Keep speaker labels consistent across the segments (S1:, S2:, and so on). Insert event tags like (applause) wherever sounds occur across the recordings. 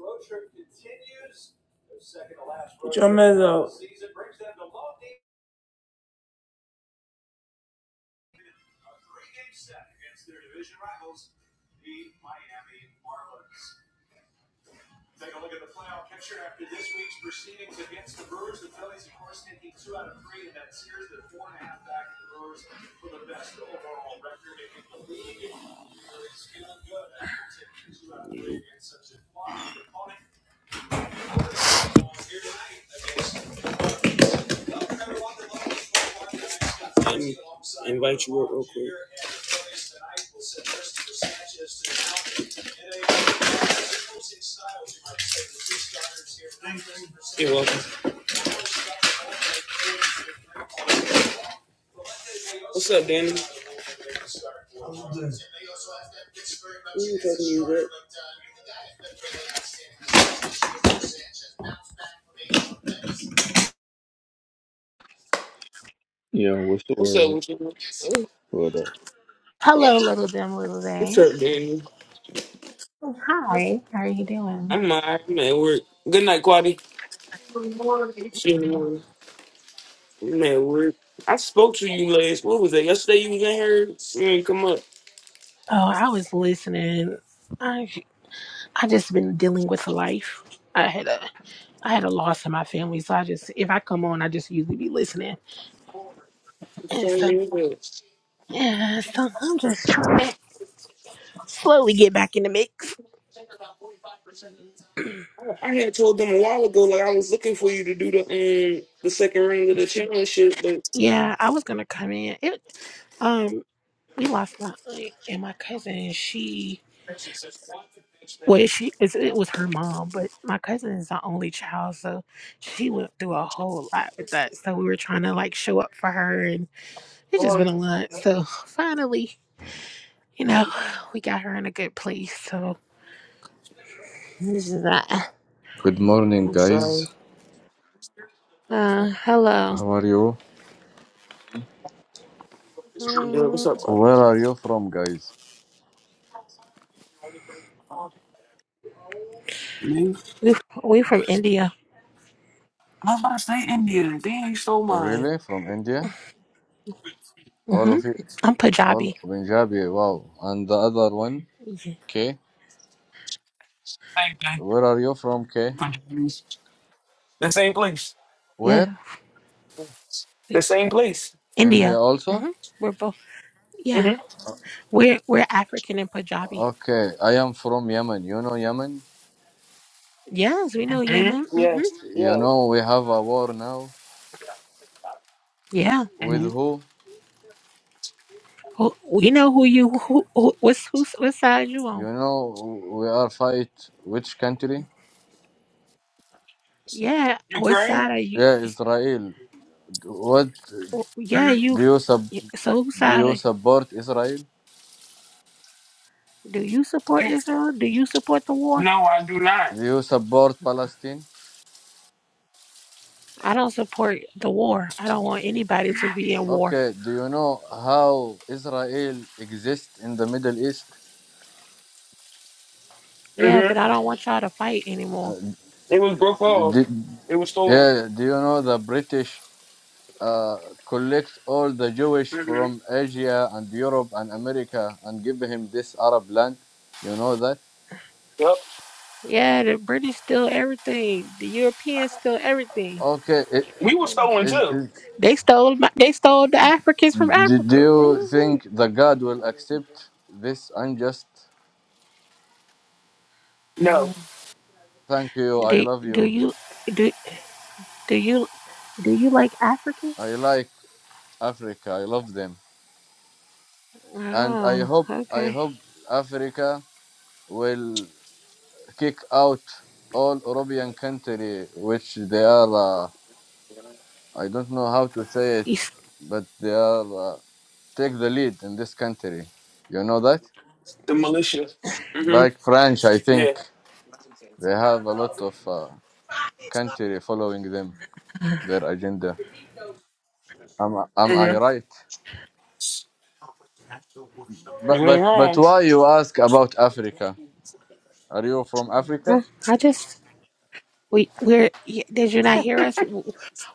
S1: Road trip continues. Their second to last road trip of the season brings them to Lodi a three-game set against their division rivals, the Miami Marlins. Take a look at the playoff picture after this week's proceedings against the Brewers. The Phillies, of course, taking two out of three in that series. They're four and a half back of the Brewers for the best overall record in the league. It's feeling good after taking two out of three against such a flawed opponent. Let invite you up real quick. You're welcome. What's up, Danny? Who you talking to you, Rick?
S2: Yeah, what's the
S1: What's up
S2: word?
S1: with you?
S2: But. up?
S3: Hello, little dim little
S1: What's
S3: day.
S1: up, Danny?
S3: Hi, how are you doing?
S1: I'm all right. I'm at work. Good night, Quadi. See you in the
S3: Oh,
S1: morning. Man, where I spoke to you last. What was that? Yesterday you was in here. You ain't come up.
S3: I was listening. I I just been dealing with life. I had a I had a loss in my family, so I just if I come on, I just usually be listening.
S1: I'm
S3: And
S1: sorry,
S3: so
S1: you was-
S3: yeah, so I'm just trying to slowly get back in the mix.
S1: I had told them a while ago, like I was looking for you to do the um the second round of the championship, but
S3: Yeah, I was gonna come in. It um we lost my aunt and my cousin. She Well, she it's, it was her mom, but my cousin is the only child, so she went through a whole lot with that. So we were trying to like show up for her, and it's just been a lot. So finally, you know, we got her in a good place. So this is that.
S4: Good morning,
S1: I'm sorry.
S4: guys.
S3: Uh, hello.
S4: How are you?
S1: Yeah, what's
S3: Mm,
S1: up, bro?
S4: Where are you from, guys?
S1: Man,
S3: we we from India.
S1: I was about to say India. Then you stole mine.
S4: Really? From India? All
S3: hmm
S4: of you?
S3: I'm
S4: All
S3: Punjabi.
S4: Punjabi? Wow. And the other one,
S3: Yeah,
S4: K.
S1: Same thing.
S4: Where are you from, K?
S1: Pajamas. The same place.
S3: yeah.
S4: Where?
S1: The same place.
S4: India
S3: India.
S4: also?
S3: hmm We're both. Yeah,
S1: Mm-hmm.
S3: we're we're African and Punjabi.
S4: Okay. I am from Yemen. You know Yemen?
S3: Yes, we know
S1: hmm
S3: Yemen. hmm
S1: Yes.
S4: You
S1: Yes.
S4: know we have a war now.
S3: Yeah.
S4: With
S1: hmm
S4: who?
S3: Who, we know who you who, who what's who's what side you
S4: You
S3: on?
S4: know we are fight which country?
S3: Yeah, what side
S1: Ukraine.
S3: are you?
S4: Yeah, Israel. What
S3: Yeah,
S1: Mm-hmm.
S3: you.
S4: do you sub?
S3: So whose
S4: Do
S3: side
S4: you
S3: are,
S4: support Israel?
S3: do you support Israel? Do you support the war?
S1: No, I do not.
S4: Do you support Palestine?
S3: I don't support the war. I don't want anybody to be in war.
S4: Okay, do you know how Israel exists in the Middle East?
S3: Yeah,
S1: hmm
S3: but I don't want y'all to fight anymore.
S4: Uh,
S1: It was broke
S4: do,
S1: off. It was stolen.
S4: yeah, do you know the British uh, collect all the Jewish
S1: hmm
S4: from Asia and Europe and America and give him this Arab land? You know that?
S1: Yep.
S3: Yeah, the British steal everything. The Europeans steal everything.
S4: Okay, i-
S1: We were stolen
S4: is,
S1: too.
S4: is,
S3: They stole my, they stole the Africans from
S4: do, do
S3: Africa.
S4: you think
S3: hmm
S4: the God will accept this unjust?
S1: No.
S4: Thank you. I
S3: Do
S4: love
S3: do
S4: you.
S3: you do do you do you like Africans?
S4: I like Africa. I love them, and I
S3: Oh,
S4: hope I
S3: okay.
S4: hope Africa. will kick out all European country which they are. Uh, I don't know how to say
S3: You
S4: it,
S3: s- (sighs)
S4: but they are uh, take the lead in this country. You know that, like French, I
S1: Yeah.
S4: think they have a lot of uh, country following them
S3: Uh,
S4: their agenda. Am am I right? But
S1: You
S4: but
S1: ain't wrong.
S4: but why you ask about Africa? Are you from
S3: Huh?
S4: Africa?
S3: I just we we're y- did you not hear us? W-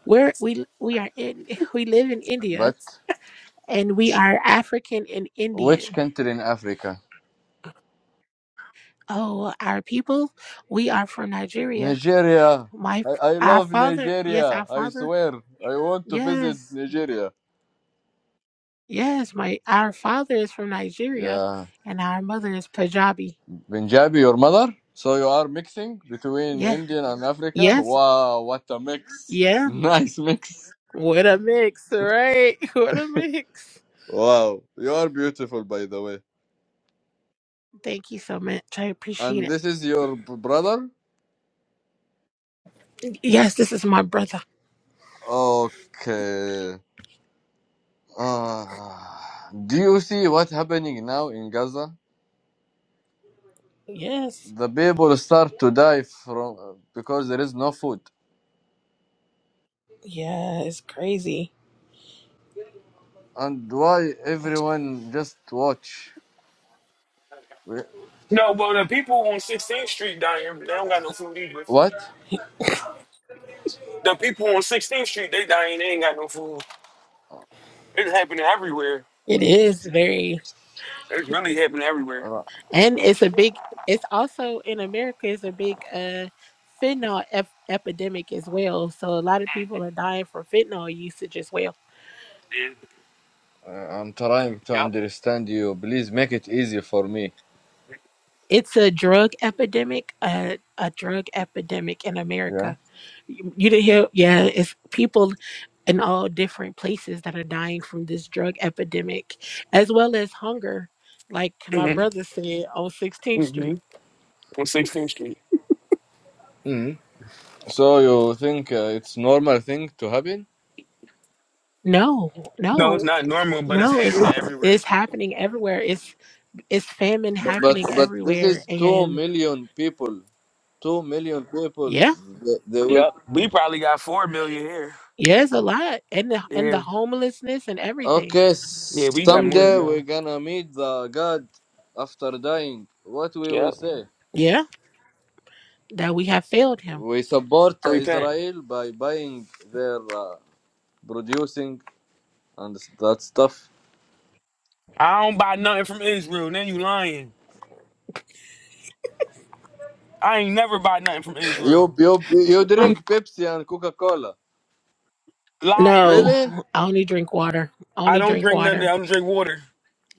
S3: We're we we are in (laughs) we live in India
S4: But
S3: and we are African and
S4: which
S3: Indian.
S4: country in Africa?
S3: Oh, our people, we are from Nigeria.
S4: Nigeria.
S3: My
S4: I, I
S3: our
S4: love
S3: father, yes,
S4: Nigeria.
S3: our
S4: I
S3: father,
S4: swear. I want to visit
S3: yes,
S4: Nigeria.
S3: yes. My our father is from Nigeria,
S4: Yeah.
S3: and our mother is Punjabi.
S4: Punjabi, your mother? So you are mixing between
S3: Yeah,
S4: Indian and Africa?
S3: yes,
S4: Wow, what a mix. (laughs)
S3: yes.
S4: Nice mix.
S3: What a mix, right? (laughs) What a mix.
S4: Wow. You are beautiful, by the way.
S3: Thank you so much. I appreciate
S4: And
S3: it.
S4: this is your b- brother?
S3: Yes, this is my brother.
S4: Okay. Ah. do you see what happening now in Gaza?
S3: Yes.
S4: The people start to die from because there is no food.
S3: Yeah, it's crazy.
S4: And why everyone just watch? Wh-
S1: No, but the people on 16th Street dying, they don't got no food either.
S4: What?
S1: The people on 16th Street, they dying, they ain't got no food. It's happening everywhere.
S3: It is very
S1: It's really happening everywhere.
S4: Uh,
S3: and it's a big it's also in America it's a big uh fentanyl ep- epidemic as well. So a lot of people are dying from fentanyl usage as well.
S4: I'm trying to
S1: Yeah.
S4: understand you. Please make it easy for me.
S3: It's a drug epidemic, uh, a drug epidemic in
S4: Yeah.
S3: America. You, you didn't hear, yeah. It's people in all different places that are dying from this drug epidemic, as well as hunger, like my
S1: Yep.
S3: brother said on
S1: hmm
S3: 16th
S1: hmm
S3: Street.
S1: On 16th Street.
S4: Mhm. So you think uh, it's normal thing to happen?
S3: No,
S1: No, it's
S3: no,
S1: not normal, but it's
S3: no, it's
S1: happening everywhere.
S3: it's happening everywhere. It's it's famine
S4: But
S3: happening
S4: but this
S3: everywhere
S4: is two
S3: and
S4: million people. Two million people.
S3: yeah,
S4: They, they will.
S1: Yep. We probably got 4 million here.
S3: yeah, it's a lot. And the and
S1: Yeah.
S3: the homelessness and everything.
S4: Okay.
S1: Yeah,
S4: s-
S1: we got more than
S4: Someday
S3: hmm
S1: y'all.
S4: we're gonna meet the God after dying. What we will
S1: Yep.
S4: say?
S3: Yeah, that we have failed him.
S4: We support
S1: I
S4: uh,
S1: repent.
S4: Israel by buying their uh, producing. and that stuff.
S1: I don't buy nothing from Israel. Then you lying. I ain't never buy nothing from
S4: You
S1: Israel.
S4: you you
S3: Um
S4: drink Pepsi and Coca Cola.
S1: Liar.
S3: no,
S4: Really?
S3: I only drink water. I
S1: I
S3: only
S1: don't
S3: drink
S1: drink none of that.
S3: water.
S1: I don't drink water.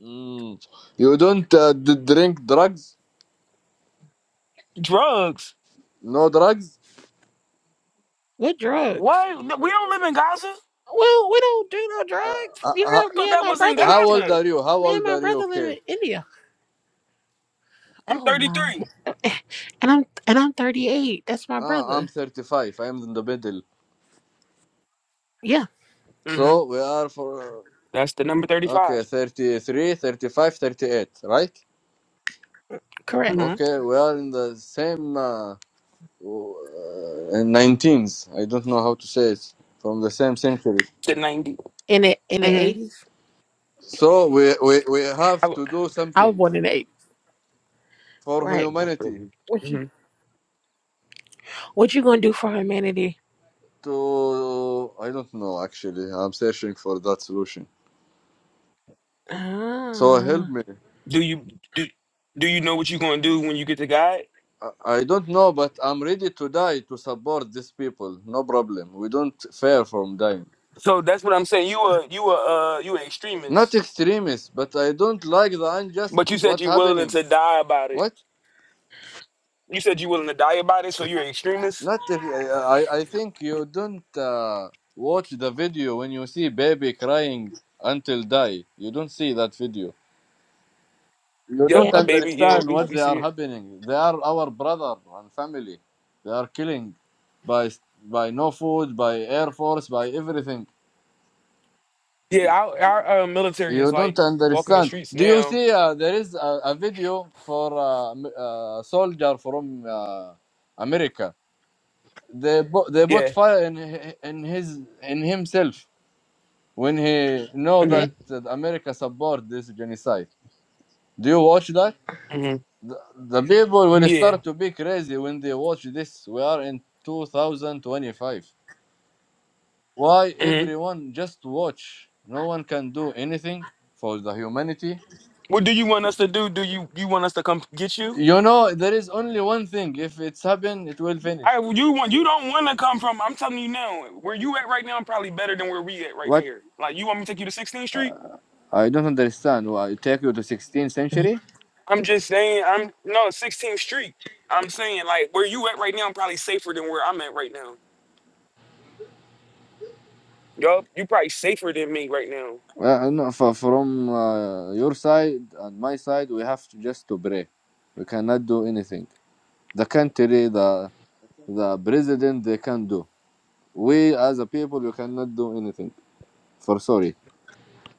S4: Mm. You don't uh, d- drink drugs?
S1: Drugs.
S4: No drugs?
S3: What drugs?
S1: What? No, We don't live in Gaza.
S3: Well, we don't do no
S4: Uh,
S3: drugs.
S4: uh,
S3: You
S4: uh,
S1: I
S3: heard
S1: thought
S3: me and
S1: that
S3: my
S1: was in
S3: brother.
S4: how old
S1: Gaza.
S4: are you? How
S3: Me and
S4: old
S3: my
S4: are you?
S3: brother live
S4: Okay.
S3: in India.
S1: I'm
S3: Oh my!
S1: 33.
S3: And I'm and I'm 38. That's my
S4: Ah, I'm
S3: brother.
S4: 35. I'm in the middle.
S3: Yeah,
S1: Mm-hmm.
S4: So we are for
S1: That's the number
S4: okay
S1: 35.
S4: 33, 35, 38. right?
S3: correct.
S1: Mm-hmm.
S4: Okay, we are in the same uh, uh, 19s. I don't know how to say it from the same century.
S1: The 90.
S3: In the in the
S1: Mm-hmm.
S3: 80s,
S4: So we, we, we
S1: I
S4: have
S1: would.
S4: to do
S3: I was
S4: something
S3: born in the 80s.
S4: for
S3: Right.
S4: humanity
S3: What you
S1: Mm-hmm.
S3: What you gonna do for humanity?
S4: to I don't know actually. I'm searching for that solution. So help
S3: Ah,
S4: me.
S1: Do you do, do you know what you're gonna do when you get to God?
S4: I I don't know, but I'm ready to die to support these people. No problem. We don't fear from dying.
S1: So that's what I'm saying. You a you a uh you an
S4: Not
S1: extremist,
S4: extremists, but I don't like the unjust.
S1: but you said
S4: What
S1: you're willing
S4: happening?
S1: to die about it.
S4: What?
S1: You said you willing to die about it, so you're an extremist.
S4: Not. if- I I think you don't uh, watch the video when you see baby crying until die. You don't see that video You
S1: Yep,
S4: don't
S1: a
S3: yeah,
S1: baby. Yeah,
S3: I-
S4: understand
S1: we,
S4: what
S1: we
S4: they
S1: see
S4: are
S1: it.
S4: happening. They are our brother and family. They are killing by by no food, by air force, by everything.
S1: Yeah, our, our uh, military is
S4: You don't
S1: like walking the
S4: understand.
S1: streets
S4: Do you
S1: now.
S4: see? Uh, there is a, a video for uh, m- uh, soldier from uh, America. They bu- they put
S1: Yeah.
S4: fire in hi- in his in himself when he know
S3: yeah.
S4: that
S1: Mhm.
S4: America support this genocide. Do you watch that?
S1: Mhm.
S4: the, the people will
S1: Yeah.
S4: start to be crazy when they watch this. We are in 2025. Why
S1: Mhm.
S4: everyone just watch? No one can do anything for the humanity.
S1: What do you want us to do? Do you you want us to come get you?
S4: You know, there is only one thing. If it's happened, it will finish.
S1: I you want you don't want to come from. I'm telling you now, where you at right now, I'm probably better than where we at right now.
S4: What?
S1: Like you want me to take you to 16th Street?
S4: I don't understand. Why it take you to 16th century?
S1: I'm just saying. I'm no 16th Street. I'm saying like where you at right now, I'm probably safer than where I'm at right now. Yup, you probably safer than me right now.
S4: Well, no, for, from uh, your side and my side, we have to just to pray. We cannot do anything. The country, the the president, they can do. we as a people we cannot do anything for sorry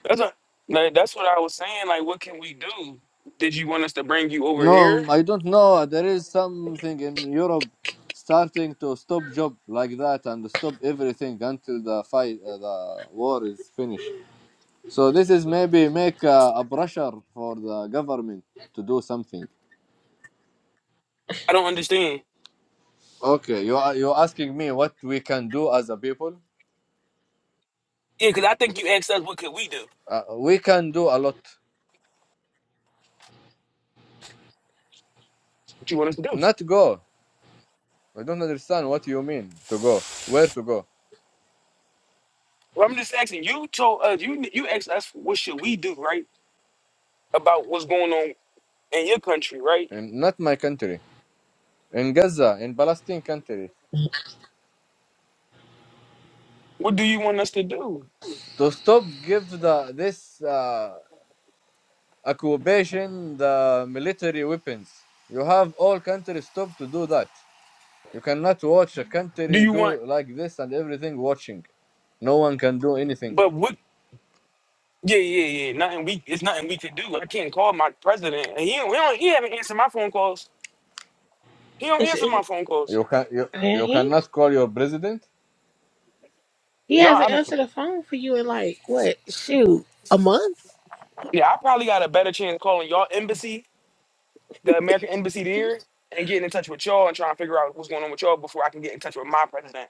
S1: That's a, like, that's what I was saying. Like, what can we do? Did you want us to bring you over here?
S4: no i don't know there is something in europe starting to stop job like that and stop everything until the fight uh, the war is finished so this is maybe make uh, a pressure for the government to do something
S1: I don't understand.
S4: okay you are you asking me what we can do as a people
S1: Yeah, because I think you asked us what could we do.
S4: uh, we can do a lot
S1: What you want us to do?
S4: not go i don't understand what you mean to go where to go
S1: Well, I'm just asking. You told us you you asked us what should we do, right? About what's going on in your country, right?
S4: and not my country in Gaza, in Palestine country,
S1: What do you want us to do?
S4: to stop give the this uh, occupation the military weapons. You have all countries stop to do that. You cannot watch a
S1: Do
S4: country
S1: you want?
S4: do like this and everything watching. No one can do anything.
S1: But what? Yeah, yeah, yeah. Nothing we. It's nothing we can do. I can't call my president. And he don't, he, don't, he haven't answered my phone calls. He don't
S3: It's,
S1: answer
S3: it,
S1: my phone calls.
S4: You can you,
S3: yeah,
S4: you
S3: he
S4: cannot call your president.
S3: he
S1: No,
S3: hasn't
S1: I don't.
S3: answered the phone for you in like what? Shoot, a month?
S1: Yeah, I probably got a better chance calling y'all embassy the American embassy there and getting in touch with y'all and trying to figure out what's going on with y'all before I can get in touch with my president.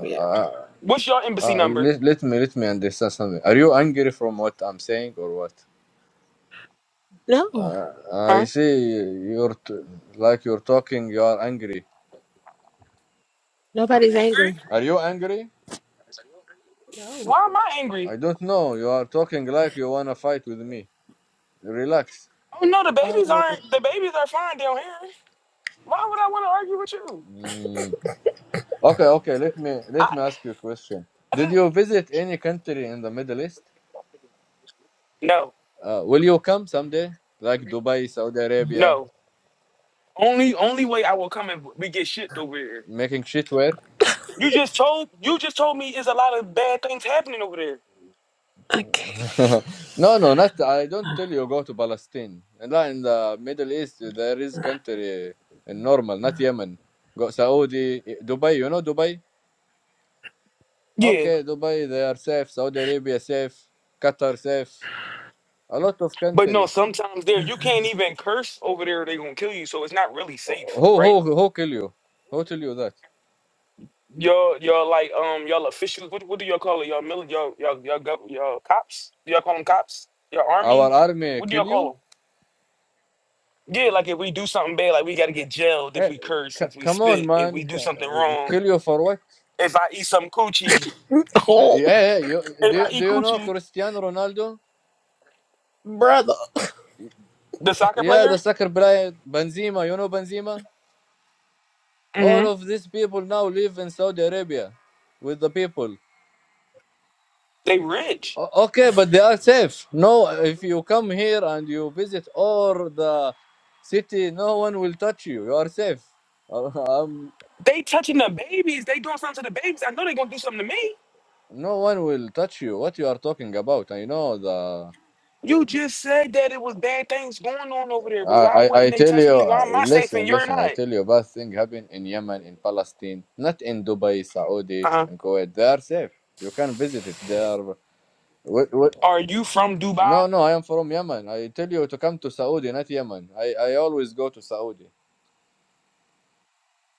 S3: Yeah.
S4: Uh,
S1: What's your embassy
S4: uh,
S1: number?
S4: let, let me let me understand something. Are you angry from what I'm saying or what?
S3: No,
S4: Uh, I
S1: Huh?
S4: see you're t- like you're talking. You are angry.
S1: I'm
S3: nobody's
S1: angry.
S3: angry.
S4: Are you angry?
S3: No.
S1: Why am I angry?
S4: I don't know. You are talking like you wanna fight with me. Relax.
S1: Oh no, the babies
S3: Oh.
S1: aren't. The babies are fine down here. Why would I want to argue with you?
S4: Mm. Okay, okay. Let me let
S1: I,
S4: me ask you a question.
S1: I
S4: Did
S1: didn't,
S4: you visit any country in the Middle East?
S1: no,
S4: Uh, will you come someday? Like Dubai, Saudi Arabia,
S1: no. Only only way I will come and we get shit over here.
S4: making shitware?
S1: You just told you just told me there's a lot of bad things happening over there.
S4: (laughs)
S3: Okay.
S4: no, no, not. I don't tell you go to Palestine. And not in the Middle East, there is country in normal,
S3: (laughs)
S4: not Yemen. Go Saudi, eh, Dubai. You know Dubai?
S1: Yeah,
S4: Okay, Dubai. They are safe. Saudi Arabia safe. Qatar safe. A lot of
S1: but no,
S4: country.
S1: sometimes there you can't even curse over there. They gonna kill you, so it's not really safe,
S4: Who
S1: right?
S4: who who kill you? Who tell you that?
S1: Your your like um y'all officials. What, what do y'all call it? Y'all mil y'all y'all y'all, gov- y'all cops. Do y'all call them cops? Your
S4: Our
S1: army.
S4: army
S1: What do
S4: kill
S1: y'all call
S4: you?
S1: them? Yeah, like if we do something bad, like we gotta get jailed if
S4: Hey,
S1: we curse,
S4: c-
S1: if we
S4: come on,
S1: spit, if
S4: man!
S1: we
S4: C-
S1: do something
S4: uh,
S1: wrong.
S4: kill you for what?
S1: If I eat some coochie,
S4: Hey,
S3: Oh,
S4: yeah. hey, you, do
S1: if I
S4: you, do
S1: eat
S4: you know
S1: coochie,
S4: Cristiano Ronaldo?
S3: brother.
S1: the soccer
S4: Yeah,
S1: player,
S4: the soccer player Benzema. You know Benzema? All
S1: hmm
S4: of these people now live in Saudi Arabia with the people.
S1: they rich.
S4: O- okay, but they are safe. No, if you come here and you visit all the city, no one will touch you. You are safe. (laughs) I'm.
S1: They touching the babies. They doing something to the babies. I know they gonna do something to me.
S4: No one will touch you. What you are talking about? I know the.
S1: You just said that it was bad things going on over there, but
S4: I
S1: why
S4: I,
S1: wouldn't
S4: I
S1: they
S4: tell
S1: touch
S4: you.
S1: me?
S4: uh,
S1: Why am I safe and
S4: Listen,
S1: you're
S4: listen. I
S1: not?
S4: tell you. Bad thing happened in Yemen, in Palestine, not in Dubai, Saudi,
S1: Uh-huh.
S4: and Kuwait. They are safe. You can visit it. They are. What, what?
S1: Are you from Dubai?
S4: No, no. I am from Yemen. I tell you to come to Saudi, not Yemen. I I always go to Saudi.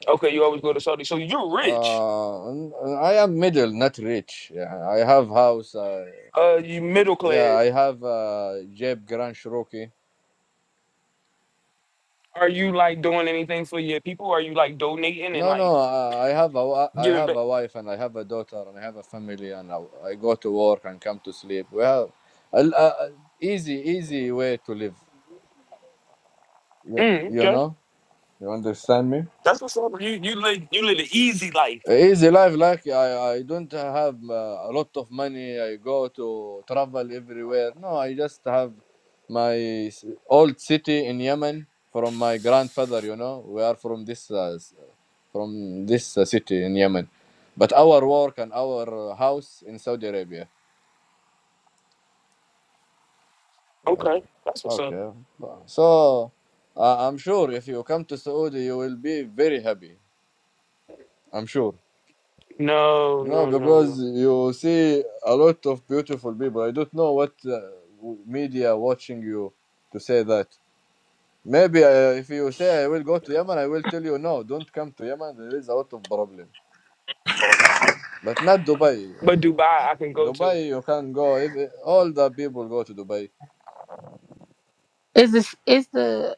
S1: Okay, you always go to Saudi. So you're rich.
S4: Uh, n- I am middle, not rich. Yeah, I have house. Uh,
S1: Uh, you middle
S4: yeah,
S1: class.
S4: I have uh, Jeb Grand Cherokee.
S1: Are you like doing anything for your people? Are you like donating and
S4: No,
S1: like
S4: no, I I have a, wi- I
S1: giving
S4: have
S1: back?
S4: a wife and I have a daughter and I have a family and I, I go to work and come to sleep. Well, a, a, a easy, easy way to live. You,
S1: Mm,
S4: you
S1: okay,
S4: know, you understand me?
S1: that's what's up. You you live you live an easy life.
S4: Easy life, like I, I don't have uh, a lot of money. I go to travel everywhere. No, I just have my s- old city in Yemen from my grandfather. You know, we are from this uh, s- from this uh, city in Yemen, but our work and our uh, house in Saudi Arabia. And-
S1: Okay, that's what's up.
S4: Okay, so uh, I'm sure if you come to Saudi, you will be very happy. I'm sure.
S1: No,
S4: No,
S1: no, no,
S4: because
S1: no.
S4: you see a lot of beautiful people. I don't know what uh, w- media watching you to say that. Maybe uh, if you say I will go to Yemen, I will tell you no, don't come to Yemen. There is a lot of problem, but not Dubai.
S1: But Dubai, I can go to.
S4: Dubai, you can go. If all the people go to Dubai,
S3: Is this is the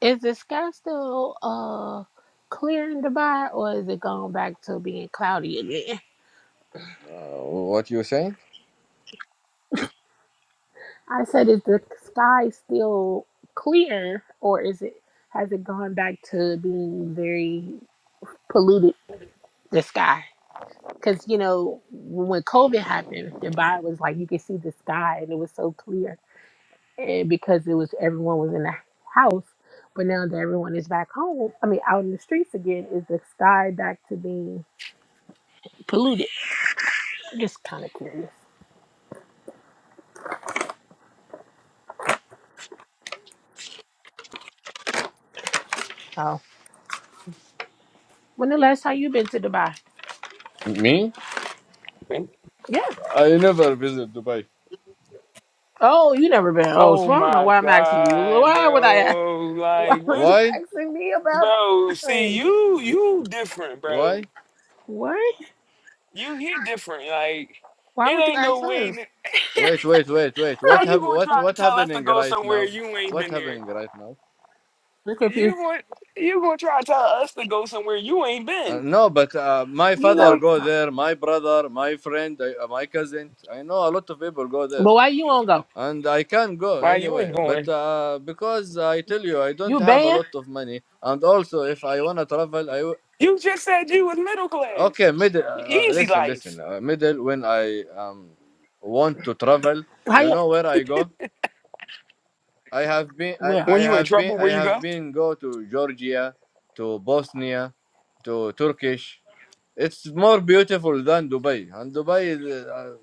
S3: is the sky still uh clear in Dubai or is it going back to being cloudy again?
S4: uh, what you think?
S3: I said is the sky still clear or is it has it gone back to being very polluted the sky? Cuz you know when COVID happened, Dubai was like you could see the sky and it was so clear and because it was everyone was in the house, but now that everyone is back home, I mean out in the streets again, is the sky back to being polluted? I'm just kind of curious. Oh, when the last time you been to Dubai?
S4: Me?
S1: Man.
S3: Yeah.
S4: I never visit Dubai.
S3: Oh, you never been. Oh,
S1: Oh
S3: so I don't know
S1: my
S3: why I'm asking you.
S1: god,
S3: Why would I? Ask?
S1: bro!
S3: (laughs) Why
S1: Like
S3: would
S1: what,
S3: you
S4: Why?
S3: asking me about
S1: bro? See
S3: Dubai?
S1: you, you different, bro.
S4: Why?
S3: What?
S1: You he different. Like it
S3: Why would you
S1: ain't no
S3: ask
S1: way.
S3: her?
S4: Wait, wait, wait, wait. What
S1: How
S3: (laughs)
S1: you
S4: hap-
S1: gonna
S4: What
S1: try to
S4: what
S1: tell us to
S4: happening
S1: go
S4: right
S1: somewhere
S4: now?
S1: you ain't
S4: What
S1: been there?
S4: happening right now?
S3: Look at you.
S1: You want you gonna try to tell us to go somewhere you ain't
S4: Uh,
S1: been?
S4: no, but uh, my
S3: You
S4: father
S3: know,
S4: go there. My brother, my friend, I, uh, my cousin. I know a lot of people go there,
S3: but why you won't go?
S4: and I can go
S1: Why you
S4: anyway.
S1: ain't
S4: But
S1: going?
S4: uh, because I tell you, I don't
S3: You
S4: have a
S3: banned?
S4: lot of money, and also if I wanna travel, I w-
S1: You just said you was middle class,
S4: okay middle. Uh, uh,
S1: easy
S4: listen,
S1: life.
S4: listen. Uh, middle when I um want to travel,
S3: How
S4: you
S3: you?
S4: know where I go. I have been. I,
S3: Well,
S4: I
S1: When you in
S4: have been.
S1: trouble,
S4: I
S1: where you
S4: have
S1: go?
S4: been go to Georgia, to Bosnia, to Turkish. It's more beautiful than Dubai, and Dubai is, uh,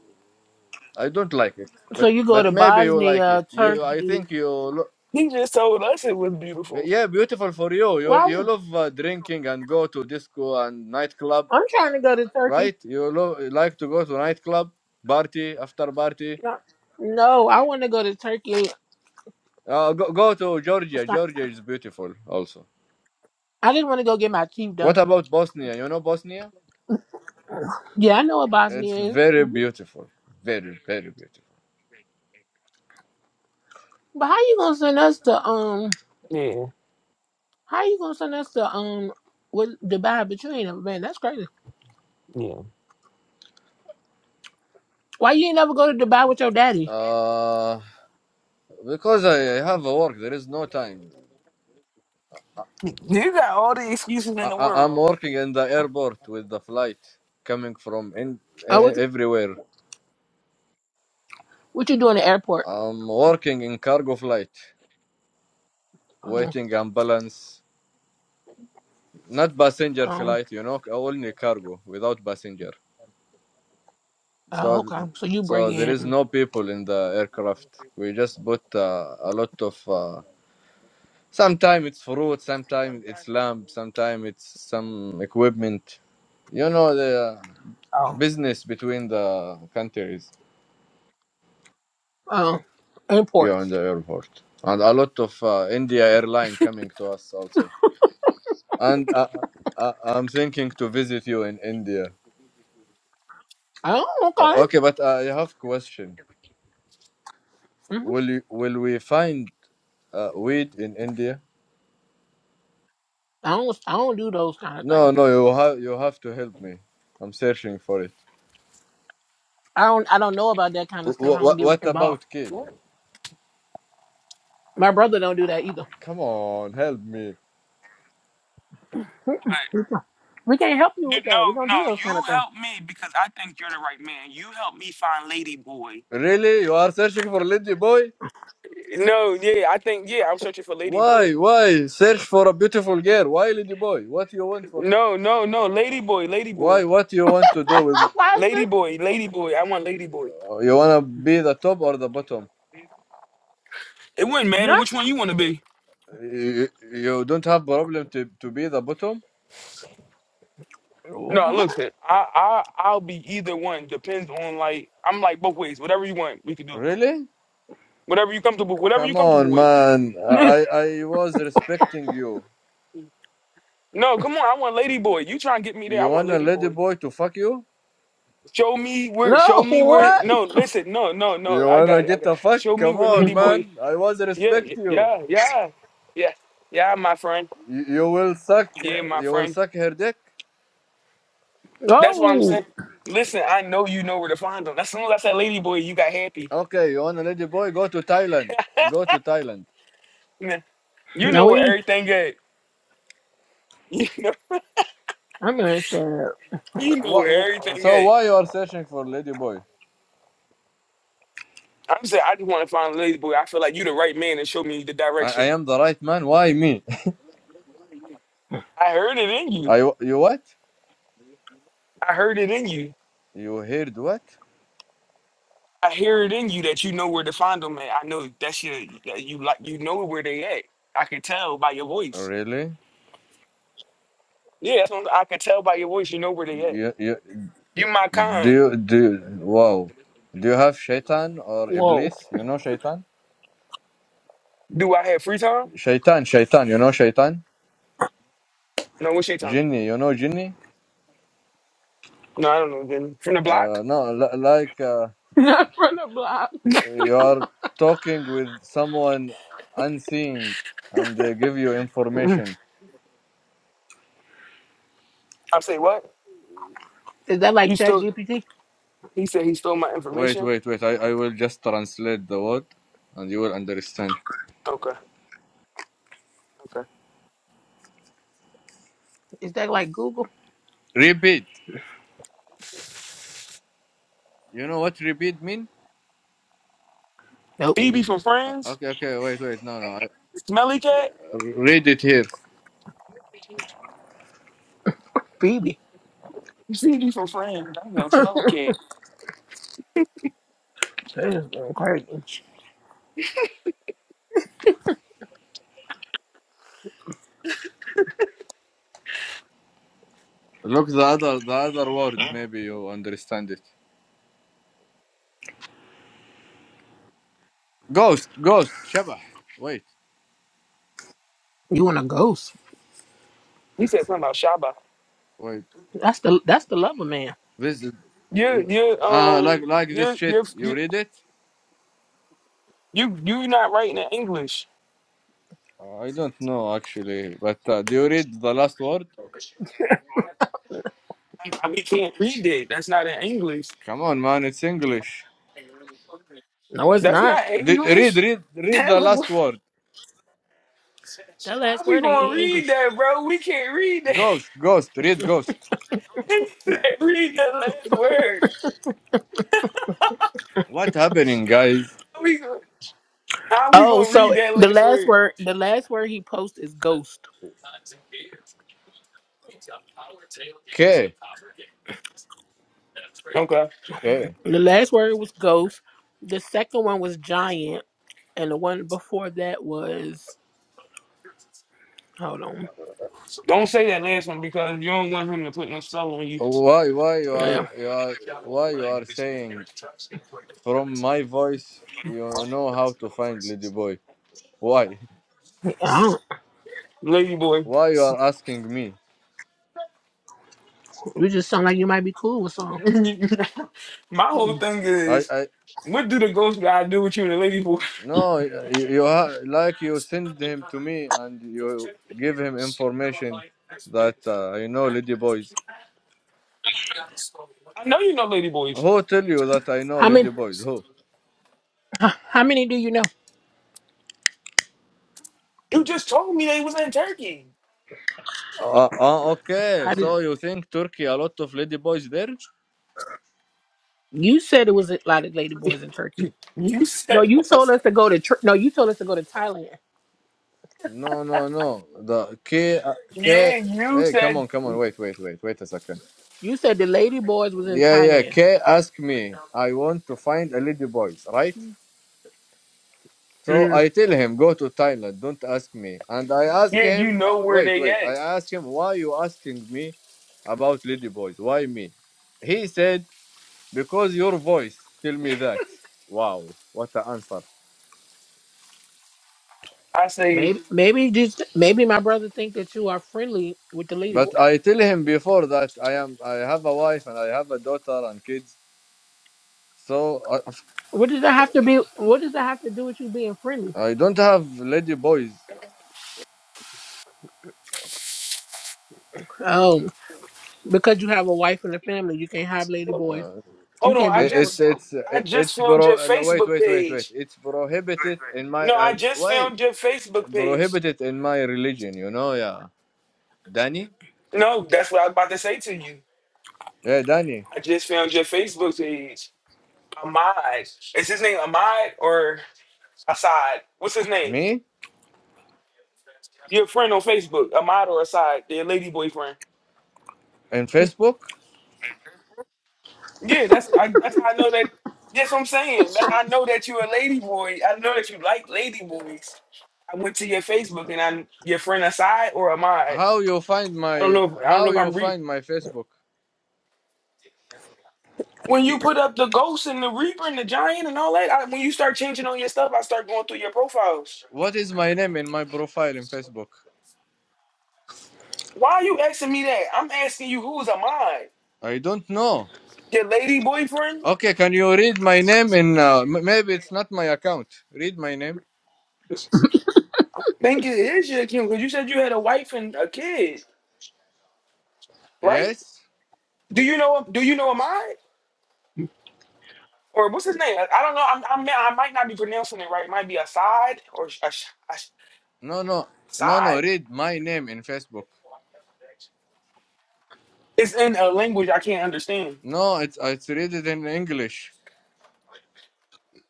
S4: I don't like it,
S3: so
S4: but
S3: you go
S4: but
S3: to
S4: maybe you like it.
S3: Bosnia,
S4: You, I
S3: Turkey.
S4: think you, lo-
S1: He just told us it was beautiful.
S4: yeah, beautiful for you. You
S3: Why?
S4: you love uh, drinking and go to disco and nightclub,
S3: I'm trying to go to Turkey.
S4: right? You lo- like to go to nightclub party after party.
S3: No, no, I want to go to Turkey.
S4: Uh, go go to Georgia. Georgia is beautiful also.
S3: I didn't want to go get my teeth
S4: What
S3: done.
S4: about Bosnia? You know Bosnia?
S3: Yeah, I know what
S4: It's
S3: Bosnia is.
S4: very
S3: Mhm.
S4: beautiful, very very beautiful.
S3: But how you gonna send us to um?
S1: Yeah,
S3: How you gonna send us to um? What Dubai? But you ain't never been. That's crazy.
S1: yeah.
S3: Why you ain't never go to Dubai with your daddy?
S4: Uh, because I have a work, there is no time.
S1: You got all the excuses
S4: I,
S1: in the
S4: I- I'm
S1: world.
S4: working in the airport with the flight coming from in,
S3: Oh,
S4: e-
S3: what
S4: everywhere.
S3: what you doing at the airport?
S4: I'm working in cargo flight,
S3: Oh,
S4: waiting ambulance, not passenger
S3: oh,
S4: flight, you know, only cargo without passenger.
S3: oh,
S4: So, th-
S3: okay. So you bring
S4: so there is
S3: in
S4: no people in the aircraft. We just put uh, a lot of. Uh, sometimes it's fruit, sometimes it's lamb, sometimes it's some equipment. You know the uh,
S3: oh,
S4: business between the countries.
S3: oh,
S4: Yeah, in
S3: imports.
S4: the airport, and a lot of uh, India airline coming to us also. And uh, uh, uh, I'm thinking to visit you in India.
S3: Oh, okay.
S4: O- Okay, but I have question.
S3: hmm
S4: Will you, will we find uh, weed in India?
S3: I don't I don't do those kind of
S4: No,
S3: things.
S4: no, you have you have to help me. I'm searching for it.
S3: I don't I don't know about that kind of stuff. I don't
S4: What
S3: get
S4: what
S3: involved.
S4: about cake?
S1: What?
S3: My brother don't do that either.
S4: Come on, help me.
S3: (laughs) Mm-mm. We can't help you
S1: You,
S3: with
S1: no,
S3: that. We don't
S1: no.
S3: do those kind
S1: You
S3: of things.
S1: help me because I think you're the right man. You help me find Lady Boy.
S4: Really, you are searching for lady boy?
S1: No, yeah. I think yeah. I'm searching for Lady Boy.
S4: Why why search for a beautiful girl? Why lady boy? What you want for?
S1: No, no, no. Lady boy, lady
S4: Why
S1: boy,
S4: what you want to do with?
S3: (laughs) Why
S1: lady
S3: is
S1: boy, lady boy. I want lady boy.
S4: Uh, You wanna be the top or the bottom?
S1: It wouldn't
S3: this?
S1: matter which one you want to be.
S4: You, you don't have problem to, to be the bottom?
S1: No,
S3: What?
S1: listen. I, I, I'll be either one. Depends on like I'm like both ways. Whatever you want, we can do it.
S4: Really?
S1: Whatever you comfortable, whatever you
S4: Come
S1: comfortable
S4: on,
S1: with.
S4: man.
S3: What?
S4: I,
S3: (laughs)
S4: I was respecting you.
S1: No, come on. I want lady boy. You trying to get me there? I
S4: You
S1: want
S4: want a
S1: lady
S4: lady
S1: boy.
S4: boy to fuck you?
S1: Show me where. Show
S3: No,
S1: me where.
S3: what?
S1: No, listen. No, no, no.
S4: You
S1: I
S4: wanna
S1: got it. I got.
S4: get
S1: It.
S4: a fuck?
S1: Show me
S4: Come
S1: where
S4: on,
S1: lady boy.
S4: man. I was
S1: Yeah,
S4: respect you.
S1: yeah, yeah, yeah, yeah. My friend.
S4: You, you will suck.
S1: Yeah, my
S4: You will
S1: friend.
S4: suck her dick.
S1: That's what I'm
S3: No.
S1: saying. Listen, I know you know where to find them. As soon as I said Lady Boy, you got happy.
S4: Okay. You want a lady boy? Go to Thailand. Go to Thailand.
S1: Man, you
S3: No,
S1: know where
S3: we.
S1: everything at. (laughs) You know,
S3: I'm gonna say,
S1: you know
S4: What,
S1: where everything
S4: so
S1: at.
S4: why you are searching for lady boy?
S1: I'm saying I just want to find Lady Boy. I feel like you the right man to show me the
S4: I, I
S1: direction.
S4: am the right man. Why me?
S1: I heard it in you.
S4: I you what?
S1: I heard it in you.
S4: You heard what?
S1: I hear it in you that you know where to find them at. I know that's your that you like you know where they at. I can tell by your
S4: Oh,
S1: voice.
S4: Really?
S1: Yeah, that's what I'm- I can tell by your voice you know where they at.
S4: You, you,
S1: You my
S4: do
S1: kind.
S4: you, do you, wow. Do you have shaitan or
S3: whoa.
S4: iblis? You know shaitan?
S1: Do I have free time?
S4: Shaitan, shaitan, you know shaitan?
S1: No, what's your time?
S4: Jinni, you know jinni?
S1: No, I don't know. Then from the block?
S4: Uh, no, l- like uh,
S3: (laughs) Not from the block.
S4: you are talking with someone unseen and they give you
S3: Mm.
S4: information.
S1: I say what?
S3: Is that
S1: You
S3: like Chat
S1: still?
S3: GPT?
S1: He said he stole my
S4: Wait,
S1: information.
S4: wait, wait. I, I will just translate the word and you will understand.
S1: Okay. Okay.
S3: Is that like Google?
S4: Repeat. You know what repeat mean?
S3: Nope.
S1: Phoebe from
S4: Uh,
S1: Friends.
S4: Okay, okay, wait, wait. No, no. I,
S1: Smelly cat.
S4: read it here.
S3: Phoebe.
S1: Phoebe from Friends. I know
S3: (laughs) That
S1: Smelly cat.
S3: is crazy.
S4: Look the other the other word. Maybe you understand it. Ghost, ghost, shabah. Wait,
S3: You want a ghost?
S1: He said something about Shaba.
S4: wait.
S3: That's the that's the lover man.
S4: This is
S1: You you
S4: uh like
S1: um
S4: like this
S1: you
S4: shit.
S1: you
S4: You
S1: you
S4: read it?
S1: you you not writing in English.
S4: Uh, I don't know actually, but uh, do you read the last word?
S1: I, I- we can't read it. That's not in English.
S4: Come on, man, it's English.
S3: No, it's
S1: That's
S3: not.
S1: not
S4: D- read,
S1: English.
S4: read, read
S1: That
S4: the
S1: look. Like,
S4: last word.
S3: That
S1: how
S3: last
S1: we
S3: word ain't
S1: gonna
S3: in
S1: read
S3: English.
S1: that, bro? We can't read that.
S4: Ghost, ghost. Read ghost.
S1: (laughs) read that last word.
S4: What happening, guys?
S1: How we gonna, how we
S3: Oh,
S1: gonna read
S3: so
S1: that
S3: the
S1: last
S3: last
S1: word?
S3: word the last word he posts is ghost.
S4: K,
S1: Okay.
S4: K.
S3: The last word was ghost. The second one was giant, and the one before that was hold on.
S1: Don't say that last one because you don't want him to put no soul on you.
S4: Why, why you
S3: Yeah,
S4: are you are why you are saying from my voice? You know how to find Lady Boy. Why?
S3: I don't.
S1: Lady boy.
S4: Why you are asking me?
S3: You just sound like you might be cool with some.
S1: (laughs) My whole thing
S4: I
S1: is,
S4: I
S1: what do the ghost guy do with you and the lady boy?
S4: no you, you ha- like you send him to me and you give him information that uh, I know lady boys.
S1: I know you know lady boys.
S4: Who tell you that I know
S3: How
S4: lady
S3: many?
S4: boys? Who?
S3: How how many do you know?
S1: You just told me they was in Turkey.
S4: Uh, uh, okay,
S3: How did
S4: so you think Turkey a lot of lady boys there?
S3: you said it was a lot of lady boys in Turkey?
S1: You (laughs)
S3: No,
S1: said,
S3: you told us to go to. Tur- No, you told us to go to Thailand.
S4: No no no. The K uh, K.
S1: yeah, you
S4: Hey, come
S1: said,
S4: on, come on, wait, wait, wait, wait a second.
S3: You said the lady boys was in
S4: Yeah, yeah.
S3: Thailand.
S4: K ask me. I want to find a lady boys, right? So
S1: mm,
S4: I tell him, go to Thailand, don't ask me. And I ask
S1: yeah, you
S4: him, uh,
S1: know where
S4: wait,
S1: they
S4: wait, I
S1: at.
S4: ask him, why you asking me about lady boys? Why me? He said, because your voice tell me that. Wow, what an answer.
S1: I say,
S3: Maybe, maybe just maybe my brother think that you are friendly with the lady
S4: But
S3: boys.
S4: I tell him before that I am, I have a wife and I have a daughter and kids. So I,
S3: What does that have to be? What does that have to do with you being friendly?
S4: I don't have ladyboys.
S3: Oh, Because you have a wife and a family, you can't have lady
S1: hold
S3: boys.
S4: Uh,
S3: You
S1: on,
S3: can't
S1: I
S3: be.
S4: it- it's
S1: just,
S4: it's
S1: I just
S4: it's
S1: found
S4: bro.
S1: your
S4: Wait,
S1: Facebook
S4: wait, wait, wait.
S1: page.
S4: It's prohibited in my.
S1: No, I
S4: I,
S1: just
S4: wait.
S1: found your Facebook page.
S4: prohibited in my religion, you know, yeah. Danny?
S1: No, that's what I was about to say to you.
S4: Yeah, Danny.
S1: I just found your Facebook page. Ahmad. Is his name Ahmad or Assad? What's his name?
S4: Me?
S1: Your friend on Facebook, Ahmad or Assad, their lady boyfriend.
S4: And Facebook?
S1: Yeah, that's I, that's how I know that. That's what I'm saying. That, I know that you're a lady boy. I know that you like lady boys. I went to your Facebook and I'm your friend Assad or Ahmad.
S4: How you find
S1: I don't
S4: my
S1: know. If, I don't
S4: how
S1: know if
S4: you
S1: I'm re.
S4: find my Facebook?
S1: When you put up the ghost and the reaper and the giant and all that, I, when you start changing all your stuff, I start going through your profiles.
S4: What is my name in my profile in Facebook?
S1: Why are you asking me that? I'm asking you who's a mine?
S4: I don't know.
S1: Your lady boyfriend?
S4: Okay, can you read my name in uh, m- maybe it's not my account. Read my name.
S1: Think it is your kid? because you said you had a wife and a kid, right?
S4: Yes?
S1: Do you know? Do you know a mine? Or what's his name? I, I don't know. I'm, I'm, I might not be pronouncing it right. It might be Assad or sh- a Ash-
S4: No, no. No, no,
S1: Assad.
S4: read my name in Facebook.
S1: It's in a language I can't understand.
S4: No, it's it's read it in English.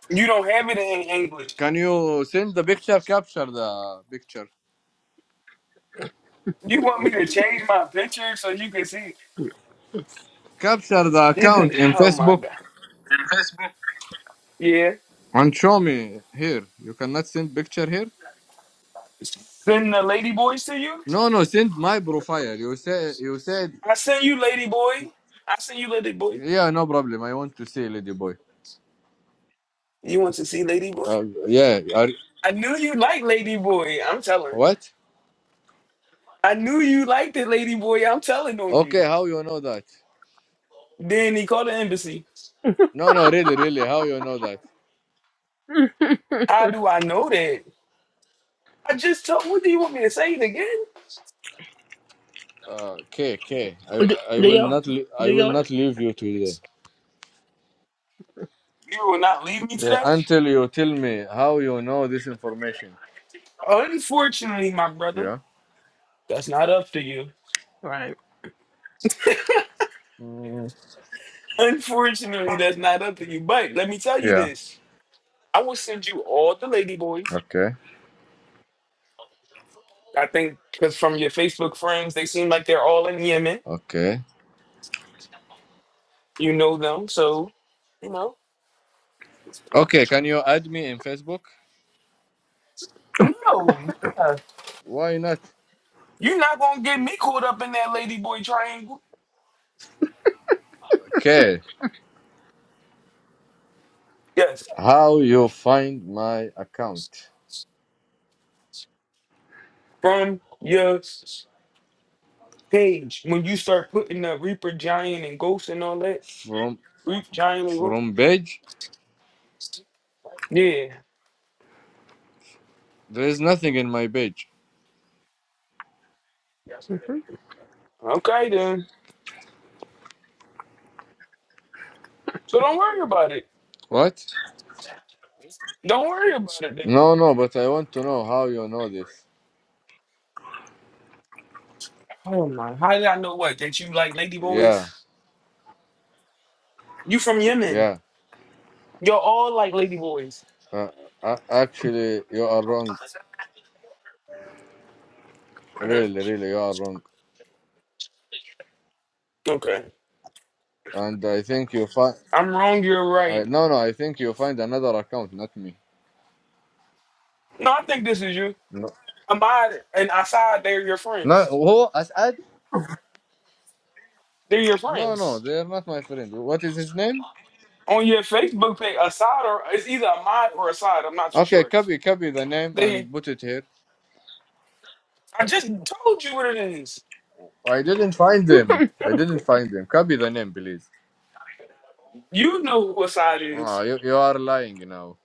S1: You don't have it in English.
S4: Can you send the picture? Capture the picture.
S1: You want me to change my picture so you can see?
S4: Capture the
S1: This is
S4: account in Facebook
S1: yeah.
S4: And show me here. You cannot send picture here.
S1: Send the lady boys to you.
S4: No, no. Send my profile. You said you said
S1: I send you lady boy. I send you lady boy.
S4: yeah. No problem. I want to see lady boy.
S1: You want to see Lady Boy?
S4: Uh, yeah. Are,
S1: I knew you liked Lady Boy. I'm telling.
S4: what?
S1: I knew you liked it, Lady Boy. I'm telling on
S4: Okay.
S1: you.
S4: How you know that?
S1: Then he called the embassy.
S4: No, no. Really, really. How you know that?
S3: (laughs)
S1: How do I know that? I just told. What do you want me to say it again?
S4: Uh, K K. I
S3: do,
S4: I
S3: do
S4: will
S3: your,
S4: not le-
S3: do
S4: I will
S3: your,
S4: not leave you today
S1: You will not leave me
S4: Yeah,
S1: today.
S4: until you tell me how you know this information.
S1: Unfortunately, my brother,
S4: Yeah.
S1: that's not up to you.
S3: right.
S4: Mm.
S1: (laughs) Unfortunately, that's not up to you. But let me tell you
S4: Yeah.
S1: this: I will send you all the Lady Boys.
S4: Okay.
S1: I think because from your Facebook friends, they seem like they're all in Yemen.
S4: Okay.
S1: You know them, so you know.
S4: Okay. Can you add me in Facebook?
S1: No, yeah.
S4: Why not?
S1: you're not gonna get me caught up in that ladyboy triangle.
S4: Okay.
S1: Yes,
S4: How you find my account?
S1: from your s- page when you start putting the Reaper Giant and Ghost and all that.
S4: From
S1: Reaper Giant and Ghost.
S4: from page?
S1: Yeah.
S4: There is nothing in my page.
S3: Mhm.
S1: Okay then. So don't worry about it.
S4: What?
S1: Don't worry about it then.
S4: No, no. But I want to know how you know this.
S1: Oh my! How did I know what that you like ladyboys?
S4: Yeah,
S1: You from Yemen?
S4: yeah.
S1: You're all like ladyboys.
S4: Uh, uh, actually, you are wrong.
S1: Mhm.
S4: Really, really, you are wrong.
S1: Okay.
S4: And I think you find.
S1: I'm wrong. You're
S4: I,
S1: right.
S4: no, no. I think you find another account, not me.
S1: No, I think this is you.
S4: No.
S1: Ahmad and Assad, they're your
S4: No.
S1: friends.
S4: Who? Asad?
S1: They're your
S4: No, no.
S1: friends.
S4: They are not my friend. What is his name?
S1: On your Facebook page, Assad or it's either Ahmad or Assad. I'm not too
S4: Okay,
S1: sure.
S4: copy, copy the name
S1: They,
S4: and put it here.
S1: I just told you what it is.
S4: I didn't find them. I didn't find them. Copy the name, please.
S1: You know who Assad
S4: Ah,
S1: is.
S4: you, you are lying now.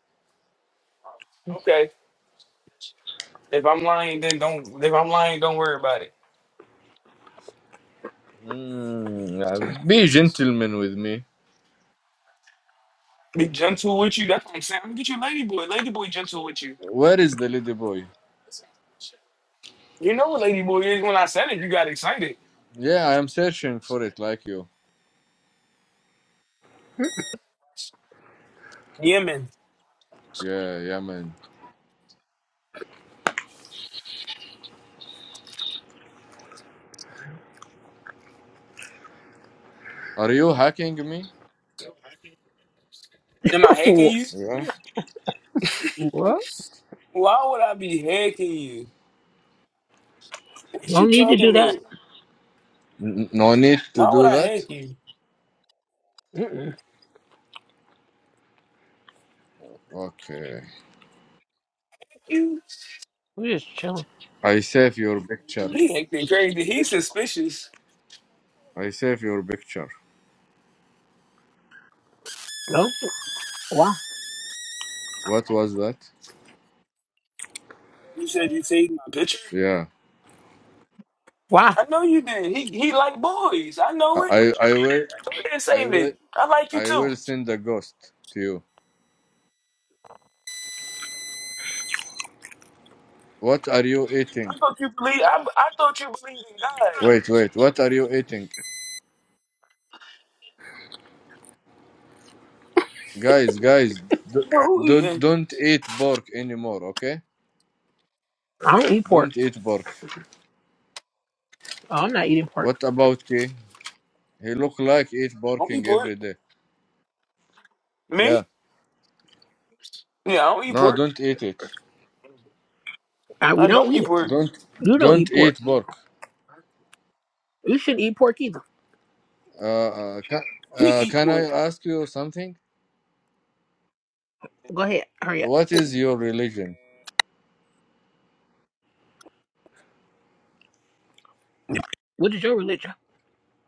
S1: Okay. If I'm lying, then don't. If I'm lying, don't worry about it.
S4: Mm, be gentleman with me.
S1: Be gentle with you. That's what I'm saying. I'm gonna get your lady boy. Lady boy gentle with you.
S4: Where is the lady boy?
S1: You know what lady boy is. When I said it, you got excited.
S4: Yeah, I am searching for it like you.
S1: Yemen.
S4: Yeah, yeah, man. Are you hacking me?
S1: Am I hacking you?
S4: Yeah.
S3: (laughs) what?
S1: Why would I be hacking you? What you
S3: Don't need to
S1: talking
S3: do that.
S1: about?
S4: N- no need to
S1: Why would
S4: do
S1: I
S4: that.
S1: hack you?
S3: Mm-mm.
S4: Okay.
S1: You.
S3: we just chilling.
S4: I save your picture.
S1: He acting crazy. He's suspicious.
S4: I save your picture.
S3: No. Why?
S4: What was that?
S1: You said you saved my picture?
S4: Yeah.
S3: Why?
S1: I know you did. He he like boys. I
S4: I
S1: know it.
S4: I I will
S1: So I didn't
S4: I
S1: save
S4: will
S1: it. I like you
S4: I
S1: too.
S4: will
S1: I
S4: send a ghost to you. What are you eating?
S1: thought you believe I I thought you believed in God.
S4: Wait, wait. What are you eating, guys? Guys, d-
S1: But who
S4: don't
S1: eating?
S4: don't eat pork anymore. Okay?
S3: I don't eat pork.
S4: Don't eat pork.
S3: Oh, I'm not eating pork.
S4: What about K? He look like eat
S1: I don't eat
S4: porking
S1: pork.
S4: every day.
S1: Me?
S4: Yeah.
S1: Yeah, I don't eat
S4: No,
S1: pork.
S4: don't eat it.
S3: Uh,
S1: I
S3: we don't
S1: don't
S3: eat
S1: eat
S3: it.
S1: pork.
S4: Don't
S3: You don't eat
S4: don't
S3: pork.
S4: eat pork.
S3: You shouldn't eat pork either.
S4: Uh, uh, can,
S1: He
S4: uh,
S1: eat
S4: can I
S1: pork.
S4: ask you something?
S3: Go ahead. Hurry up.
S4: What is your religion?
S3: What is your religion?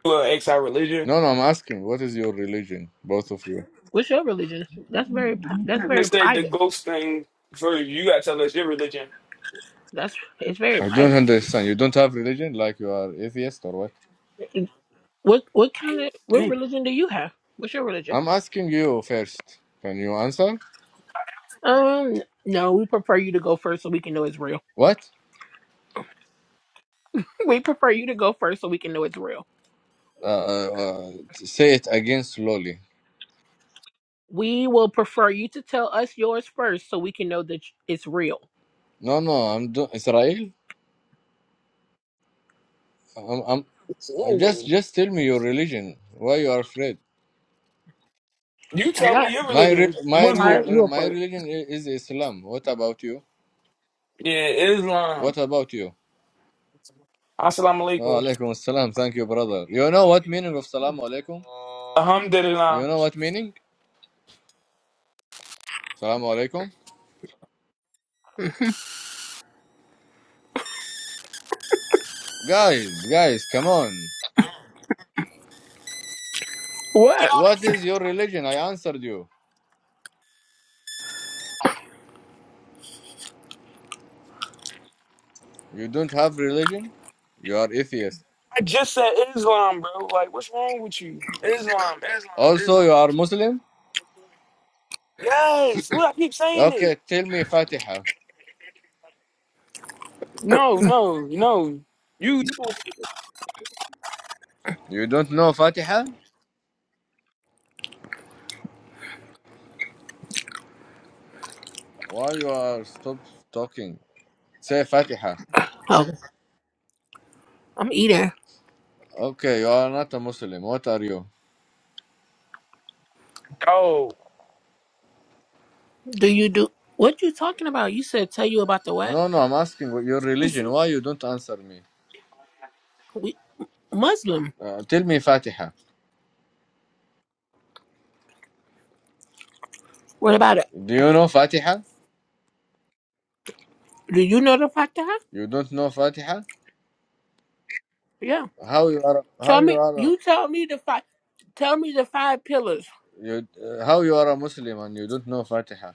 S1: Well, ex our religion.
S4: No, no. I'm asking. What is your religion, both of you?
S3: What's your religion? That's very. pri-
S1: You
S3: That's
S1: couldn't
S3: very
S1: mistake the
S3: private.
S1: ghost thing for you You gotta tell us your religion.
S3: That's. It's very
S4: I don't
S3: private.
S4: understand. You don't have religion, like you are atheist or what?
S3: What What kind of What
S1: Damn,
S3: religion do you have? What's your religion?
S4: I'm asking you first. Can you answer?
S3: Um, no, we prefer you to go first so we can know it's real. (laughs)
S4: What?
S3: We prefer you to go first so we can know it's real.
S4: Uh, uh, say it again slowly.
S3: We will prefer you to tell us yours first so we can know that it's real.
S4: No, no, I'm do- Israel. I'm, I'm
S1: it's
S4: uh, just
S1: wrong.
S4: just tell me your religion. Why you are afraid?
S1: You
S3: I'm
S1: tell me
S3: not.
S1: your
S4: My re-
S1: religion.
S4: my
S3: All
S1: Muslim.
S3: right, you
S4: reli-
S3: go
S4: my
S3: first.
S4: religion i- is Islam. What about you?
S1: Yeah, Islam.
S4: What about you?
S1: Assalamu
S4: No,
S1: alaikum.
S4: alaikum assalam. Thank you, brother. You know what meaning of salam alaikum? You
S1: Alhamdulillah.
S4: know what meaning? Salam alaikum.
S3: Mhm.
S4: Guys, guys, come on.
S3: What?
S4: What is your religion? I answered you. You don't have religion. You are atheist.
S1: I just said Islam, bro. Like, what's wrong with you? Islam, Islam,
S4: Also,
S1: Islam.
S4: you are Muslim.
S1: Yes. What I keep saying it.
S4: Okay, tell me Fatiha.
S1: No, no, no. You
S4: You don't know Fatiha? Why you are stop talking? Say Fatiha.
S3: Oh, I'm eating.
S4: Okay, you are not a Muslim. What are you?
S1: oh.
S3: Do you do what you talking about? You said tell you about the what?
S4: No, no, I'm asking what your religion. Why you don't answer me?
S3: We Muslim.
S4: Uh, tell me Fatiha.
S3: What about it?
S4: Do you know Fatiha?
S3: Do you know the fatah?
S4: You don't know Fatiha?
S3: Yeah.
S4: How you are?
S3: Tell
S4: How you
S3: me.
S4: are?
S3: You tell me the five. Tell me the five pillars.
S4: You, uh, how you are a Muslim and you don't know Fatiha?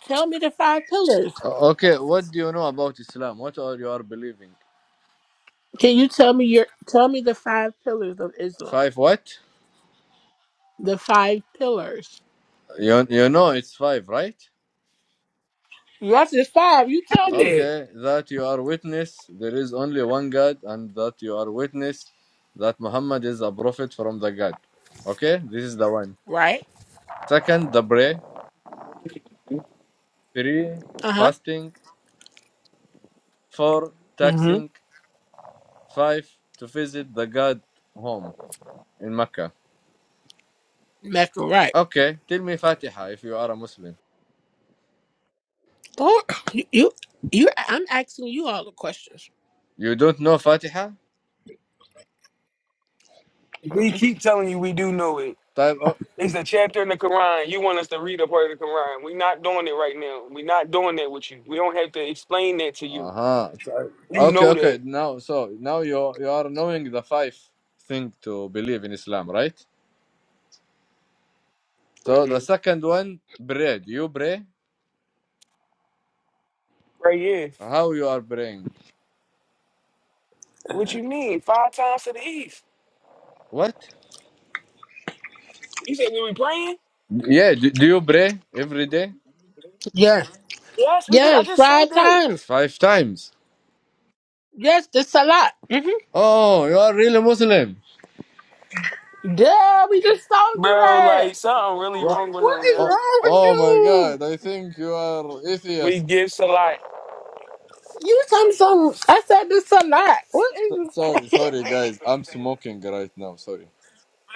S3: Tell me the five pillars.
S4: O- okay, what do you know about Islam? What are you are believing?
S3: Can you tell me your tell me the five pillars of Islam?
S4: Five what?
S3: The five pillars.
S4: You you know it's five, right?
S3: Yes, it's five. You tell me.
S4: Okay, that you are witness there is only one God, and that you are witness that Muhammad is a prophet from the God. Okay, this is the one.
S3: Right?
S4: Second, the prayer. Three,
S3: Uh huh.
S4: fasting. Four,
S1: hmm
S4: taxing. Five, to visit the God home in Mecca.
S3: Left or right?
S4: Okay, tell me Fatiha if you are a Muslim.
S3: Oh, you you. I'm asking you all the questions.
S4: You don't know Fatiha?
S1: We keep telling you we do know it.
S4: Type of.
S1: It's a chapter in the Quran. You want us to read a part of the Quran. We're not doing it right now. We're not doing that with you. We don't have to explain that to you.
S4: Uh-huh.
S1: You
S4: Okay,
S1: know
S4: okay.
S1: that.
S4: Now, so now you you are knowing the five thing to believe in Islam, right? So the second one, pray. Do you pray?
S1: Right here.
S4: How you are praying?
S1: What you mean? Five times to the east.
S4: What?
S1: You said we were praying?
S4: Yeah, do, do you pray every day?
S3: Yes.
S1: Yes, we just I
S3: Yes.
S1: just said
S3: Five
S1: that.
S3: times.
S4: Five times.
S3: Yes. The salat. hmm
S4: Oh, you are really Muslim.
S3: Yeah. We just told you
S1: Bro,
S3: that.
S1: like something really
S4: What?
S1: wrong with
S3: What
S1: him,
S3: is
S4: Oh,
S1: yo.
S3: wrong with
S4: oh my
S3: you?
S4: God! I think you are
S1: We
S4: atheist.
S1: gifts a lot.
S3: You some some. I said this a lot. What is
S4: So-
S3: you
S4: Sorry,
S3: crazy?
S4: sorry,
S3: (laughs)
S4: guys. I'm smoking right now. Sorry.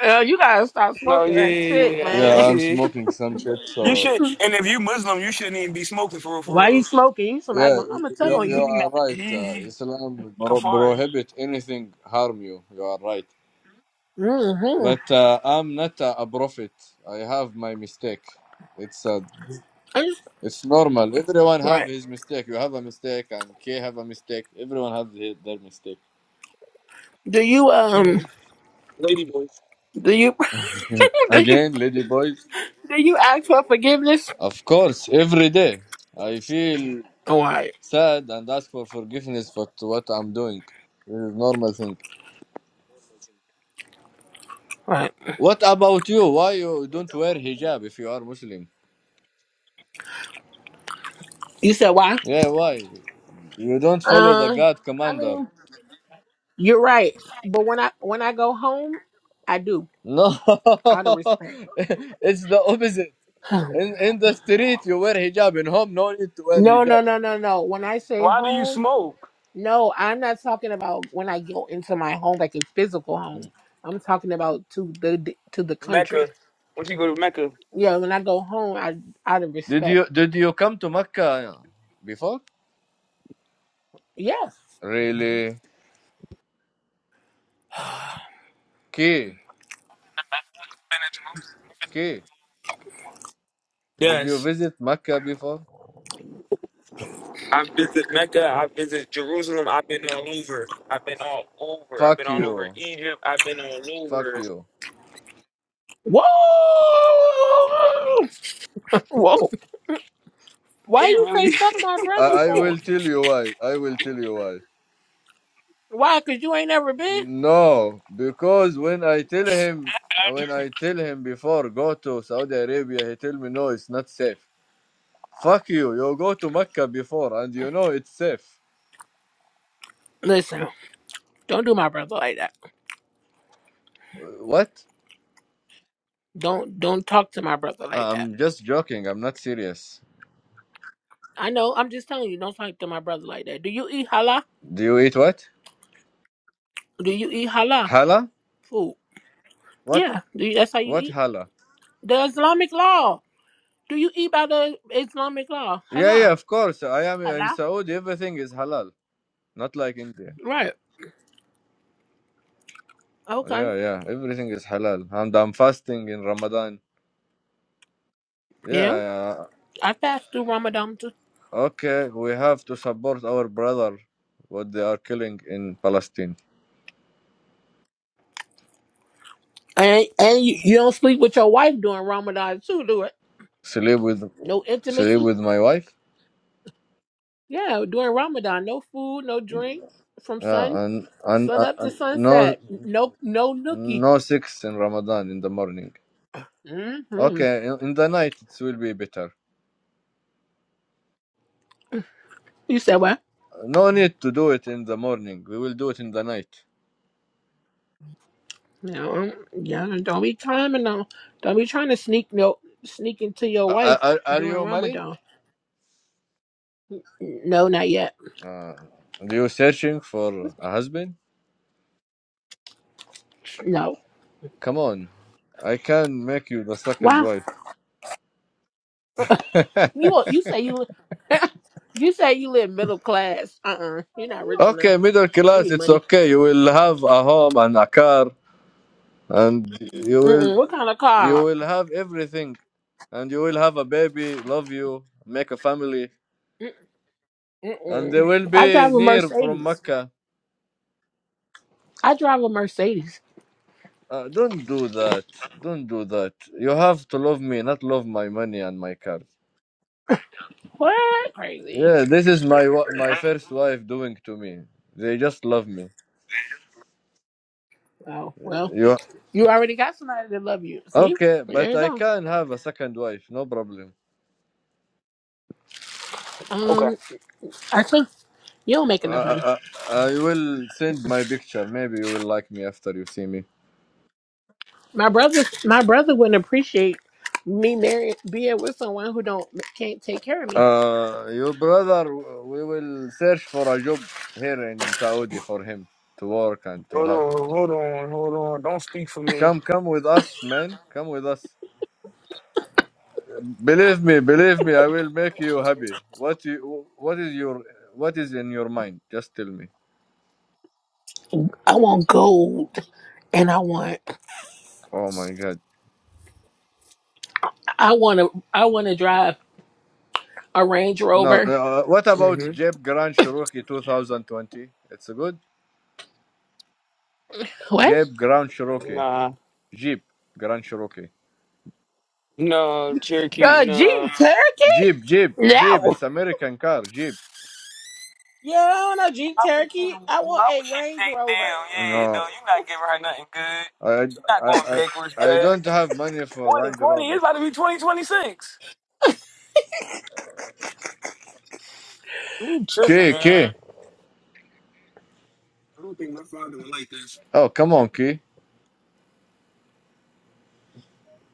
S3: Girl, you gotta stop
S1: Oh
S3: smoking that shit,
S1: yeah, yeah,
S3: man.
S4: Yeah, I'm
S1: yeah. (laughs)
S4: smoking some shit.
S1: You
S4: So
S1: should, and if you Muslim, you shouldn't even be smoking for real, for
S3: Why you
S1: real.
S3: smoking? You somebody
S4: yeah,
S3: going, I'm
S4: you,
S3: gonna
S4: you
S3: tell
S1: Yeah,
S3: on
S4: you
S3: you.
S1: He not,
S4: are right.
S1: he,
S4: Uh,
S1: he
S4: Islam pro-
S1: kafar.
S4: prohibit anything harm you. You are right.
S3: Mm-hmm.
S4: But uh, I'm not a, a prophet. I have my mistake. It's uh,
S3: I just,
S4: it's normal. Everyone have
S3: right.
S4: his mistake. You have a mistake, and K have a mistake. Everyone have the- their mistake.
S3: Do you um do you (laughs) do you
S4: Again, lady boys.
S3: do you ask for forgiveness?
S4: Of course, every day I feel
S3: Oh, all right.
S4: sad and ask for forgiveness for t- what I'm doing. This is normal thing.
S3: All Right.
S4: What about you? Why you don't wear hijab if you are Muslim?
S3: You said why?
S4: Yeah, why? You don't follow the
S3: Uh
S4: God
S3: I
S4: commander.
S3: mean you're right. But when I when I go home, I do.
S4: No, (laughs)
S3: Out of respect. (sighs)
S4: it's the opposite.
S3: Hmm.
S4: In in the street you wear hijab. In home no need to wear
S3: no, no,
S4: hijab.
S3: no, no, no. When I say
S1: Why do you
S3: home,
S1: smoke?
S3: no, I'm not talking about when I go into my home, like a physical home.
S4: Mm.
S3: I'm talking about to the to the country.
S1: Mecca. Once you go to Mecca. Been
S3: Yeah, when I go home, I out of
S4: Did
S3: respect.
S4: you did you come to Mecca before?
S3: Yeah.
S4: Really?
S3: (sighs)
S4: Key key.
S1: to Jerusalem.
S4: Did you
S1: Yes,
S4: visit Mecca before?
S1: I visit Mecca. I visit Jerusalem. I've been all over. I've been all over. I've
S4: Fuck
S1: been all over
S4: you.
S1: Egypt. I've been all
S4: Fuck
S1: over.
S4: you.
S3: Whoa! Whoa. Why
S1: You
S3: you say
S1: really? (laughs)
S3: fuck my
S4: I,
S3: brother
S4: I will
S3: for?
S4: tell you why. I will tell you why.
S3: Why? Cause you ain't never been?
S4: No, because when I tell him when I tell him before go to Saudi Arabia, he tell me no, it's not safe. Fuck you. You go to Mecca before and you know it's safe.
S3: Listen, don't do my brother like that.
S4: What?
S3: Don't don't talk to my brother like
S4: Uh,
S3: that.
S4: I'm just joking. I'm not serious.
S3: I know, I'm just telling you, don't talk to my brother like that. Do you eat halal?
S4: Do you eat what?
S3: Do you eat halal
S4: Halal?
S3: food?
S4: What?
S3: Yeah. Do you, that's how you
S4: What
S3: eat?
S4: halal?
S3: The Islamic law. Do you eat by the Islamic law?
S4: Yeah,
S3: Halal.
S4: yeah, of course. I am in
S3: Halal?
S4: Saudi. Everything is halal. Not like India.
S3: Right. Okay.
S4: Yeah, yeah. Everything is halal. And I'm fasting in Ramadan. Yeah,
S3: Yeah.
S4: yeah.
S3: I fast through Ramadan
S4: Okay, we have to support our brother. What they are killing in Palestine.
S3: And and you, you don't sleep with your wife during Ramadan too, do it?
S4: Sleep with,
S3: No
S4: sleep
S3: intimacy.
S4: with my wife.
S3: Yeah, during Ramadan, no food, no drink from
S4: Yeah,
S3: sun
S4: and and,
S3: sun
S4: and
S3: up to
S4: and no,
S3: sunset. No no nookie.
S4: no sex in Ramadan in the morning.
S3: hmm
S4: Okay, in in the night it will be better.
S3: You said what?
S4: No need to do it in the morning. We will do it in the night.
S3: No, um, yeah. Don't be trying to no. Don't be trying to sneak no sneak into your
S4: Are,
S3: wife
S4: are, are
S3: during
S4: you married?
S3: Ramadan. No, not yet.
S4: Uh, are you searching for a husband?
S3: No.
S4: Come on. I can make you the second
S3: Wow.
S4: wife. (laughs)
S3: You you say you li- (laughs) you say you live middle class. Uh uh-uh. uh. you are not rich enough.
S4: okay, middle
S3: I
S4: class,
S3: need
S4: it's
S3: money.
S4: okay. You will have a home and a car and you will
S3: Mm-mm. What kind of
S4: you
S3: car?
S4: will have everything and you will have a baby, love you, make a family and they
S3: Mm-mm.
S4: will
S3: I
S4: be
S3: drive a
S4: near from
S3: Mercedes.
S4: Mecca.
S3: I drive a Mercedes.
S4: Uh, don't do that. Don't do that. You have to love me, not love my money and my cars.
S3: What? Crazy.
S4: Yeah, this is my wa- my first wife doing to me. They just love me.
S3: Oh, well,
S4: You
S3: you already got somebody that love you. See?
S4: okay?
S3: There
S4: But
S3: you
S4: I
S3: go.
S4: can have a second wife. No problem.
S1: Okay.
S3: Um, I think you don't make
S4: I,
S3: enough money.
S4: I, I will send my picture. Maybe you will like me after you see me.
S3: My brother, my brother wouldn't appreciate me marrying, being with someone who don't can't take care of me.
S4: Uh, your brother. We will search for a job here in Saudi for him to work and to
S1: Hold
S4: have.
S1: on. Hold on. Hold on. Don't speak for me.
S4: Come, come with us, man. Come with us. Believe me, believe me, I will make you happy. What you, what is your what is in your mind? Just tell me.
S3: I want gold, and I want,
S4: Oh my god.
S3: I want to, I want to drive a Range
S4: No,
S3: Rover.
S4: uh, what about
S1: hmm
S4: Jeep Grand Cherokee 2020? It's good.
S3: What?
S4: Jeep Grand Cherokee.
S1: Nah.
S4: Jeep Grand Cherokee.
S1: No, Cherokee,
S3: Uh, Jeep
S1: no.
S3: Cherokee?
S4: Jeep, Jeep, Jeep.
S3: No.
S4: It's American car. Jeep.
S3: Yeah, I don't know, Jeep
S1: Why
S3: Cherokee. I
S1: why would
S3: want a
S1: she
S3: Range
S1: take down?
S3: Rover
S1: Yeah,
S4: No,
S1: though, you're not giving her nothing good.
S4: I,
S1: She's not
S4: I,
S1: going
S4: I,
S1: backwards,
S4: I
S1: bruh.
S4: don't have money for Range
S1: 2020 is
S4: Rover.
S1: about to be 2026. You tripping,
S4: Key,
S1: man.
S4: key. Oh, come on, key.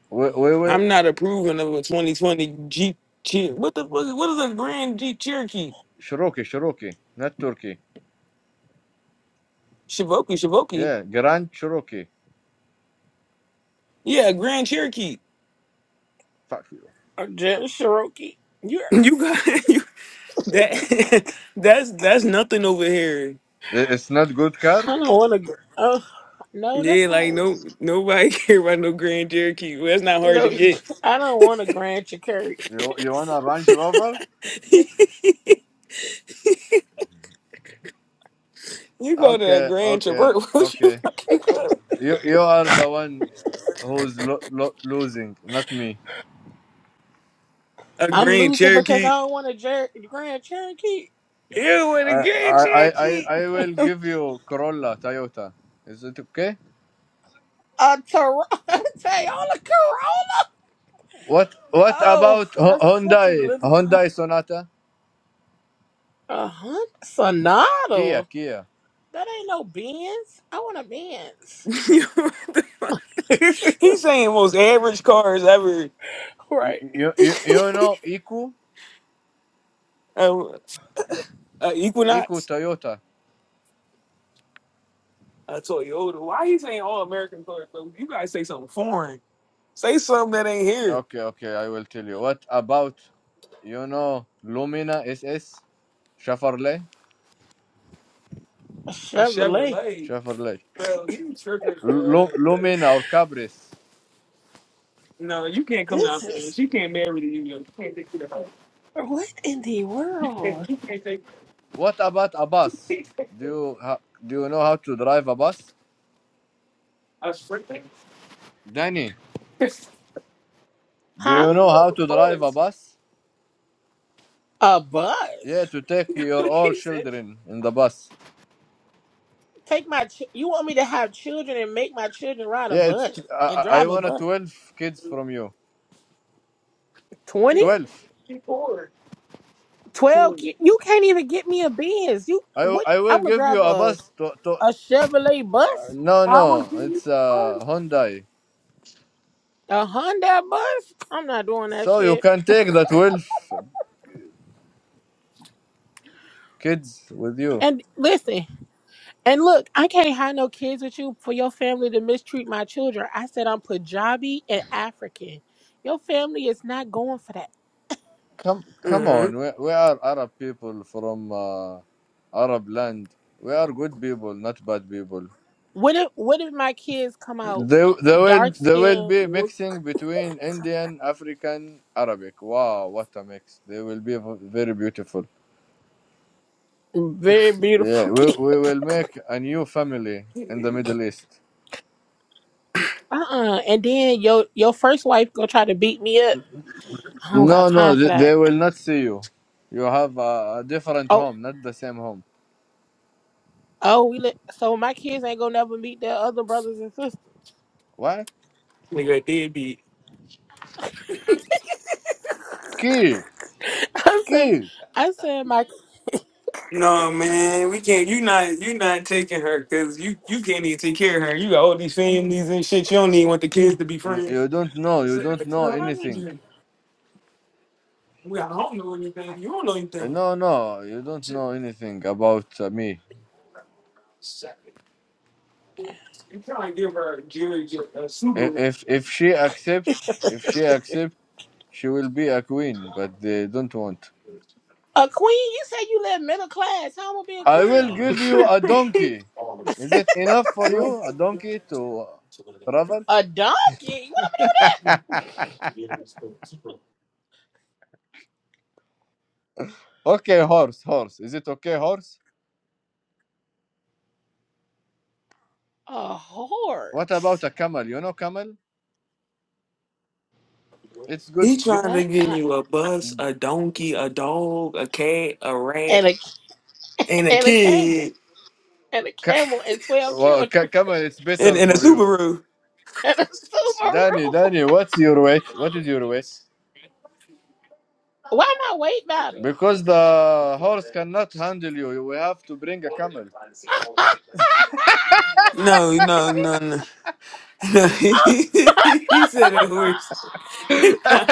S4: We, we, we.
S1: I'm not approving of a 2020 Jeep Cherokee. What the fuck? What is a Grand Jeep Cherokee?
S4: Cherokee, Cherokee, not Turkey.
S1: Shivoki, Shivoki.
S4: Yeah, Grand Cherokee.
S1: Yeah, a Grand Cherokee. (laughs)
S4: Fuck.
S3: or Jeep Cherokee. You, I
S1: You got (laughs) you, that. (laughs) That's that's nothing over here.
S4: I- It's not good car.
S3: don't want a. Oh, no,
S1: Yeah,
S3: that's not.
S1: like no nobody (laughs) care about no Grand Cherokee. Well, that's not hard to
S3: No,
S1: get.
S3: (laughs) I don't want a Grand Cherokee.
S4: You you want a Range Rover?
S1: (laughs) You go to that
S4: Okay,
S1: Grand
S4: okay,
S1: Traverse. (laughs) What you
S4: okay.
S1: fuck you go?
S4: You you are the one who's lo- lo- losing, not me.
S1: A
S3: I'm
S1: Grand
S3: losing because
S1: Cherokee.
S3: I don't want a Jer- Grand Cherokee.
S1: You with a
S4: I,
S1: Grand
S4: I I I
S1: Cherokee?
S4: I will give you Corolla, Toyota. Is it okay?
S3: A Tor- (laughs) Toyota Corolla.
S4: What what
S3: Oh,
S4: about Ho-
S3: that's such a
S4: Hyundai
S3: little car.
S4: Hyundai Sonata?
S3: A Hunt
S4: Kia
S3: Sonata.
S4: Kia.
S3: That ain't no Benz. I want a
S1: (laughs)
S3: Benz.
S1: What the fuck?
S3: (laughs)
S1: He's saying most average cars ever.
S4: You
S3: right.
S4: you you
S1: (laughs)
S4: you know Iku
S1: Um, uh,
S4: Iku
S1: Equinox,
S4: Toyota.
S1: a Toyota. Why you saying all American cars? Bro? You guys say something foreign. Say something that ain't here.
S4: Okay okay, I will tell you. What about you know Lumina S? S? Chevrolet?
S3: A
S1: A
S3: Chevrolet.
S1: Chevrolet.
S4: Chevrolet
S1: Bro, he tripping, bro.
S4: Lu-
S1: That's-
S4: Lumin or Cabris.
S1: No, you can't come
S3: This
S1: down
S3: is
S1: here. She can't marry to you. You can't take you to her.
S3: What in the
S1: You can't.
S3: world?
S1: You can't take.
S4: What about a bus?
S1: (laughs)
S4: Do you ha- do you know how to drive a bus, Danny? Do
S3: Huh?
S4: you know how to drive a bus?
S3: A
S4: Yeah,
S3: bus?
S4: to take your all children in the bus.
S3: Take my. Ch- you want me to have children and make my children ride a
S4: Yeah, it's
S3: bus
S4: I,
S3: and
S4: I I
S3: drive a
S4: want a
S3: bus?
S4: twelve kids from you.
S3: 20?
S4: Twelve.
S3: 12? ki- You can't even get me a Benz. You
S4: I, w-
S3: what?
S4: I will
S3: I'm gonna
S4: give you
S3: drive
S4: a
S3: a
S4: bus. To, to
S3: a
S4: uh,
S3: Chevrolet bus,
S4: no
S1: How much
S4: no,
S1: do you?
S4: it's
S1: first?
S4: a Hyundai.
S3: a Honda bus. I'm not doing that
S4: So you
S3: shit.
S4: can take the twelve kids with you.
S3: And listen, and look, I can't have no kids with you for your family to mistreat my children. I said I'm Punjabi and African. Your family is not going for that.
S4: Come, come on. We, we are Arab people from uh, Arab land. We are good people, not bad people.
S3: What if what if my kids come out
S4: There, there will,
S3: dark
S4: there will
S3: skinned,
S4: be mixing between Indian, African, Arabic. Wow, what a mix! They will be v- very beautiful.
S3: very
S4: Yeah,
S3: beautiful (laughs)
S4: we,
S3: kids?
S4: we will make a new family in the Middle East.
S3: Uh uh And then your your first wife gonna try to beat me up. I don't got
S4: No, no,
S3: time for
S4: th-
S3: that.
S4: they will not see you. You have a, a different
S3: Oh
S4: home, not the same home.
S3: oh we li- so my kids ain't gonna never meet their other brothers and sisters.
S4: What?
S1: Nigga, did be.
S4: Key,
S3: (laughs) I said
S4: key.
S3: I said my
S1: No man, we can't. You not. You not taking her because you you can't even take care of her. You got all these families and shit. You don't even want the kids to be
S4: You,
S1: friends.
S4: you don't know. You don't know
S3: I'm like,
S4: anything.
S1: We I don't know anything. You don't know
S4: Uh,
S1: anything.
S4: No, no, you don't know anything about uh, me.
S1: You trying to give her a Jerry J- a
S4: I-
S1: Subaru.
S4: If if she accept, if she accept, she will be a queen. But they don't want.
S3: a queen. You said you live middle class. How am I be a
S4: I will
S3: queen?
S4: give you a donkey. Is it enough for you? A donkey to uh, travel?
S3: A donkey? What?
S4: Okay, horse, horse. Is it okay, horse?
S3: A
S4: What about
S3: horse?
S4: a camel? You know camel? It's good.
S1: He
S4: g-
S1: trying to
S3: That
S1: give
S3: uh,
S1: you a bus, a donkey, a dog, a cat, a rat,
S3: and a
S1: and
S3: (laughs)
S1: a
S3: and a camel.
S1: kid,
S3: and a
S4: Ca-
S3: camel and 12
S4: well, ca-
S3: children
S4: camel. It's
S1: and,
S4: better
S1: and a
S4: for you.
S1: Subaru.
S3: (laughs) and a
S4: Danny,
S3: Subaru.
S4: Danny, what's your weight? What is your weight?
S3: Why not weight matter?
S4: Because the horse cannot handle you, we have to bring a camel.
S3: (laughs)
S1: No, no, no, no. (laughs) he
S3: 'Cause I'm-
S1: said a horse. (laughs)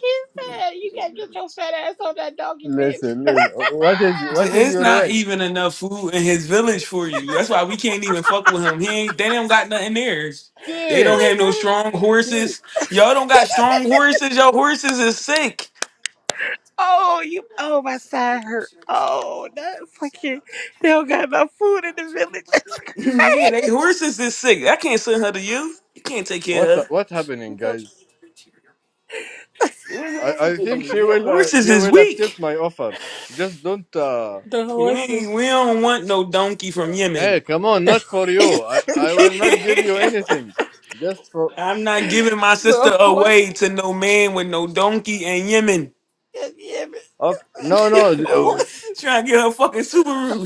S3: he said, You can't get your fat ass on that donkey, bitch. (laughs)
S4: Listen, listen. What is what is
S1: it's
S4: your
S1: not
S4: weight?
S1: even enough food in his village for you. That's why we can't even fuck with him. He ain't, they don't got nothing there. They don't
S4: Key,
S1: have
S3: They
S1: no
S3: gotta-
S1: strong
S4: key.
S1: horses. Y'all don't got strong horses. Your horses is sick.
S3: oh, you. Oh, my side hurt. Oh, that fucking. They don't got enough food in the village.
S1: (laughs) yeah, they horses is sick. I can't send her to you. You can't take care of
S4: What
S1: her.
S4: what
S3: (laughs)
S4: happening,
S3: Look up
S4: guys? I,
S1: What's
S4: I think
S1: happening?
S4: she
S1: Yeah,
S4: will uh,
S1: horses
S4: she
S1: is
S4: will accept
S1: weak.
S4: my offer. Just don't. Uh...
S3: the
S1: We ain't,
S3: horses.
S1: we don't want no donkey from
S4: Hey,
S1: Yemen.
S4: come on, not for you. I
S3: (laughs)
S4: I will not give you anything.
S1: (laughs)
S4: Just for
S1: I'm not giving my
S3: The
S1: sister away
S3: horses
S1: to no man with no donkey and Yemen.
S3: can hear me.
S4: okay.
S3: Man,
S1: (laughs)
S4: No,
S3: got no
S4: no.
S3: Horses.
S1: Trying to get her fucking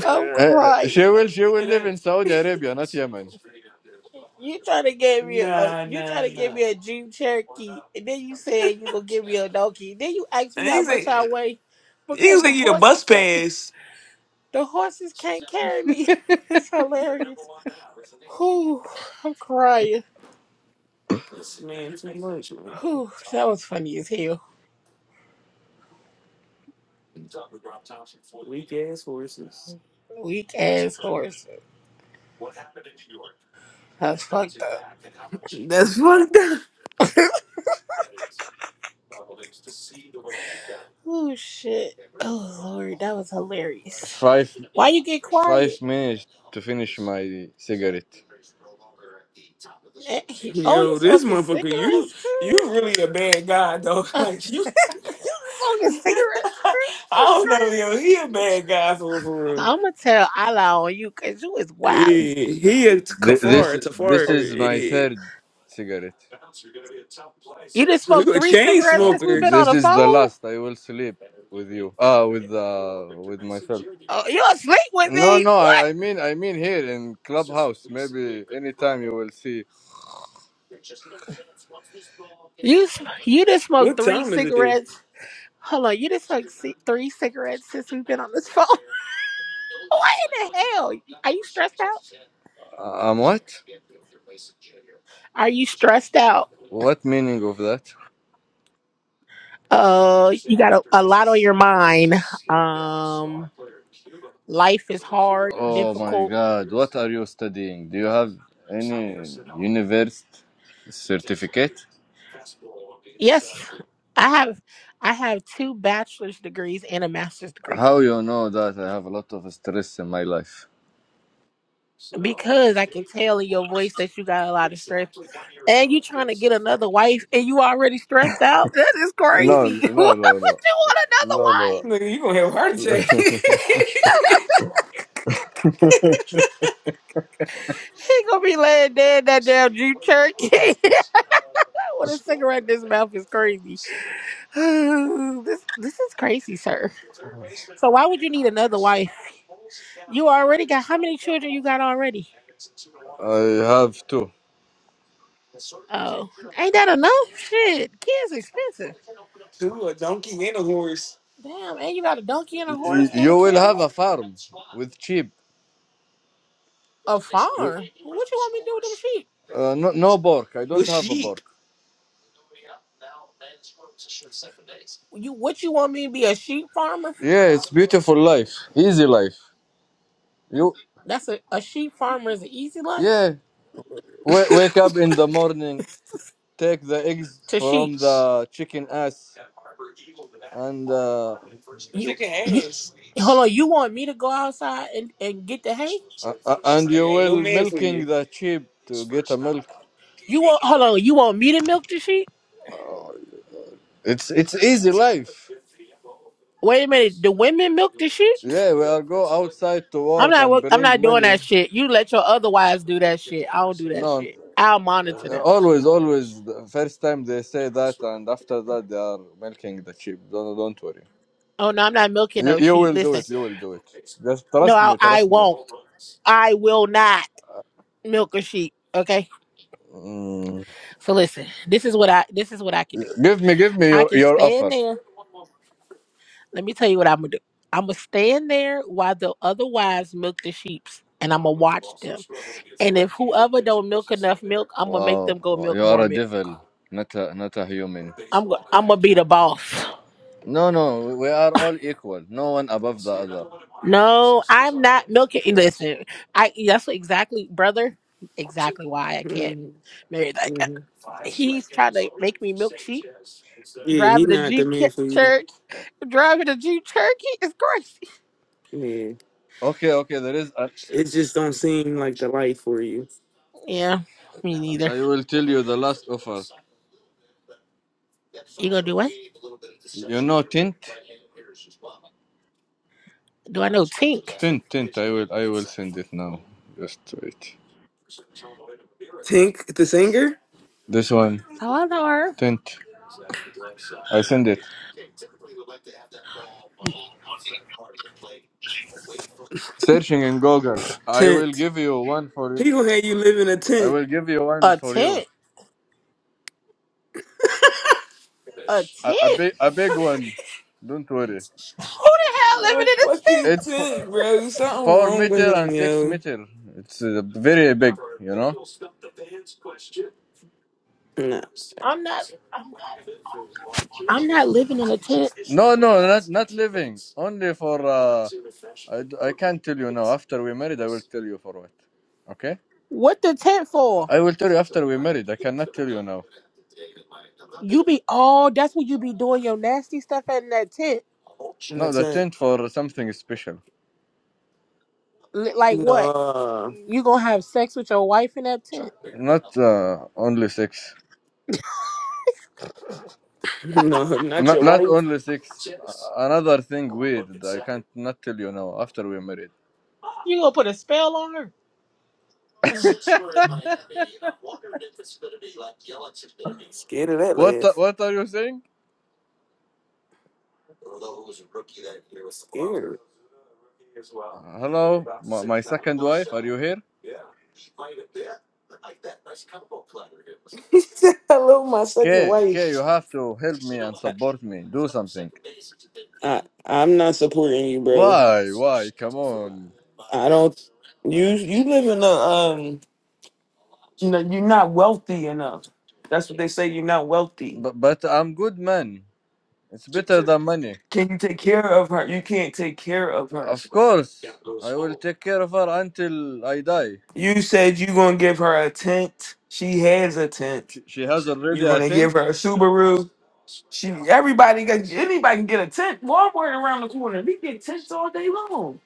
S4: Uh,
S3: I'm
S4: uh, she
S3: crying
S4: will
S3: over
S4: she will
S3: here.
S1: And
S4: live in
S1: that-
S4: Saudi Arabia, not Yemen.
S3: You trying to give me a
S1: Nah,
S3: you trying
S1: nah,
S3: to give
S1: nah.
S3: me a Jeep Cherokee, and then you said you gonna give me a donkey. Then you asked
S1: And
S3: me how
S1: he's
S3: much
S1: like,
S3: I weigh
S1: he
S3: because
S1: was
S3: the
S1: like, you a
S3: horses
S1: bus
S3: can't
S1: pass.
S3: (laughs) the horses can't carry me. (laughs) It's hilarious. Whew, I'm crying.
S1: This man, too much, man.
S3: Whew, that was funny as hell.
S1: Weak ass horses.
S3: Weak ass horses. That's
S1: That's
S3: fucked up.
S1: fucked up.
S3: Oh shit. Oh lord, that was hilarious.
S4: Five
S3: Why you get
S4: five
S3: quiet?
S4: minutes to finish my cigarette.
S3: Eh, he- Oh, you
S1: Yo, this
S3: smoking
S1: motherfucker, you
S3: cigarettes
S1: you
S3: too?
S1: really a bad guy though.
S3: (laughs)
S1: (laughs) Like you,
S3: you
S1: (laughs)
S3: smoking
S1: I
S3: cigarettes too? It's
S1: don't know, yo, he a
S3: crazy.
S1: bad guy for for real.
S3: I'ma tell Allah on you cause you is wild.
S1: Eh, he a
S4: Th-
S1: kafar,
S4: this
S1: tafar.
S4: this is my
S1: eh.
S4: third cigarette.
S3: You just
S1: Look
S3: smoked
S1: at
S3: three
S1: chain
S3: cigarettes
S4: Uh,
S3: since we've been
S1: smokers.
S3: on
S4: this
S3: the
S4: is
S3: phone?
S4: the last.
S3: Oh,
S4: I will sleep with you. Ah, with uh, with myself.
S3: you asleep with
S4: No,
S3: me?
S4: no.
S3: What?
S4: I, I mean, I mean here in clubhouse. Maybe anytime you will see.
S3: You sm- you just smoked
S1: What
S3: three
S1: time is it there?
S3: cigarettes. Hold on, you just smoked ci- three cigarettes since we've been on this phone. (laughs) what in the hell? Are you stressed out?
S4: Uh, um, what?
S3: Are you stressed out?
S4: What meaning of that?
S3: Uh, you got a, a lot on your mind. Um, life is hard,
S4: Oh my
S3: difficult.
S4: God! What are you studying? Do you have any university certificate?
S3: Yes, I have. I have two bachelor's degrees and a master's degree
S4: How you know that I have a lot of stress in my life?
S3: because I can tell in your voice that you got a lot of stress, and you trying to get another wife, and you already stressed out. That is
S4: No,
S3: crazy. (laughs)
S4: no,
S3: What
S4: no,
S3: would you want another
S4: no, no,
S3: wife?
S1: Look, you gonna have a heart
S4: no.
S1: attack.
S4: (laughs)
S1: (laughs)
S4: I
S3: She gonna be laying dead in that damn Jeep Cherokee. (laughs) (laughs) With a cigarette in his mouth is crazy. (sighs) this this is crazy, sir. So why would you need another wife? You already got how many children you got already?
S4: have two.
S3: Oh, ain't that enough? Shit, kids expensive.
S1: Dude, a donkey and a horse
S3: Damn, and you got a donkey and a
S4: Y-
S3: horse and a
S4: You will have a
S3: camel,
S4: farm with sheep.
S3: a farm.
S4: With,
S3: What you want me to do with them sheep?
S4: uh, no, no bork. I don't
S1: with
S4: have a
S1: sheep.
S4: bork.
S3: You what you want me to be a sheep farmer?
S4: Yeah, it's beautiful life. Easy life. You
S3: That's a a sheep farmer is an easy life
S4: yeah.
S1: (laughs)
S4: W- wake up in the morning, take the eggs
S3: to sheep.
S4: from the chicken ass, and uh,
S3: You
S1: Chicken
S3: you
S1: ass.
S3: hold on. You want me to go outside and and get the hay?
S4: uh, uh,
S1: This
S4: and
S1: nigga
S4: you
S1: ain't no
S4: will
S1: man for
S4: milking
S1: you.
S4: the sheep to get a milk.
S3: You want hold on. You want me to milk the sheep?
S4: Uh, it's it's easy life.
S3: Wait a minute. The women milk the sheep?
S4: Yeah, we are go outside to
S3: I'm
S4: work
S3: not.
S4: and
S3: wo- I'm
S4: bring
S3: not doing
S4: money.
S3: that shit. You let your other wives do that shit. I don't do that
S4: No.
S3: shit. I'll monitor them.
S4: always always the first time they say that and after that they are milking the sheep don't, don't worry
S3: Oh no, I'm not milking
S4: you,
S3: no
S4: you
S3: sheep.
S4: will do
S3: Listen,
S4: it you will do it just
S3: no,
S4: trust
S3: I,
S4: me
S3: I
S4: trust me
S3: won't. I will not milk a sheep. Okay.
S4: Mm.
S3: So listen, this is what I. This is what I can do.
S4: give me give me
S3: I
S4: your,
S3: can
S4: your
S3: stand
S4: offer
S3: there. Let me tell you what I'm gonna do. I'm gonna stand there while the other wives milk the sheeps, and I'm gonna watch them. And if whoever don't milk enough milk, I'm gonna make
S4: wow
S3: them go milk
S4: you are
S3: more
S4: a
S3: milk
S4: devil not a not a human
S3: I'm go- I'm gonna be the boss.
S4: no no we are all equal no one above the other
S3: No, I'm not milking. Listen, I that's exactly, brother. Exactly why I can't
S1: Mhm,
S3: marry that guy.
S1: mhm.
S3: He's trying to make me milk sheep,
S1: Yeah, he
S3: driving a
S1: not the
S3: Jeep
S1: man
S3: ca-
S1: for you.
S3: Cherokee, driving a Jeep Cherokee is crazy.
S1: Yeah,
S4: okay okay there is a,
S1: it just don't seem like the life for you.
S3: Yeah, me
S4: i
S3: neither.
S4: will tell you the last offer
S3: You gonna do what?
S4: you know tint
S3: Do I know Tink?
S4: tint tint i will i will send it now just wait
S1: Tink the singer,
S4: this one
S3: Oh, I know her.
S4: tint i send it Searching in Google. I will
S1: tent.
S4: give you one for
S1: He
S4: you.
S1: gonna have you live in a
S4: I
S1: tent.
S4: will give you one
S3: A
S4: for you.
S3: tent, a
S4: A, a
S3: tent.
S4: big, a big one. Don't worry.
S3: Who the hell living
S1: No
S3: in a
S1: fucking
S3: tent?
S4: It's f-
S1: tent, bro. Something
S4: four
S1: wrong
S4: meter
S1: with him,
S4: and six
S1: yo.
S4: meter. It's uh, very big. You know.
S1: Nah,
S3: I'm not. I'm, I'm not living in a tent.
S4: No, no, not not living. Only for. Uh, I, d- I can't tell you now. After we married, I will tell you for what. Okay.
S3: What the tent for?
S4: I will tell you after we married. I cannot tell you now.
S3: You be all. That's what you be doing your nasty stuff at in that tent.
S1: she in the
S4: No, the
S1: tent.
S4: tent for something special.
S3: Li- Like what?
S1: No,
S3: You gonna have sex with your wife in that tent?
S4: Not uh, only six.
S1: (laughs) no, not
S4: Not
S1: your
S4: not
S1: wife.
S4: only six. A- Another thing weird. I can't not tell you now. After we're married.
S3: You gonna put a spell on her?
S1: Scared of that
S4: What
S1: laugh.
S4: what are you saying?
S1: Scared.
S4: Hello, my, my second wife. Are you here?
S1: (laughs) Hello, my second
S4: Kay, Kay,
S1: wife.
S4: you have to help me and support me. Do something.
S1: I, I, I'm not supporting you, bro.
S4: Why? Why? Come on.
S1: I don't. You you live in a um. You know you're not wealthy enough. That's what they say. You're not wealthy.
S4: But but I'm good man. It's better than money.
S1: Can you take care of her? You can't take care of her.
S4: Of course, I will take care of her until I die.
S1: You said you gonna give her a tent. She has a tent.
S4: She, she has already
S1: You're
S4: a
S1: gonna
S4: tent.
S1: give her a Subaru. She everybody got anybody can get a tent. Walmart around the corner. We get tents all day long.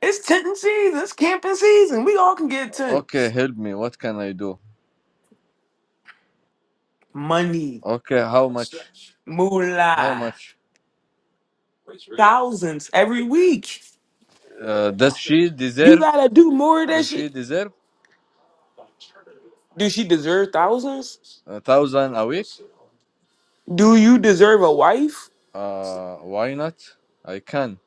S1: It's tenting season. It's camping season. We all can get
S4: Okay,
S1: tents.
S4: help me. What can I do?
S1: Money,
S4: Okay, how much? How
S1: moolah,
S4: much?
S1: thousands every week.
S4: Uh, does she
S1: You
S4: deserve?
S1: gotta do more than
S4: Does
S1: she.
S4: she deserve
S1: Do she deserve thousands?
S4: a thousand a week?
S1: Do you deserve a wife?
S4: Uh, why not? I can.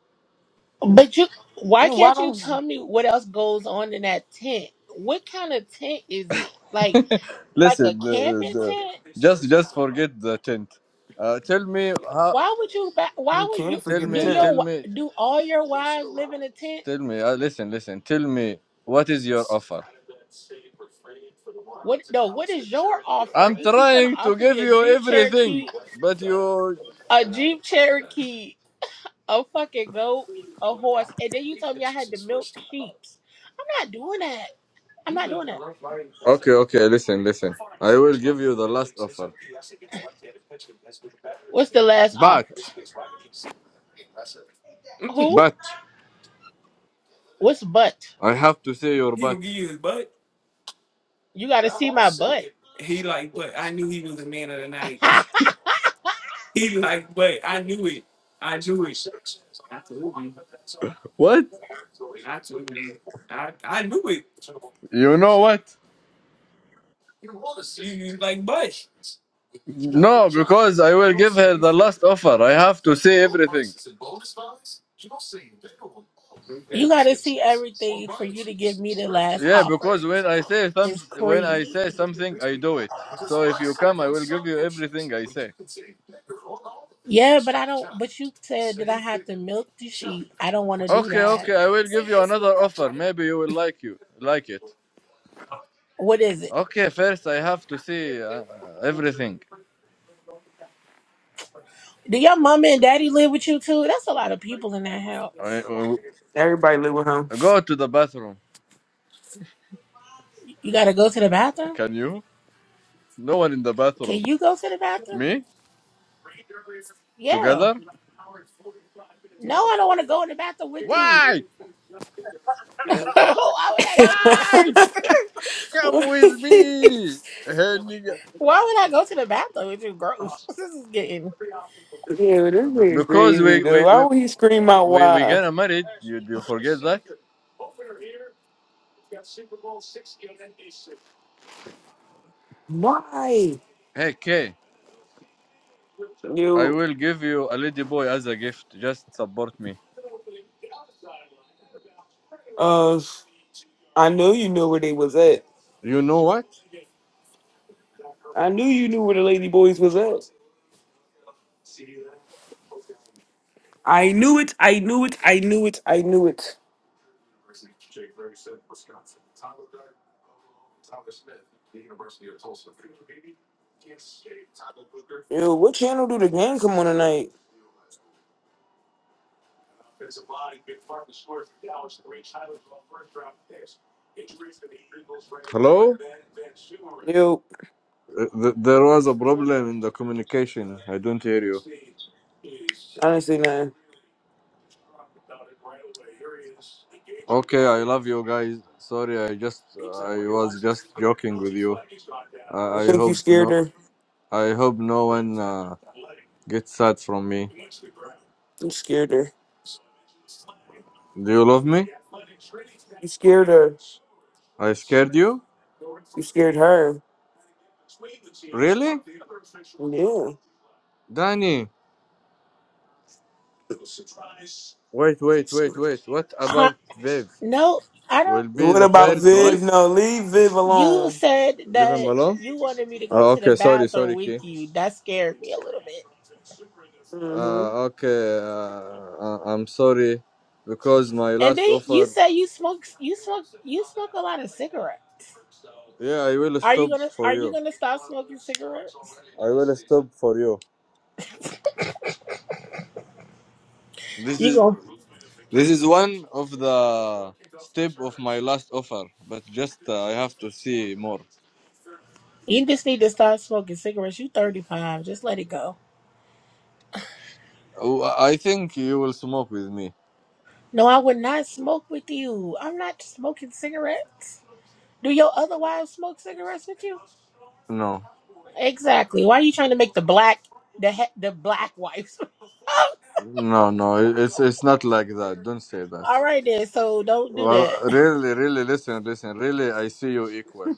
S3: But you, why
S1: Then Why
S3: can't you
S1: don't?
S3: tell me what else goes on in that tent? What kind of tent is it? Like,
S4: (laughs)
S3: like a
S4: Listen, the,
S3: camping
S4: the,
S3: tent?
S4: just just forget the tent. Uh, tell me how.
S3: Why would you? ba-
S1: You
S3: Why would you
S1: can't
S4: Tell
S1: forget the
S3: do
S4: me.
S3: your?
S4: Tell
S1: temp.
S4: me.
S3: wi- Do all your wives live in a tent?
S4: Tell me. Uh, listen. Listen. Tell me what is your offer?
S3: What? No. What is your offer?
S4: I'm
S3: You keep trying to
S4: trying to
S3: offer
S4: give
S3: me a
S4: you
S3: Jeep
S4: everything,
S3: Cherokee,
S4: but you.
S3: a Jeep Cherokee a fucking goat, a horse, and then you told me I had to milk sheeps. I'm not doing that. I'm not doing that.
S4: Okay. Okay. Listen. Listen. I will give you the last offer,
S3: What's the last
S4: but
S3: offer? Who?
S4: but
S3: What's butt?
S4: I have to say your
S1: He gonna
S4: but.
S1: give you his butt.
S3: You gotta see
S1: Grandma
S3: my butt.
S1: second. He like, but I knew he was the man of the night.
S3: (laughs)
S1: He like, but I knew it. I knew it. I told you.
S4: What?
S1: I told you. I, I knew it.
S4: You know what?
S1: You, you like, but
S4: No, because I will give her the last offer. I have to say everything.
S3: you gotta see everything for you to give me the last
S4: Yeah, because
S3: offer.
S4: when I say some,
S3: It's
S4: when I say
S3: crazy.
S4: something, I do it. So if you come, I will give you everything I say.
S3: Yeah, but I don't but you said that I have to milk the sheep. I don't wanna do
S4: Okay,
S3: that.
S4: okay, I will give you another offer. Maybe you will like you like it.
S3: What is it?
S4: Okay, first I have to see uh, everything.
S3: Do your mama and daddy live with you too? That's a lot of people in that
S4: I,
S3: house.
S4: uh,
S1: everybody live with him.
S4: go to the bathroom.
S3: You gotta go to the bathroom?
S4: Can you? No one in the
S3: Can
S4: bathroom.
S3: you go to the bathroom?
S4: Me?
S3: Yeah.
S4: Together?
S3: No, I don't want to go in the bathroom with you. (laughs)
S4: Why?
S3: Why would I
S1: (laughs) yeah,
S3: go to the bathroom?
S4: Why? Come with me.
S3: (laughs) Why would I go to the bathroom with you? Gross. (laughs) This is getting.
S1: this
S4: B-
S1: nigga
S4: because
S1: crazy
S4: we
S1: though.
S4: we
S1: Why
S4: we
S1: would he scream out
S4: we we
S1: why?
S4: gonna married. You you forget that?
S1: Why?
S4: Hey Kay, I
S1: You,
S4: will give you a lady boy as a gift. Just support me.
S1: uh, I know you knew where they was at.
S4: You know what?
S1: I knew you knew where the Lady Boys was at. I knew it. I knew it. I knew it. I knew it. Yo, what channel do the game come on tonight?
S4: Hello?
S1: Yo,
S4: Uh, th- There was a problem in the communication. I don't hear you.
S1: I didn't say nothing.
S4: Okay, I love you guys. Sorry, I just I was just joking with you. I,
S1: I
S4: I
S1: think you
S4: hope
S1: scared
S4: no
S1: her.
S4: I hope no one uh, gets sad from me.
S1: You scared her.
S4: Do you love me?
S1: You scared her.
S4: I scared you?
S1: You scared her.
S4: Really?
S1: Yeah.
S4: Danny, wait, wait, wait, wait. What
S3: Uh,
S4: about Viv?
S3: no, I don't.
S4: will be
S1: What
S4: the
S3: Okay,
S1: about
S4: third
S3: you
S4: wife.
S1: Viv?
S3: s-
S1: No, leave Viv
S3: you
S1: alone.
S3: said
S4: Leave him
S3: that
S4: alone.
S3: you wanted me to go
S4: Oh,
S3: to the
S4: okay, sorry,
S3: bathroom
S4: sorry, Key.
S3: with you. That scared me a little bit.
S1: Mm-hmm.
S4: Uh, okay, uh, I- I'm sorry because my
S3: And
S4: last
S3: then you
S4: offer.
S3: said you smoke you smoke you smoke a lot of cigarettes.
S4: Yeah, I will
S3: Are you
S4: stop
S3: gonna
S4: for
S3: Are you
S4: you.
S3: gonna stop smoking cigarettes?
S4: I will stop for you. This
S3: You
S4: is
S3: go.
S4: this is one of the step of my last offer, but just uh, I have to see more.
S3: You just need to stop smoking cigarettes. You thirty five. Just let it go.
S4: Oh, I think you will smoke with me.
S3: No, I would not smoke with you. I'm not smoking cigarettes. Do your other wives smoke cigarettes with you?
S4: No,
S3: Exactly. Why are you trying to make the black the he- the black wives?
S4: no, no. it- It's it's not like that. Don't say
S3: (laughs)
S4: that.
S3: All right then. So don't do
S4: Well,
S3: that.
S4: really, really, listen, listen. Really, I see you equal.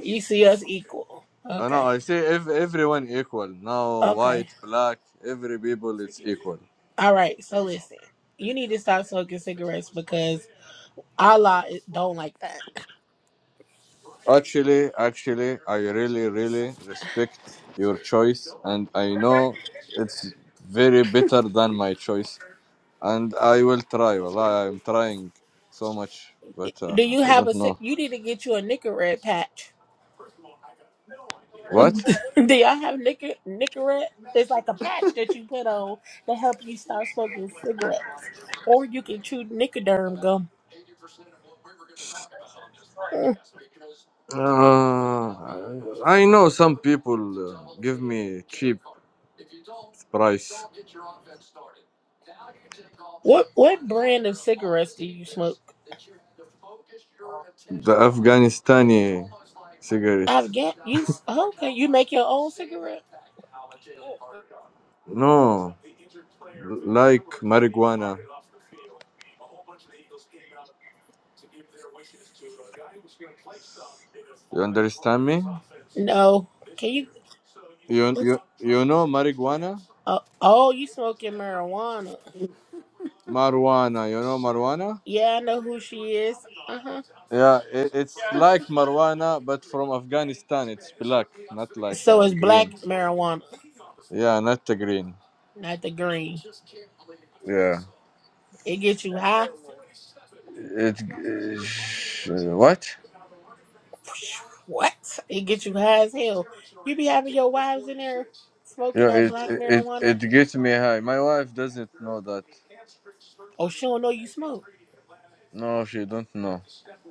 S3: You see us equal.
S4: Uh, no,
S3: Okay.
S4: I say if everyone equal now,
S3: Okay.
S4: white, black, every people is equal.
S3: All right. So listen, you need to stop smoking cigarettes because Allah don't like that.
S4: Actually, actually, I really, really respect your choice, and I know it's very better than my choice, and I will try. Well, I'm trying so much, but uh,
S3: Do you
S4: I
S3: have
S4: don't
S3: a? ci-
S4: know
S3: You need to get you a Nicorette patch
S4: what.
S3: (laughs) Do y'all have nicker Nicorette? It's like a patch that you put on to help you stop smoking cigarettes, or you can chew Nicoderm gum. Mm.
S4: Uh, I know some people uh, give me cheap price
S3: What what brand of cigarettes do you smoke?
S4: the Afghanistani cigarette.
S3: I've got you. s- Okay, you make your own cigarette?
S4: No. like marijuana. You understand me?
S3: No. Can you?
S4: You
S3: what's-
S4: you you know marijuana,
S3: Uh, oh, you smoking marijuana?
S4: marijuana. You know marijuana?
S3: Yeah, I know who she is. Uh huh.
S4: Yeah, it, it's like marijuana, but from Afghanistan. It's black, not like
S3: So
S4: uh,
S3: it's black
S4: green.
S3: marijuana,
S4: Yeah, not the green.
S3: not the green.
S4: Yeah,
S3: It gets you high.
S4: it uh, what?
S3: What? It gets you high as hell. You be having your wives in there smoking
S4: Yeah,
S3: that
S4: it
S3: black
S4: it it
S3: marijuana.
S4: gets me high. My wife doesn't know that.
S3: Oh, she don't know you smoke.
S4: No, she don't know.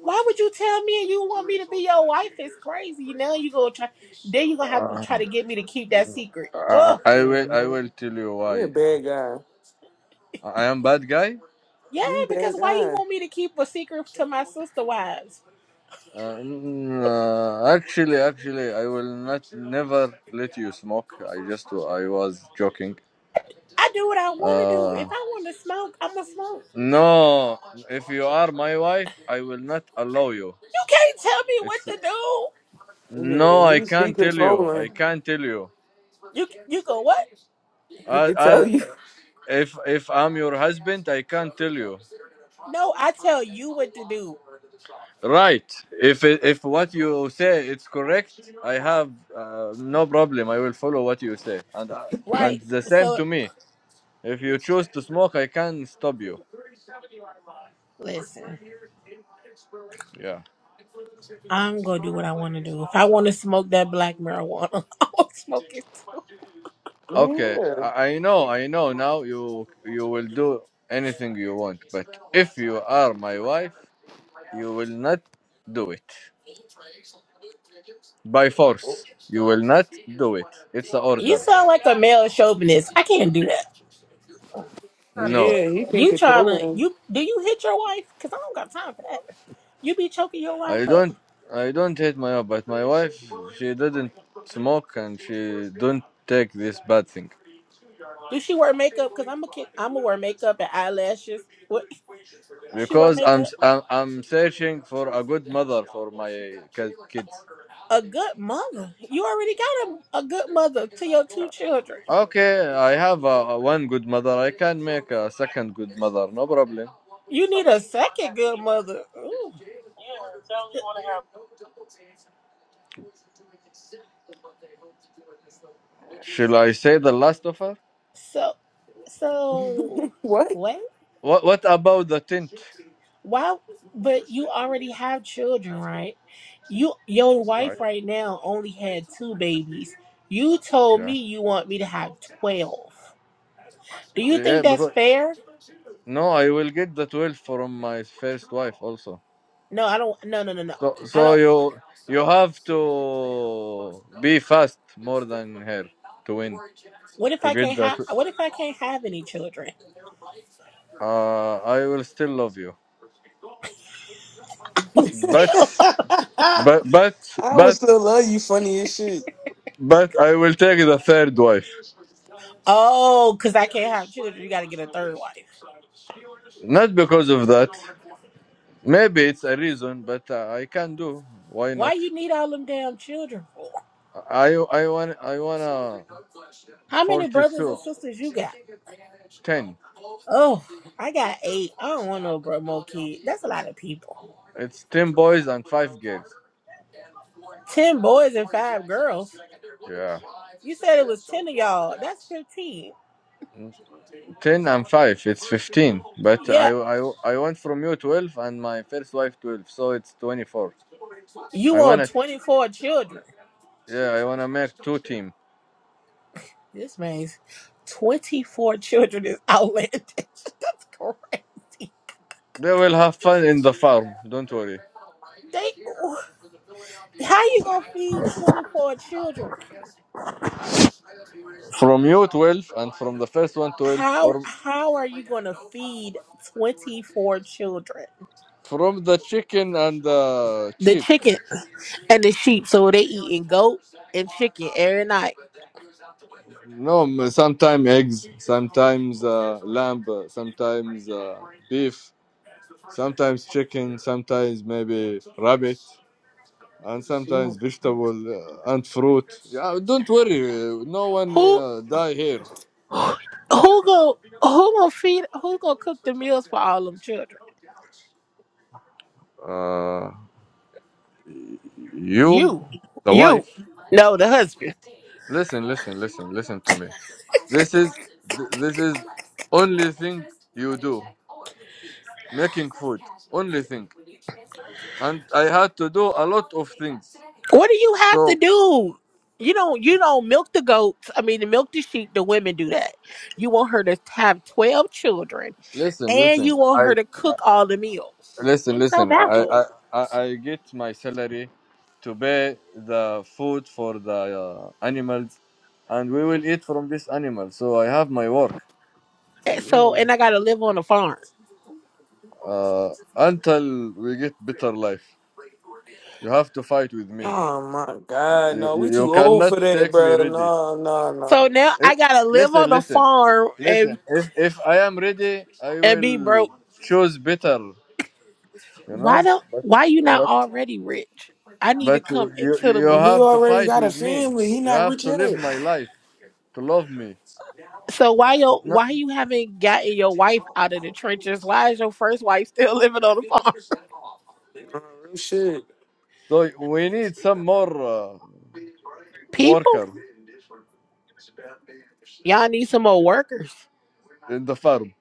S3: Why would you tell me and you want me to be your wife? It's crazy. Now you gonna try. Then you gonna have to
S4: Uh,
S3: try to get me to keep that secret.
S4: I
S3: Oh,
S4: I will I
S1: Mm-hmm.
S4: will tell you
S1: He a
S4: why.
S1: bad guy.
S4: I am bad guy.
S3: yeah.
S1: He a
S3: Because
S1: bad
S3: why you
S1: guy.
S3: want me to keep a secret to my sister wives?
S4: Uh, n- uh, actually, actually, I will not never let you smoke. I just I was joking.
S3: I do what I want to do.
S4: Uh,
S3: If I want to smoke, I'm gonna smoke.
S4: no, if you are my wife, I will not allow you.
S3: You can't tell me what
S4: It's
S3: to do.
S1: Yeah,
S4: no, I
S1: he's he
S4: can't tell you. I
S1: controlling.
S4: can't tell you.
S3: You you go what?
S1: He
S4: Uh,
S1: can
S4: uh,
S1: tell you. (laughs)
S4: if if I'm your husband, I can't tell you.
S3: No, I tell you what to do.
S4: Right. If it- if what you say it's correct, I have uh, no problem. I will follow what you say, and uh,
S3: Right.
S4: and the same
S3: So
S4: to me. If you choose to smoke, I can stop you.
S3: listen,
S4: Yeah.
S3: I'm gonna do what I want to do. If I want to smoke that black marijuana, (laughs) I'll smoke it.
S4: Okay.
S1: Yeah.
S4: I, I know. I know. Now you you will do anything you want, but if you are my wife, you will not do it by force. You will not do it. It's an
S3: You
S4: order.
S3: sound like a male chauvinist. I can't do that.
S4: No,
S1: Yeah, he can
S3: You trying to
S1: control him.
S3: you do you hit your wife? Cause I don't got time for that. You be choking your
S4: I
S3: wife up.
S4: don't. I don't hate my wife, but my wife she didn't smoke and she don't take this bad thing
S3: Do she wear makeup? Cause I'm a kid. I'm gonna wear makeup and eyelashes. What? She wear
S4: because I'm
S3: makeup.
S4: I'm, I'm searching for a good mother for my ki- kids.
S3: A good mother. You already got a, a good mother to your two children.
S4: Okay, I have uh, one good mother. I can make a second good mother. No problem.
S3: You need a second good mother. Ooh.
S4: Shall I say the last of her?
S3: So, so
S1: (laughs) what?
S3: wait.
S4: What What about the tenth?
S3: Why? But you already have children, right? You, your
S4: Right?
S3: wife right now only had two babies. You told me
S4: Yeah.
S3: you want me to have twelve. Do you
S4: Yeah,
S3: think that's
S4: because
S3: fair?
S4: no, I will get the twelve from my first wife also.
S3: No, I don't. No, no, no, no.
S4: So
S3: I
S4: so
S3: don't.
S4: you you have to be fast more than her to win
S3: What if
S4: to
S3: I
S4: get
S3: can't
S4: that.
S3: have? What if I can't have any children?
S4: Uh, I will still love you, but
S1: (laughs)
S3: (laughs)
S4: but but
S1: I would
S4: but
S1: still love you funny as shit.
S4: but I will take the third wife.
S3: oh, because I can't have children, you got to get a third wife.
S4: Not because of that. Maybe it's a reason, but uh, I can do. Why
S3: Why
S4: not?
S3: you need all them damn children for?
S4: I I want I wanna
S3: How many brothers
S4: 42,
S3: and sisters you got?
S4: 10.
S3: Oh, I got eight. I don't want no bro more kid. That's a lot of people.
S4: It's ten boys and five girls.
S3: 10 boys and 5 girls.
S4: Yeah,
S3: You said it was 10 of y'all. That's 15.
S4: ten and five. It's fifteen. But I
S3: Yeah,
S4: I I want from you twelve and my first wife twelve, so it's twenty four.
S3: you
S4: I
S3: want
S4: wanna
S3: 24 children.
S4: yeah I wanna make two team.
S3: This means 24 children is outlandish. (laughs) That's crazy.
S4: They will have fun in the farm. Don't worry.
S3: They how you going to feed 24 children?
S4: From you twelve and from the first one twelve
S3: How
S4: or
S3: how are you going to feed 24 children?
S4: from the chicken and the
S3: The
S4: sheep.
S3: chicken and the sheep so they eating goat and chicken every night.
S4: No, m- sometimes eggs, sometimes uh, lamb, uh, sometimes uh, beef, sometimes chicken, sometimes maybe rabbit, and sometimes
S1: Mm, mm,
S4: vegetable uh, and fruit. Yeah, don't worry, uh, no one
S3: Who
S4: uh, die here.
S3: Who go who gonna feed who gonna cook the meals for all them children?
S4: Uh, you,
S3: You.
S4: the
S3: You.
S4: wife.
S3: No, the husband.
S4: Listen, listen, listen, listen to me. This is th- this is only thing you do, making food. Only thing, and I had to do a lot of things.
S3: What do you have to
S4: So
S3: do? You don't you don't milk the goats. I mean to milk the sheep, the women do that. You want her to have twelve children
S4: listen,
S3: and
S4: listen.
S3: you want
S4: I.
S3: her to cook all the meals.
S4: Listen,
S3: I'm so
S4: listen. I,
S3: baffled.
S4: I I I get my salary to pay the food for the uh, animals, and we will eat from this animal. So I have my work
S3: And so
S1: mm.
S3: and I gotta live on a farm.
S4: uh, until we get better life. You have to fight with me.
S1: Oh my God,
S4: You
S1: no,
S4: you,
S1: we
S4: you
S1: too old
S4: cannot
S1: for that,
S4: take me
S1: bro.
S4: ready.
S1: No, no, no, no.
S3: So now
S4: Eh,
S3: I gotta live
S4: listen,
S3: on a
S4: listen,
S3: farm and
S4: listen. If if I am ready, I
S3: and be
S4: will
S3: broke.
S4: choose better. You
S3: Why
S4: know,
S3: don't
S4: but
S3: why you not
S4: but
S3: already rich? I need to
S4: but you
S3: come into the
S4: you
S1: And
S3: money.
S1: he
S4: have to
S1: already
S4: fight
S1: got a
S4: with me.
S1: family. He
S4: You
S1: not
S4: have
S1: rich
S4: to live
S1: yet.
S4: my life. to love me.
S3: So why yo
S4: No-
S3: why you haven't gotten your wife out of the trenches? Why is your first wife (laughs) still
S1: Uh,
S3: living on the farm?
S1: real shit.
S4: So we need some more uh,
S3: People,
S4: worker
S3: y'all need some more workers.
S4: in the farm,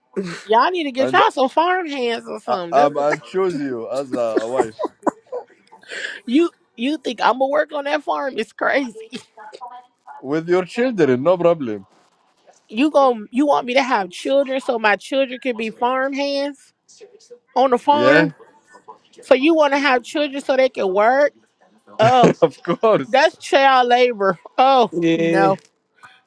S3: Y'all need to get
S4: and
S3: y'all some farm hands or
S4: I,
S3: something. That's
S4: I'm I choose you as a wife
S3: (laughs) you you think I'm gonna work on that farm? It's crazy.
S4: with your children, no problem.
S3: You gon' you want me to have children so my children can be farm hands on the
S4: Yeah,
S3: farm? So you want to have children so they can work? Oh.
S4: (laughs) of course.
S3: That's child labor. Oh
S1: Yeah,
S3: no,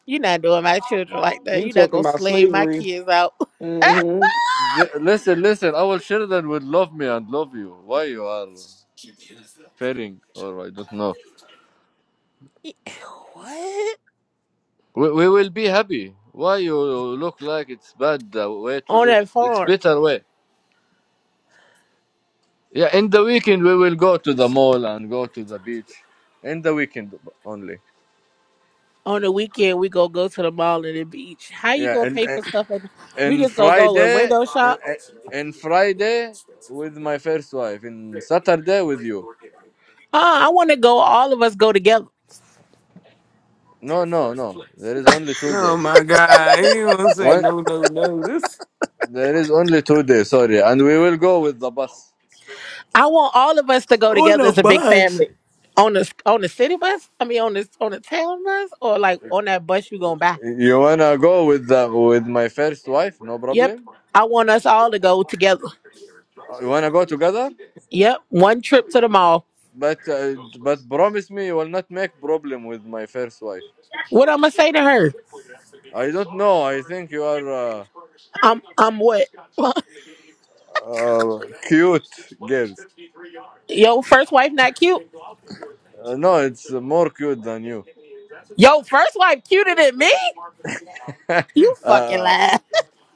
S3: you're not doing my children like that.
S1: he
S3: You're not
S1: talking
S3: gonna
S1: about
S3: slave my
S1: slavery.
S3: kids out. (laughs)
S1: hmm
S4: Th- listen, listen. Our children will love me and love you. Why you are fearing? or I don't know.
S3: what?
S4: We, we will be happy. Why you look like it's bad uh, way to
S3: On
S4: live?
S3: that
S4: It's
S3: farm.
S4: better way. Yeah, in the weekend we will go to the mall and go to the beach. In the weekend only.
S3: On the weekend, we gonna go to the mall and the beach. How you
S4: yeah,
S3: gonna
S4: and
S3: pay
S4: and
S3: for stuff? And we
S4: and
S3: just gonna go and
S4: Friday
S3: window
S4: and,
S3: shop.
S4: and Friday with my first wife, and Saturday with you.
S3: Uh, I want to go. All of us go together.
S4: No, no, no. There is only two
S1: Oh
S4: day.
S1: my God, he ain't gonna say
S4: One,
S1: no, no, no. This
S4: there is only two day. Sorry, and we will go with the bus.
S3: I want all of us to go
S1: on
S3: together
S1: the
S3: as a big
S1: bus.
S3: family. On the on the city bus. I mean, on the on the town bus, or like on that bus you gonna buy.
S4: You wanna go with the with my first wife? No
S3: Yep.
S4: problem.
S3: I want us all to go together.
S4: Uh, You wanna go together?
S3: Yep. One trip to the mall.
S4: But uh, but promise me you will not make problem with my first wife.
S3: What I'm gonna say to her?
S4: I don't know. I think you are uh,
S3: I'm I'm what?
S4: uh, cute girls.
S3: Yo, first wife not cute.
S4: Uh, no, it's more cute than you.
S3: Yo, first wife cuter than me.
S4: (laughs)
S3: You fucking
S4: uh,
S3: lie. (laughs)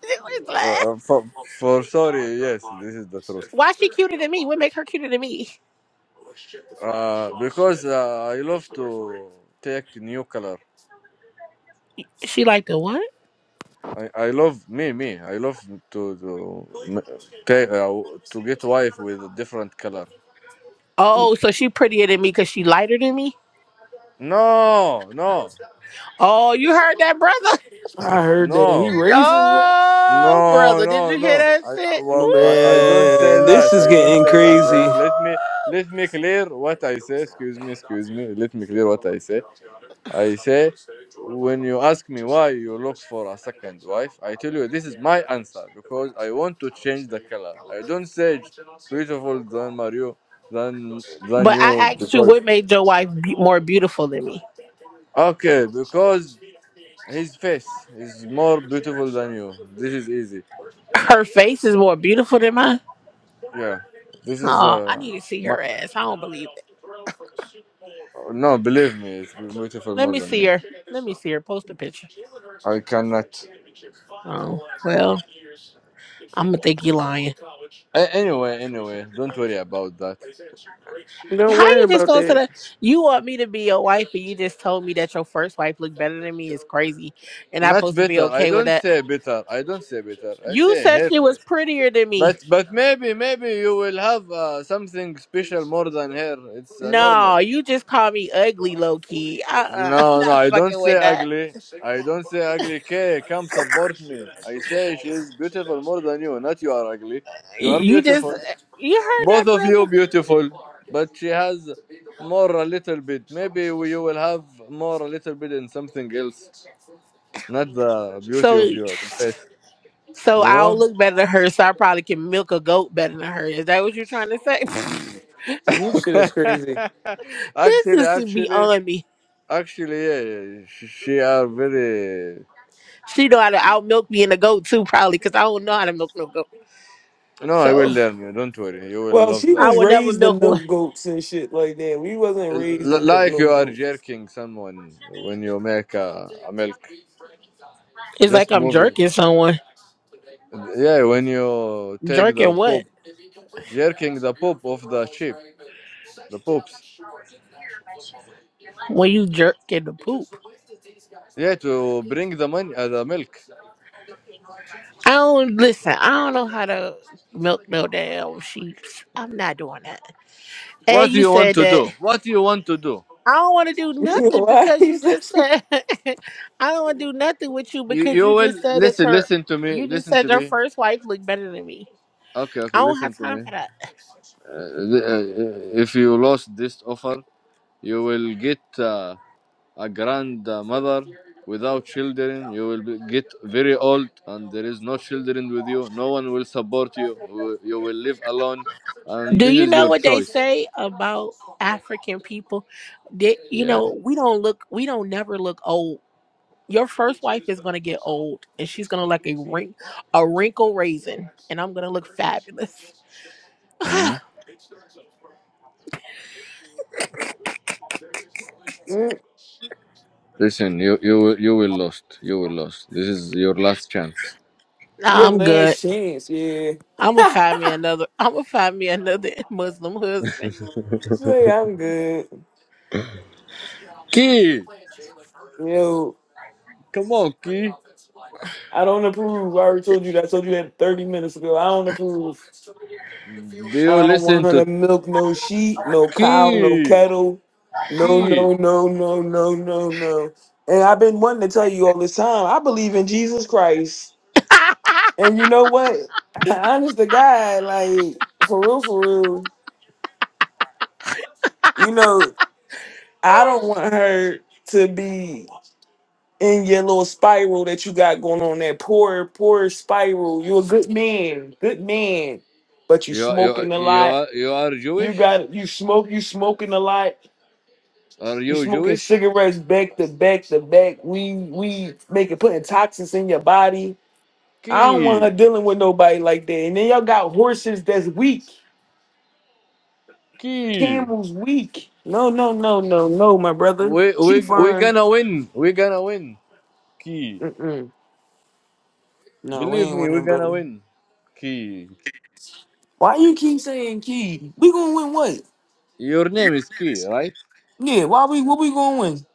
S3: You was lying.
S4: uh, for, for sorry, yes, this is the truth.
S3: Why she cuter than me? What make her cuter than me?
S4: Uh, because uh, I love to take new color.
S3: She like the what?
S4: I, I love me me. I love to to m- take uh, to get wife with a different color.
S3: Oh, so she prettier than me because she lighter than me.
S4: No, no,
S3: Oh, you heard that, brother? (laughs)
S1: I heard that he
S4: no,
S1: racist. bro.
S3: Oh,
S4: no,
S3: brother, did
S4: no,
S3: you hear
S4: no.
S3: that
S4: I I,
S3: shit?
S4: well, I I don't say
S1: Man,
S3: Ooh.
S4: that.
S1: this is
S4: I don't
S1: getting
S4: say that. eh.
S1: crazy.
S4: Let me let me clear what I say. Excuse me, excuse me. Let me clear what I say I say, when you ask me why you look for a second wife, I tell you this is my answer because I want to change the color. I don't say it's beautiful than Mario than than
S3: But
S4: you
S3: I asked you,
S4: because
S3: what made your wife be- more beautiful than me?
S4: okay because his face is more beautiful than you. This is easy.
S3: Her face is more beautiful than mine.
S4: Yeah, this is
S3: Oh, I
S4: uh
S3: need to see
S4: my,
S3: her ass. I don't believe it.
S4: no believe me, it's beautiful
S3: Let
S4: more
S3: me
S4: than
S3: see
S4: you.
S3: her. Let me see her. Post a picture.
S4: I cannot.
S3: Oh, well, I'm gonna think you lying.
S4: A- anyway, anyway, don't worry about that.
S1: Don't
S3: How
S1: worry
S3: you just
S1: about
S3: gonna say that
S1: that.
S3: you want me to be your wife and you just told me that your first wife looked better than me is crazy and I'm
S4: Not
S3: supposed to be
S4: better. I
S3: okay with
S4: don't
S3: that.
S4: say better. I don't say better. I
S3: You
S4: say
S3: said
S4: her
S3: she was
S4: face.
S3: prettier than me.
S4: But but maybe maybe you will have uh, something special more than her. It's uh, normal.
S3: No, you just called me ugly low key. Uh uh-uh, (laughs) uh, i am
S4: No no.
S3: not
S4: I don't
S3: fucking
S4: say
S3: with that.
S4: ugly. I don't say ugly. Kay, come support me. I say she is beautiful more than you. Not you are ugly. You are
S3: You just
S4: beautiful.
S3: you heard that
S4: Both of you
S3: brother.
S4: beautiful. But she has more a little bit. Maybe we- you will have more a little bit in something else. Not the beauty of
S3: So
S4: your face.
S3: So
S4: You
S3: I'll
S4: know.
S3: look better than her, so I probably can milk a goat better than her. Is that what you're trying to say?
S1: This shit is
S4: (laughs)
S1: crazy.
S3: (laughs) this
S4: actually,
S3: is
S4: actually,
S3: beyond me.
S4: actually, yeah, yeah. She, she are very.
S3: She know how to out milk me and a goat too, probably, because I don't know how to milk no goat.
S4: No, I will
S3: So
S4: learn you. Don't worry. You will
S1: Well,
S4: love
S1: she
S4: that.
S3: I
S1: was
S3: will never
S1: raised to
S3: milk one.
S1: milk goats and shit like that. We wasn't raised to
S4: L-
S1: milk
S4: like
S1: no
S4: you are
S1: goats.
S4: jerking someone when you make a, a milk.
S3: It's like
S4: Just
S3: I'm
S4: moving.
S3: jerking someone.
S4: Yeah, when you take the
S3: Jerking what?
S4: poop, jerking the poop of the sheep, the poops.
S3: When you jerking the poop.
S4: Yeah, to bring the money, uh, the milk.
S3: I don't listen. I don't know how to milk no damn sheeps. I'm not doing that. And
S4: What do
S3: you
S4: you want
S3: said
S4: to
S3: that
S4: do? What do you want to do?
S3: I don't want to do
S1: (laughs)
S3: nothing
S1: Why?
S3: because you
S1: is that
S3: just said (laughs) I don't want to do nothing with you
S4: You,
S3: because
S4: you
S3: you
S4: will
S3: just said it's
S4: listen.
S3: her.
S4: Listen to me.
S3: You just
S4: Listen
S3: said
S4: to
S3: your
S4: me.
S3: first wife looked better than me.
S4: Okay, okay.
S3: I don't
S4: Listen
S3: have
S4: to
S3: time
S4: me.
S3: for that.
S4: uh, uh, if you lost this offer, you will get uh, a grandmother without children. You will be- get very old, and there is no children with you. No one will support you. You you will live alone, and
S3: Do
S4: this
S3: you
S4: is
S3: know
S4: your
S3: what they
S4: choice.
S3: say about African people? That you
S4: Yeah.
S3: know we don't look, we don't never look old. Your first wife is gonna get old, and she's gonna look like a wrink, a wrinkle raisin, and I'm gonna look fabulous. (sighs) nah,
S4: Hmm?
S1: Mm,
S4: Listen, you you will- you will lost. You will lost. This is your last chance.
S1: Your
S3: I'm good.
S1: last chance, yeah.
S3: I'm gonna find me another. I'm gonna find me another (laughs) Muslim
S4: (laughs)
S3: husband.
S1: Say I'm good.
S4: Key,
S1: Yo,
S4: come on, Key.
S1: I don't approve. I already told you that. I told you that 30 minutes ago. I don't approve.
S4: Do you
S1: I don't
S4: listen
S1: want her
S4: to
S1: to milk no sheep, no cow, no
S4: Key?
S1: kettle. No,
S4: Key.
S1: no, no, no, no, no, no. And I've been wanting to tell you all this time. I believe in Jesus Christ.
S3: (laughs)
S1: And you know what? (laughs) Honest to God, like for real, for real. You know, I don't want her to be. in your little spiral that you got going on that poor poor spiral you're a good man good man but you
S4: You are, you are,
S1: smoking a
S4: you
S1: lot
S4: are, you are
S1: you
S4: Jewish?
S1: got you smoke you smoking a lot
S4: Are
S1: you
S4: you
S1: smoking
S4: Jewish?
S1: cigarettes back to back to back we we making putting toxins in your body i don't want
S4: Key,
S1: her dealing with nobody like that and then y'all got horses that's weak
S4: key.
S1: camels weak no no no no no my brother
S4: We
S1: she
S4: we we
S1: fine
S4: gonna win. We gonna win. Key.
S1: Mm-mm. no we
S4: Believe
S1: ain't
S4: me, we
S1: winning
S4: gonna
S1: brother
S4: win. Key.
S1: why you keep saying key we gonna win what
S4: Your name is Key, right?
S1: Yeah, why we what we gonna win?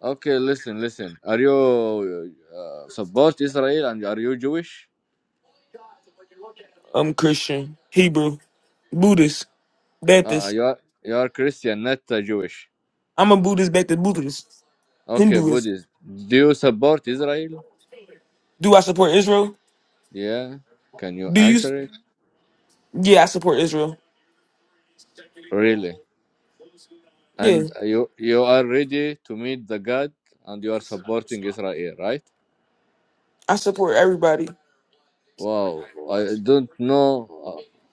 S4: Okay, listen, listen. Are you uh, support Israel and are you Jewish?
S1: I'm Christian, Hebrew, Buddhist,
S4: Uh,
S1: Baptist.
S4: you are you are Christian, not uh, Jewish.
S1: I'm a Buddhist, Baptist, Buddhist,
S4: Okay,
S1: Hinduist.
S4: Buddhist. Do you support Israel?
S1: Do I support Israel?
S4: Yeah. Can you
S1: Do you? s-
S4: answer it?
S1: Yeah, I support Israel.
S4: Really?
S1: Yeah,
S4: And you you are ready to meet the God, and you are supporting Israel, right?
S1: I support everybody.
S4: Wow, I don't know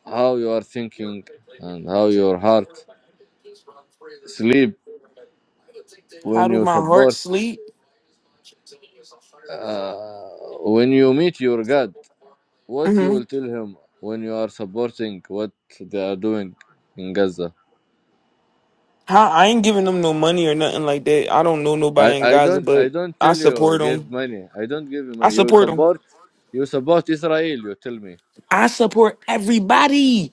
S4: uh, how you are thinking and how your heart sleep
S1: How
S4: when
S1: do
S4: you
S1: my heart
S4: support
S1: sleep?
S4: uh, when you meet your God. What you
S1: hmm
S4: will tell him when you are supporting what they are doing in Gaza?
S1: How I ain't giving them no money or nothing like that. I don't know
S4: I,
S1: nobody in
S4: I
S1: Gaza,
S4: don't I
S1: but
S4: don't
S1: I
S4: tell you
S1: support
S4: give
S1: them.
S4: money. I don't give you
S1: I
S4: money. You
S1: support them.
S4: support you support Israel. You tell me.
S1: I support everybody.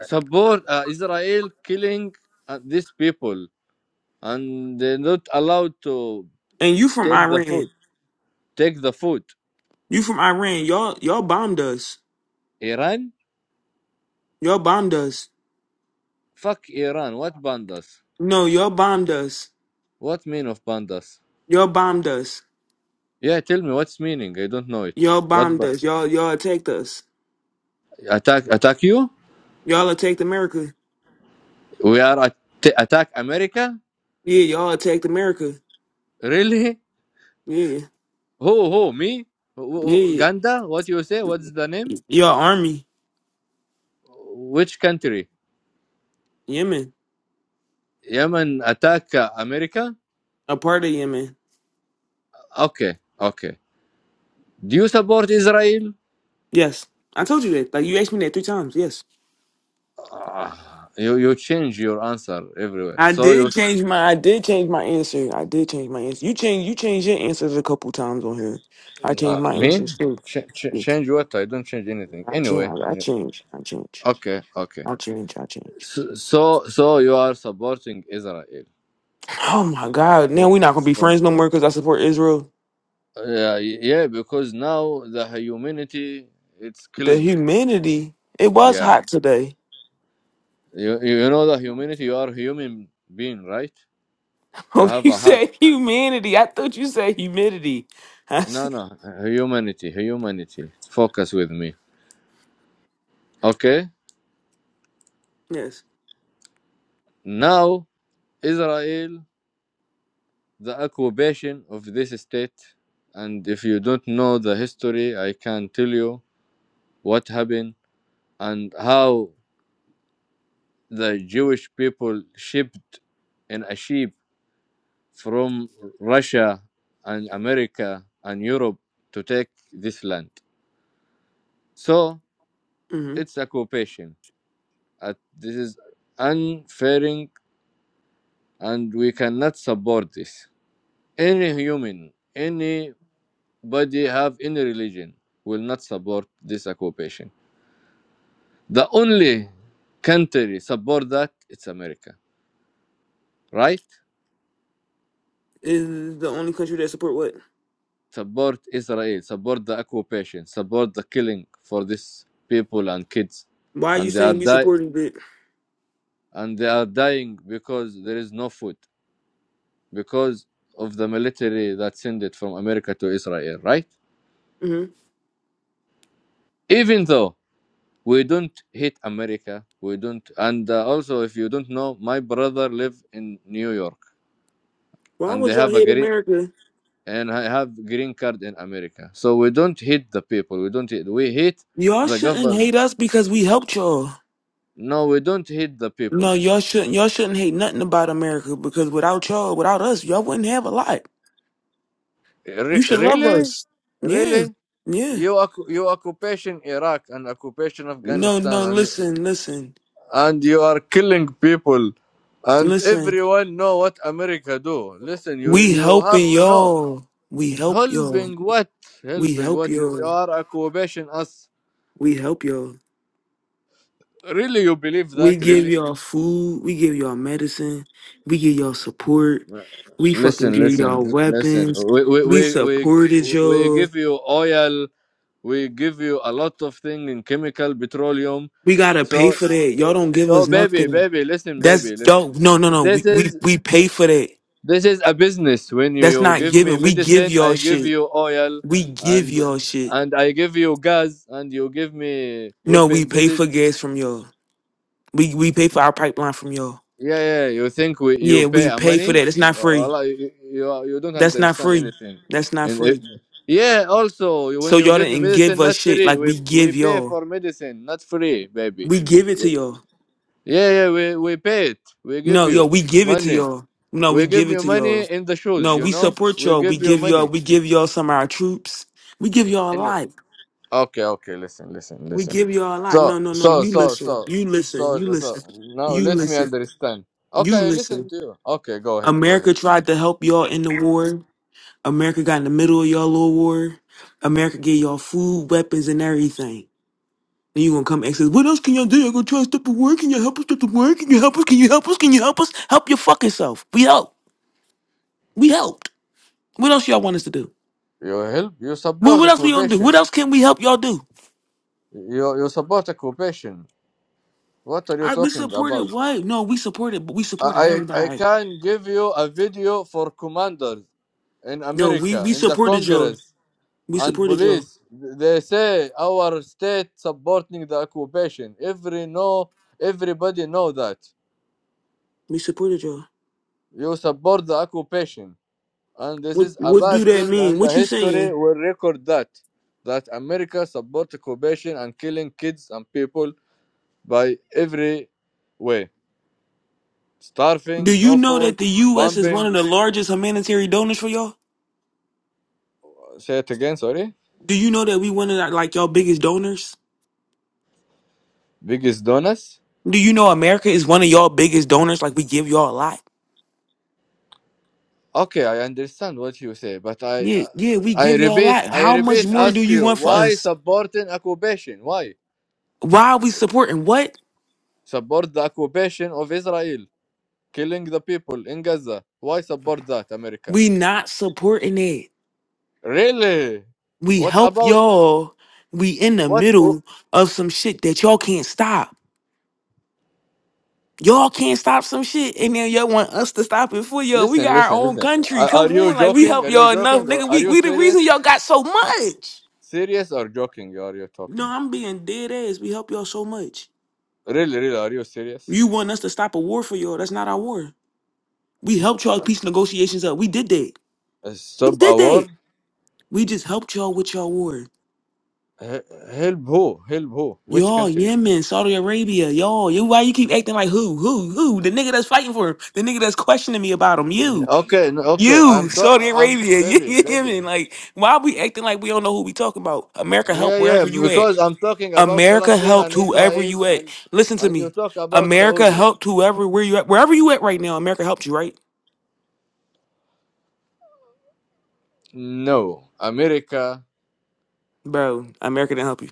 S4: support uh, Israel killing uh, these people and they're not allowed to
S1: And you from
S4: take the
S1: Iran?
S4: food. Take the food.
S1: You from Iran? Y'all y'all bombed us.
S4: Iran?
S1: Y'all bombed us.
S4: Fuck Iran. What bandas?
S1: No, y'all bombed us.
S4: What mean of bandas?
S1: Y'all bombed us.
S4: Yeah, tell me what's meaning. I don't know it.
S1: Y'all
S4: What
S1: bombed
S4: ba-
S1: us. Y'all y'all attacked us.
S4: attack? Attack you?
S1: Y'all attacked America.
S4: We are at- attack America?
S1: Yeah, y'all attacked America.
S4: Really?
S1: Yeah.
S4: Who? Who? Me? Wh- wh-
S1: Yeah.
S4: Ganda? What you say? What's the name?
S1: Y'all army.
S4: Which country?
S1: Yemen.
S4: Yemen attack uh, America?
S1: A part of Yemen.
S4: Okay. Okay. Do you support Israel?
S1: Yes. I told you that. Like you asked me that three times. Yes.
S4: Ah, you you change your answer everywhere.
S1: I
S4: So you
S1: did
S4: s-
S1: change my I did change my answer. I did change my answer. You change you changed your answers a couple times on here. I changed
S4: no,
S1: my
S4: me
S1: answers too.
S4: Ch- ch-
S1: I
S4: change what? I don't change anything.
S1: change
S4: Anyway,
S1: I
S4: any-
S1: change. I change.
S4: okay, okay.
S1: I change. I change.
S4: So so, so you are supporting Israel.
S1: Oh my God. Now
S4: For,
S1: we're not gonna be
S4: for-
S1: friends no more because I support Israel.
S4: yeah, yeah, because now the humanity it's
S1: The
S4: killing.
S1: humanity. It was
S4: Yeah,
S1: hot today. (laughs)
S4: you you know the humanity. You are human being, right? You
S1: Oh,
S4: have
S1: you
S4: a heart.
S1: said humanity. I thought you said humidity. (laughs) I
S4: No,
S1: see.
S4: no, humanity, humanity. Focus with me. Okay,
S1: Yes.
S4: now Israel. the occupation of this state. And if you don't know the history, I can tell you what happened and how the Jewish people shipped in a ship from Russia and America and Europe to take this land. So
S1: Mm-hmm.
S4: it's occupation. Uh, This is unfairing, and we cannot support this. Any human, anybody have any religion will not support this occupation. The only country support that it's America, right?
S1: Is the only country that support what?
S4: Support Israel, support the occupation, support the killing for these people and kids,
S1: Why are you
S4: and they are
S1: saying we
S4: die
S1: supporting it?
S4: and they are dying because there is no food because of the military that sent it from America to Israel, right?
S1: Mm-hmm.
S4: Even though we don't hate America, we don't, and uh, also if you don't know, my brother live in New York,
S1: Why
S4: and they
S1: would y'all
S4: have a
S1: hate
S4: green
S1: America?
S4: and I have green card in America. So we don't hit the people. We don't hit. We hit
S1: Y'all
S4: the
S1: shouldn't
S4: government.
S1: hate us because we helped y'all.
S4: No, we don't hit the people.
S1: No, y'all shouldn't. Y'all shouldn't hate nothing about America because without y'all, without us, y'all wouldn't have a lot. You
S4: Re-
S1: should love
S4: really,
S1: us. Yeah.
S4: really,
S1: Yeah.
S4: you occu- you occupation Iraq and occupation
S1: No,
S4: Afghanistan
S1: no,
S4: and
S1: listen, listen,
S4: and you are killing people, and
S1: listen.
S4: everyone know what America do. Listen, you
S1: We
S4: you have
S1: helping
S4: to know.
S1: y'all. We help y'all.
S4: Helping what?
S1: We
S4: Helping
S1: help
S4: what? You, you
S1: y'all.
S4: are occupation us.
S1: We help y'all.
S4: Really, you believe
S1: We
S4: that? Really?
S1: give y'all food. We give y'all medicine. We give y'all support. We fucking
S4: Listen,
S1: give y'all
S4: listen, listen.
S1: weapons.
S4: We we
S1: We
S4: we we
S1: supported
S4: we
S1: y'all.
S4: give you oil. We give you a lot of thing in chemical petroleum.
S1: We gotta pay
S4: So
S1: for that. Y'all don't give us
S4: so baby,
S1: nothing.
S4: baby, listen,
S1: That's
S4: baby, listen.
S1: dope. No, no, no.
S4: This
S1: We we
S4: is
S1: we pay for that.
S4: this is a business. When
S1: That's
S4: you
S1: not
S4: give me
S1: giving. We give
S4: medicine,
S1: y'all
S4: I give
S1: shit.
S4: you oil,
S1: We give
S4: and
S1: y'all shit.
S4: and I give you gas, and you give me
S1: No, we
S4: weapon. This
S1: pay
S4: is
S1: for gas from y'all. We we pay for our pipeline from y'all.
S4: Yeah, yeah. yeah. You think we, you
S1: Yeah,
S4: pay
S1: we
S4: our
S1: pay for
S4: money?
S1: that. It's not free.
S4: Allah, you, you you don't
S1: That's not
S4: understand
S1: free.
S4: anything.
S1: That's not
S4: And it,
S1: free.
S4: yeah, also when
S1: So
S4: you
S1: y'all
S4: give me
S1: didn't give
S4: medicine,
S1: us
S4: not
S1: shit
S4: free.
S1: like
S4: We
S1: we
S4: we
S1: give
S4: pay
S1: y'all.
S4: for medicine, not free, baby.
S1: We give it to y'all.
S4: Yeah, yeah. We we pay it. We give
S1: No, yo,
S4: you
S1: we give it to
S4: money.
S1: y'all. No,
S4: We
S1: we
S4: give
S1: give it
S4: you
S1: to y'all.
S4: money in the shoes.
S1: No,
S4: You
S1: we
S4: know.
S1: support
S4: We
S1: y'all. We
S4: give you
S1: give y'all.
S4: money.
S1: We give y'all some of our troops. We give y'all a
S4: And no.
S1: lot.
S4: Okay, okay. Listen, listen,
S1: We
S4: listen.
S1: give y'all a lot.
S4: So
S1: No, no, no.
S4: so
S1: You
S4: so
S1: listen.
S4: so
S1: You listen.
S4: so
S1: You
S4: so. so,
S1: listen.
S4: Now
S1: You
S4: let me
S1: listen.
S4: understand.
S1: You
S4: Okay, I listen
S1: listen.
S4: to you. Okay, go ahead, go ahead.
S1: America tried to help y'all in the war. America got in the middle of y'all little war. America gave y'all food, weapons, and everything. Then you gonna come and say, "What else can y'all do? I all gonna try to stop the war? Can you help us stop the war? Can you help us? Can you help us? Can you help us? Help your fucking self. We help. We helped. What else y'all want us to do?
S4: You help? You
S1: Well,
S4: support
S1: what else we gonna do? What
S4: occupation.
S1: else can we help y'all do?
S4: You you support occupation. What are you
S1: I, we
S4: talking
S1: supported
S4: about?
S1: white. No, we supported. but We
S4: I
S1: supported
S4: I I
S1: everybody.
S4: can give you a video for commanders in
S1: No, we
S4: America
S1: we
S4: in the
S1: supported y'all.
S4: Congress
S1: We
S4: and
S1: supported y'all.
S4: police. They say our state supporting the occupation. Every know everybody know that
S1: We supported y'all.
S4: you support the occupation, and this
S1: What
S4: is a
S1: what
S4: bad
S1: do that
S4: thing.
S1: mean?
S4: And the
S1: What you
S4: history
S1: saying?
S4: will record that that America support occupation and killing kids and people by every way
S1: Do
S4: starving,
S1: you
S4: no
S1: know
S4: food,
S1: that the U.S. is one
S4: bombing.
S1: of the largest humanitarian donors for y'all?
S4: Say it again, sorry.
S1: Do you know that we one of the- like y'all biggest donors?
S4: Biggest donors.
S1: Do you know America is one of y'all biggest donors? Like we give y'all a lot.
S4: Okay, I understand what you say, but I,
S1: Yeah, yeah, we
S4: I, I
S1: give y'all a
S4: repeat,
S1: lot.
S4: I
S1: How much
S4: repeat,
S1: more do
S4: ask
S1: you
S4: you
S1: want for
S4: why
S1: us?
S4: supporting occupation? Why
S1: Why are we supporting what?
S4: support the occupation of Israel, killing the people in Gaza? Why support that, America?
S1: We not supporting it.
S4: Really?
S1: We
S4: What
S1: help
S4: about
S1: y'all. We in the
S4: what? oh,
S1: middle of some shit that y'all can't stop. Y'all can't stop some shit, and then y'all want us to stop it for y'all. We
S4: listen,
S1: got our
S4: listen,
S1: own
S4: listen.
S1: country.
S4: Are, are
S1: Come
S4: you
S1: on, like we
S4: joking?
S1: help
S4: Are you
S1: y'all enough,
S4: joking, or
S1: nigga.
S4: are
S1: We
S4: you
S1: we the
S4: serious?
S1: reason y'all got so much.
S4: Serious or joking? Are you talking?
S1: No, I'm being dead ass. We help y'all so much.
S4: Really, really, are you serious?
S1: You want us to stop a war for y'all. That's not our war. We helped y'all peace negotiations up. We did that. We
S4: Stop
S1: did
S4: a war?
S1: that. We just helped y'all with y'all war.
S4: H- help who? Help who? Which
S1: Y'all,
S4: country?
S1: Yemen, Saudi Arabia, y'all. You why you keep acting like who? Who? Who? The nigga that's fighting for him. The nigga that's questioning me about him. You.
S4: Okay, n- okay.
S1: You,
S4: I'm to-
S1: Saudi
S4: I'm
S1: Arabia. (laughs)
S4: baby,
S1: You
S4: baby.
S1: Yemen. Like, why we acting like we don't know who we talking about? America
S4: Yeah,
S1: help
S4: yeah.
S1: wherever you at.
S4: Because I'm talking about
S1: America
S4: Palestine
S1: helped
S4: and
S1: whoever
S4: Israel,
S1: you at.
S4: and
S1: Listen to
S4: and you
S1: me.
S4: talk about
S1: America
S4: Saudi.
S1: helped whoever where you at. Wherever you at right now, America helped you, right?
S4: No, America,
S1: Bro, America didn't help you.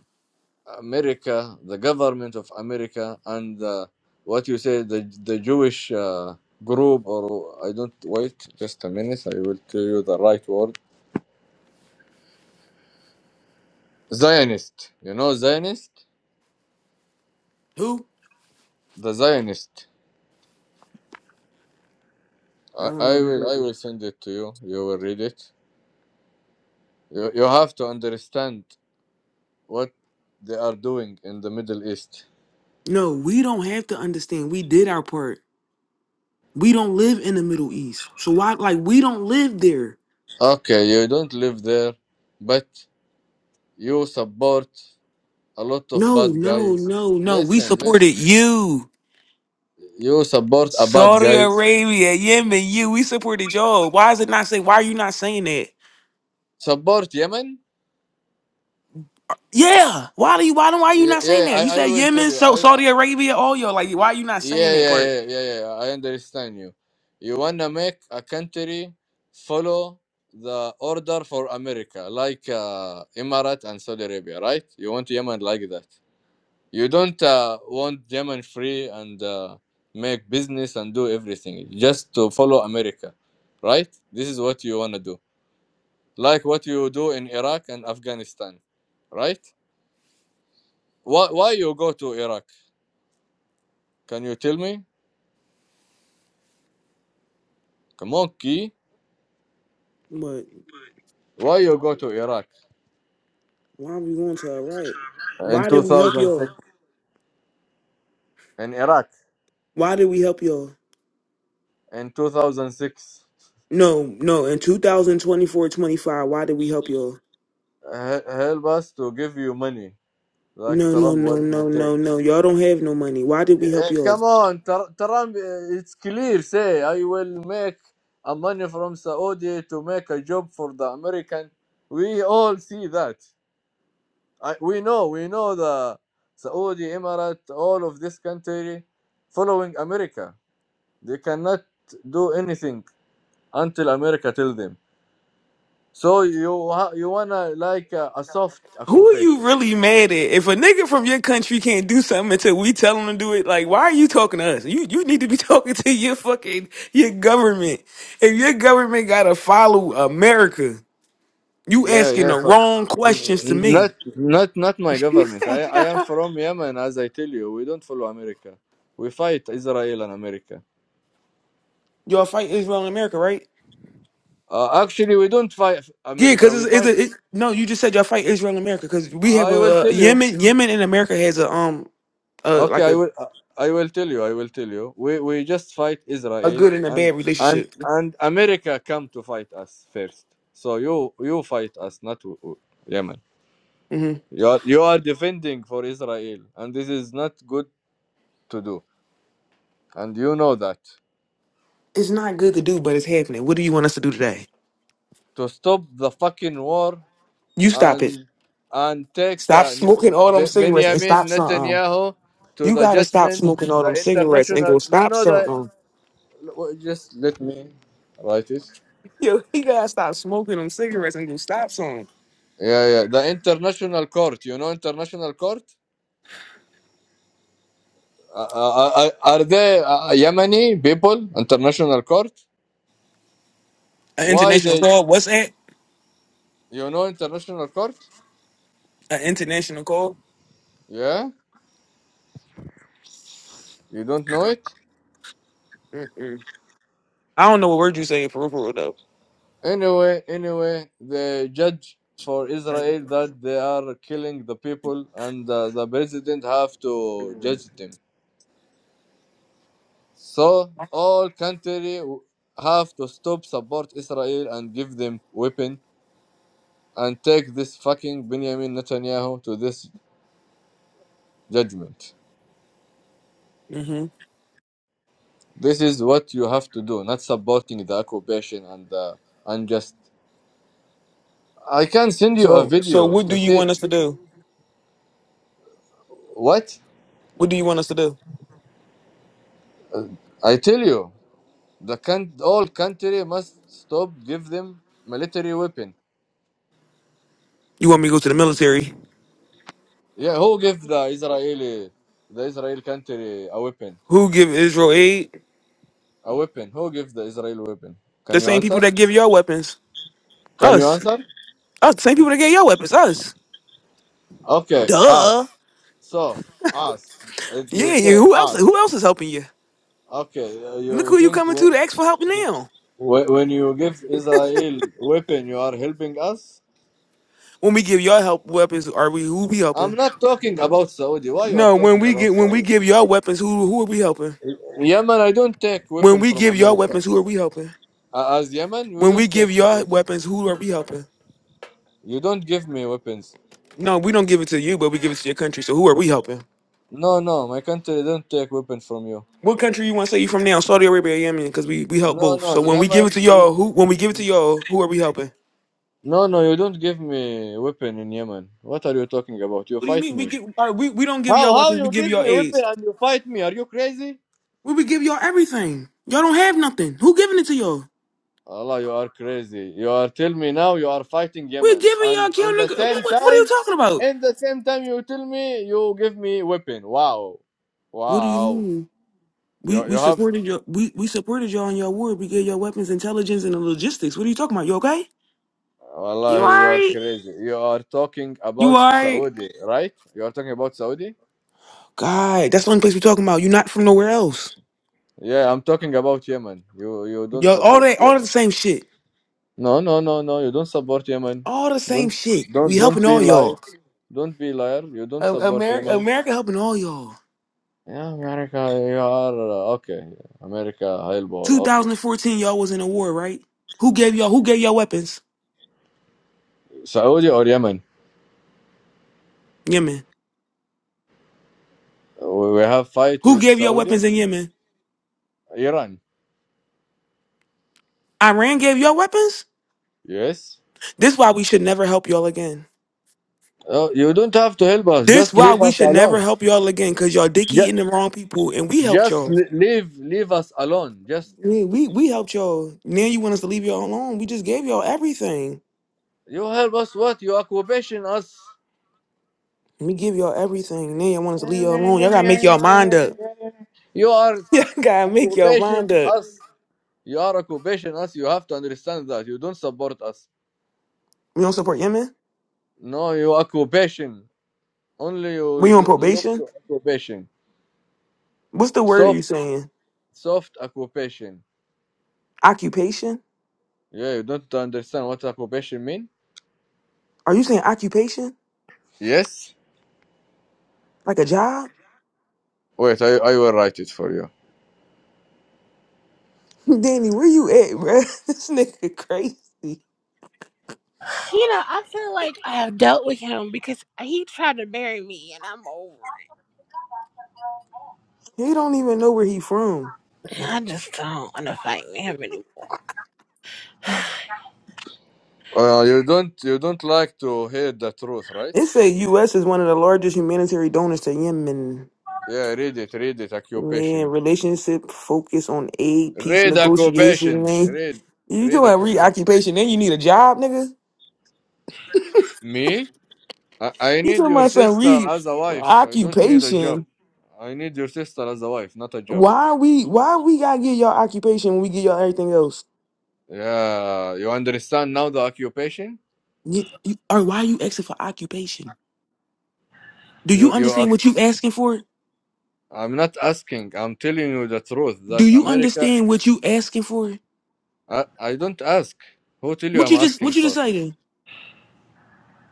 S4: America, the government of America, and uh, what you say, the the Jewish uh, group, or I don't wait. Just a minute. I will tell you the right word. Zionist. You know Zionist.
S1: Who?
S4: The Zionist.
S1: I
S4: I,
S1: don't
S4: I
S1: know. who you
S4: will I
S1: talking-
S4: will send it to you. You will read it. You you have to understand what they are doing in the Middle East.
S1: No, we don't have to understand. We did our part. We don't live in the Middle East. So why like we don't live there?
S4: Okay, you don't live there, but you support a lot of
S1: No,
S4: bad
S1: no,
S4: guys.
S1: no, no. We
S4: Listen, listen.
S1: supported you.
S4: You support a bad
S1: Saudi
S4: guy.
S1: Arabia, Yemen, you. We supported y'all. Why is it not saying why are you not saying that?
S4: Support Yemen?
S1: Yeah. Why do you why don't why are you
S4: Yeah,
S1: not saying
S4: yeah
S1: that?
S4: I,
S1: You
S4: I
S1: said
S4: will tell
S1: Yemen,
S4: you.
S1: so
S4: I
S1: Saudi Arabia, all y'all. Like why are you not
S4: Yeah,
S1: saying
S4: yeah,
S1: that
S4: yeah,
S1: part?
S4: yeah, yeah. yeah. I understand you. You wanna make a country follow the order for America, like uh, Emirat and Saudi Arabia, right? You want Yemen like that. You don't uh, want Yemen free and uh, make business and do everything just to follow America, right? This is what you wanna do, like what you do in Iraq and Afghanistan, right? Why, why you go to Iraq? Can you tell me? Come on, Key.
S1: But
S4: Why you go to Iraq?
S1: why are we going to Iraq?
S4: in
S1: Why did we help y'all?
S4: 2006 in Iraq
S1: Why did we help y'all?
S4: in 2006
S1: No, no. In 2024, 25. why did we help y'all?
S4: he- help us to give you money like
S1: No, no,
S4: Trump
S1: no,
S4: would me
S1: no,
S4: take
S1: no, no. Y'all don't have no money. Why did
S4: Eh,
S1: we help
S4: eh,
S1: y'all?
S4: come on Tr- Trump eh, it's clear say I will make a money from Saudi to make a job for the American we all see that I, we know we know the Saudi Emirate all of this country following America they cannot do anything until America tell them So you ha- you wanna like a, a soft
S1: Who are you
S4: occupation?
S1: really mad at? If a nigga from your country can't do something until we tell him to do it, like why are you talking to us? You you need to be (laughs) talking to your fucking your government. If your government gotta follow America, you
S4: Yeah,
S1: asking
S4: yeah.
S1: the
S4: For,
S1: wrong
S4: n-
S1: questions to me.
S4: not not not my government. I I am from Yemen, as I tell you. We don't follow America. We fight Israel and America.
S1: Y'all fight Israel and America, right?
S4: Uh, actually, we don't fight
S1: Yeah,
S4: America.
S1: because
S4: We
S1: it's, it's
S4: fight.
S1: a it, no. You just said y'all fight Israel and America because we have
S4: I will
S1: a uh,
S4: tell you.
S1: Yemen. Yemen and America has a um uh
S4: Okay,
S1: like
S4: I
S1: a
S4: will. I will tell you. I will tell you. We we just fight
S1: a
S4: Israel
S1: good and a
S4: and
S1: bad
S4: and
S1: relationship.
S4: and America come to fight us first. So you you fight us, not w- w- Yemen.
S1: hmm
S4: You are, you are defending for Israel, and this is not good to do, and you know that.
S1: It's not good to do, but it's happening. What do you want us to do today?
S4: To stop the fucking war
S1: You stop it.
S4: and and take
S1: Stop
S4: uh, N-
S1: smoking all them
S4: Be-
S1: cigarettes and
S4: Benjamin
S1: stop something. Um,
S4: Netanyahu to
S1: You
S4: the
S1: gotta stop
S4: judgment,
S1: smoking all
S4: the
S1: them cigarettes and
S4: international.
S1: go
S4: You
S1: stop
S4: know
S1: something.
S4: the.
S1: Um,
S4: Just let me write it.
S1: Yo, you gotta stop smoking them cigarettes and go stop something.
S4: Yeah, yeah. The international court. You know international court. Uh, uh, uh, uh, are they uh, uh, Yemeni people? International court.
S1: An
S4: Why
S1: international
S4: they?
S1: call. What's that?
S4: You know international court?
S1: An international call.
S4: Yeah. You don't know it?
S1: Mm-mm. I don't know what word you saying for real, for real, though.
S4: Anyway, anyway, the judge for Israel that they are killing the people and uh, the president have to judge them. So all country w- have to stop support Israel and give them weapon and take this fucking Benjamin Netanyahu to this judgment.
S1: hmm
S4: This is what you have to do, not supporting the occupation and the unjust. I can send you a
S1: So,
S4: video
S1: so what
S4: to
S1: do you
S4: see
S1: want us to do?
S4: what
S1: What do you want us to do?
S4: Uh, I tell you. The can all country must stop give them military weapon.
S1: You want me to go to the military?
S4: Yeah, who give the Israeli the Israel country a weapon?
S1: Who give Israel aid?
S4: A weapon. Who give the Israel weapon? Can
S1: The
S4: you
S1: same people
S4: answer?
S1: that give your weapons.
S4: Can you
S1: Us. Us.
S4: answer?
S1: The same people that get your weapons. Us.
S4: Okay,
S1: Duh.
S4: us. So us. If you
S1: Yeah, yeah.
S4: say
S1: Who else who
S4: us,
S1: else is helping you?
S4: okay, uh,
S1: Look
S4: you
S1: who you
S4: think
S1: coming
S4: w-
S1: to to ask for help now.
S4: w- when you give Israel weapon, you are helping us?
S1: When we give your help weapons, are we who we
S4: I'm
S1: helping?
S4: not talking about Saudi. Why you are
S1: No, when
S4: talking
S1: we
S4: about
S1: get when we
S4: Saudi?
S1: give your weapons, who who are we helping?
S4: Yemen, I don't take
S1: When
S4: weapon
S1: we
S4: from
S1: give your
S4: America.
S1: weapons, who are we helping?
S4: Uh, as Yemen, we
S1: When we
S4: don't
S1: give
S4: take a
S1: your weapons, who are we helping?
S4: You don't give me weapons.
S1: No, we don't give it to you, but we give it to your country. So who are we helping?
S4: No, no, my country don't take weapon from you.
S1: What country you want to say you from now? Saudi Arabia, Yemen, because we we help
S4: No,
S1: both.
S4: no,
S1: So when we give it
S4: Yemen.
S1: to y'all, who
S4: you-
S1: when we give it to y'all, who are we helping?
S4: No, no, you don't give me weapon in Yemen. What are you talking about? You
S1: What do you
S4: fight
S1: mean? We
S4: me.
S1: give all right, we, we don't give
S4: How?
S1: y'all
S4: How
S1: weapons, we
S4: you
S1: give
S4: give
S1: y'all
S4: me weapon
S1: aids.
S4: and you fight me? Are you crazy?
S1: We we give y'all everything. Y'all don't have nothing. Who giving it to y'all?
S4: Allah, you are crazy. You are tell me now you are fighting
S1: We're
S4: Yemen,
S1: giving y'all
S4: and
S1: kill
S4: in the
S1: nigga.
S4: same
S1: What, what, what are you
S4: time,
S1: talking about?
S4: in the same time you tell me you give me weapon. Wow,
S1: What do you
S4: wow.
S1: mean? We
S4: You you
S1: we
S4: have.
S1: supported y'all we, we supported y'all in your war. We gave y'all weapons, intelligence, and the logistics. What are you talking about? You okay? You
S4: Wallahi, you are
S1: alright?
S4: crazy. You are talking
S1: You
S4: about
S1: alright?
S4: Saudi, right? You are talking about Saudi?
S1: God, that's the only place we are talking about. you not from nowhere else.
S4: Yeah, I'm talking about Yemen. You you don't
S1: Y'all all
S4: support
S1: that all
S4: Yemen.
S1: the same shit.
S4: No, no, no, no. You don't support Yemen.
S1: All the same
S4: Don't
S1: shit.
S4: don't
S1: We
S4: don't
S1: helping
S4: be
S1: all
S4: liar.
S1: y'all.
S4: Don't be liar. You don't support
S1: America
S4: Yemen.
S1: America helping all y'all.
S4: Yeah, America. You are uh, okay. America, Hailball. Okay.
S1: 2014, y'all was in a war, right? Who gave y'all? Who gave y'all weapons?
S4: Saudi or Yemen?
S1: Yemen.
S4: We we have fight
S1: Who
S4: with
S1: gave y'all
S4: Saudi,
S1: weapons in Yemen?
S4: Iran.
S1: Iran gave y'all weapons.
S4: Yes.
S1: This why we should never help y'all again.
S4: Oh, you don't have to help us.
S1: This
S4: Just
S1: why
S4: leave
S1: we
S4: us
S1: should never
S4: alone.
S1: help y'all again, cause y'all dick
S4: Ja,
S1: eating the wrong people, and we helped
S4: Just
S1: y'all.
S4: l- leave leave us alone. Just
S1: We we, we helped y'all. Now you want us to leave y'all alone? We just gave y'all everything.
S4: you help us what? You occupation us.
S1: We give y'all everything. Now you want us to leave y'all alone? Y'all gotta make y'all mind up.
S4: You are
S1: (laughs) Y'all gotta make y'all
S4: occupation
S1: mind up.
S4: us. You are occupation us. You have to understand that. You don't support us.
S1: We don't support Yemen.
S4: No, you occupation. Only you
S1: We on
S4: l- look
S1: probation.
S4: to occupation.
S1: What's the word are you
S4: Soft
S1: saying?
S4: soft occupation.
S1: Occupation.
S4: Yeah, you don't understand what occupation mean?
S1: Are you saying occupation?
S4: Yes?
S1: Like a job?
S4: Wait, I, I will write it for you.
S1: (laughs) Danny, where you at, bruh? (laughs) This nigga crazy. He
S3: You know, I feel like I have dealt with him because he tried to bury me and I'm over
S1: don't even know where he from.
S3: it. I just don't want to fight with him anymore. (sighs)
S4: Uh, you don't you don't like to hear the truth, right?
S1: It say U.S. is one of the largest humanitarian donors to Yemen.
S4: Yeah, read it, read it.
S1: Man,
S4: Occupation.
S1: relationship focus on aid, peace
S4: Read
S1: negotiation,
S4: occupation.
S1: man.
S4: Read,
S1: You
S4: read
S1: doing
S4: occupation.
S1: reoccupation, then you need a job, nigga?
S4: Me? I, I
S1: You
S4: need
S1: talking
S4: your
S1: about some
S4: sister as a wife. I don't need a job.
S1: reoccupation?
S4: I need your sister as a wife, not a job.
S1: Why we why we gotta get y'all occupation when we get y'all everything else?
S4: Yeah, you understand now the occupation?
S1: You, you, or why you asking for occupation? Do you
S4: You, you.
S1: understand
S4: Are,
S1: what you asking for?
S4: I'm not asking. I'm telling you the truth.
S1: Do
S4: That
S1: you
S4: America.
S1: understand what you asking for?
S4: I, I don't ask. Who tell you
S1: What
S4: I'm
S1: you just
S4: asking
S1: what you just
S4: for?
S1: say then?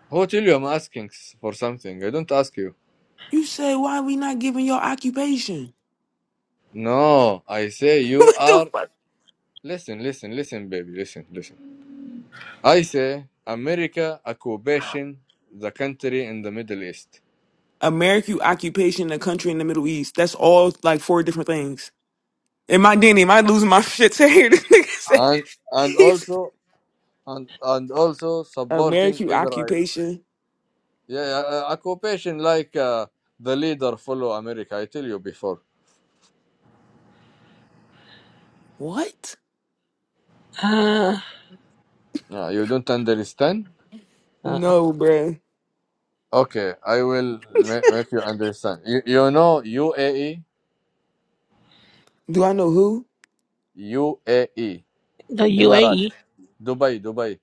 S4: Who tell you I'm asking s- for something? I don't ask you.
S1: You say why we not giving your occupation?
S4: No, I say
S1: (laughs)
S4: you
S1: what the
S4: are
S1: fuck?
S4: Listen, listen, listen, baby, listen, listen. I say America occupation the country in the Middle East
S1: American occupation, a country in the Middle East. That's all like four different things. Am I Danny? Am I losing my (laughs) shit to hear this nigga
S4: and and
S1: say
S4: also and and also
S1: (laughs)
S4: supporting
S1: American
S4: Israel.
S1: occupation?
S4: Yeah, yeah, uh, occupation like uh, the leader follow America. I tell you before.
S1: What?
S3: Uh,
S4: Yeah, you don't understand.
S3: uh,
S1: No, bruh.
S4: Okay, I will make, make you understand. You, you know UAE,
S1: Do I know who?
S4: UAE,
S3: the UAE.
S4: Emirates, Dubai, Dubai,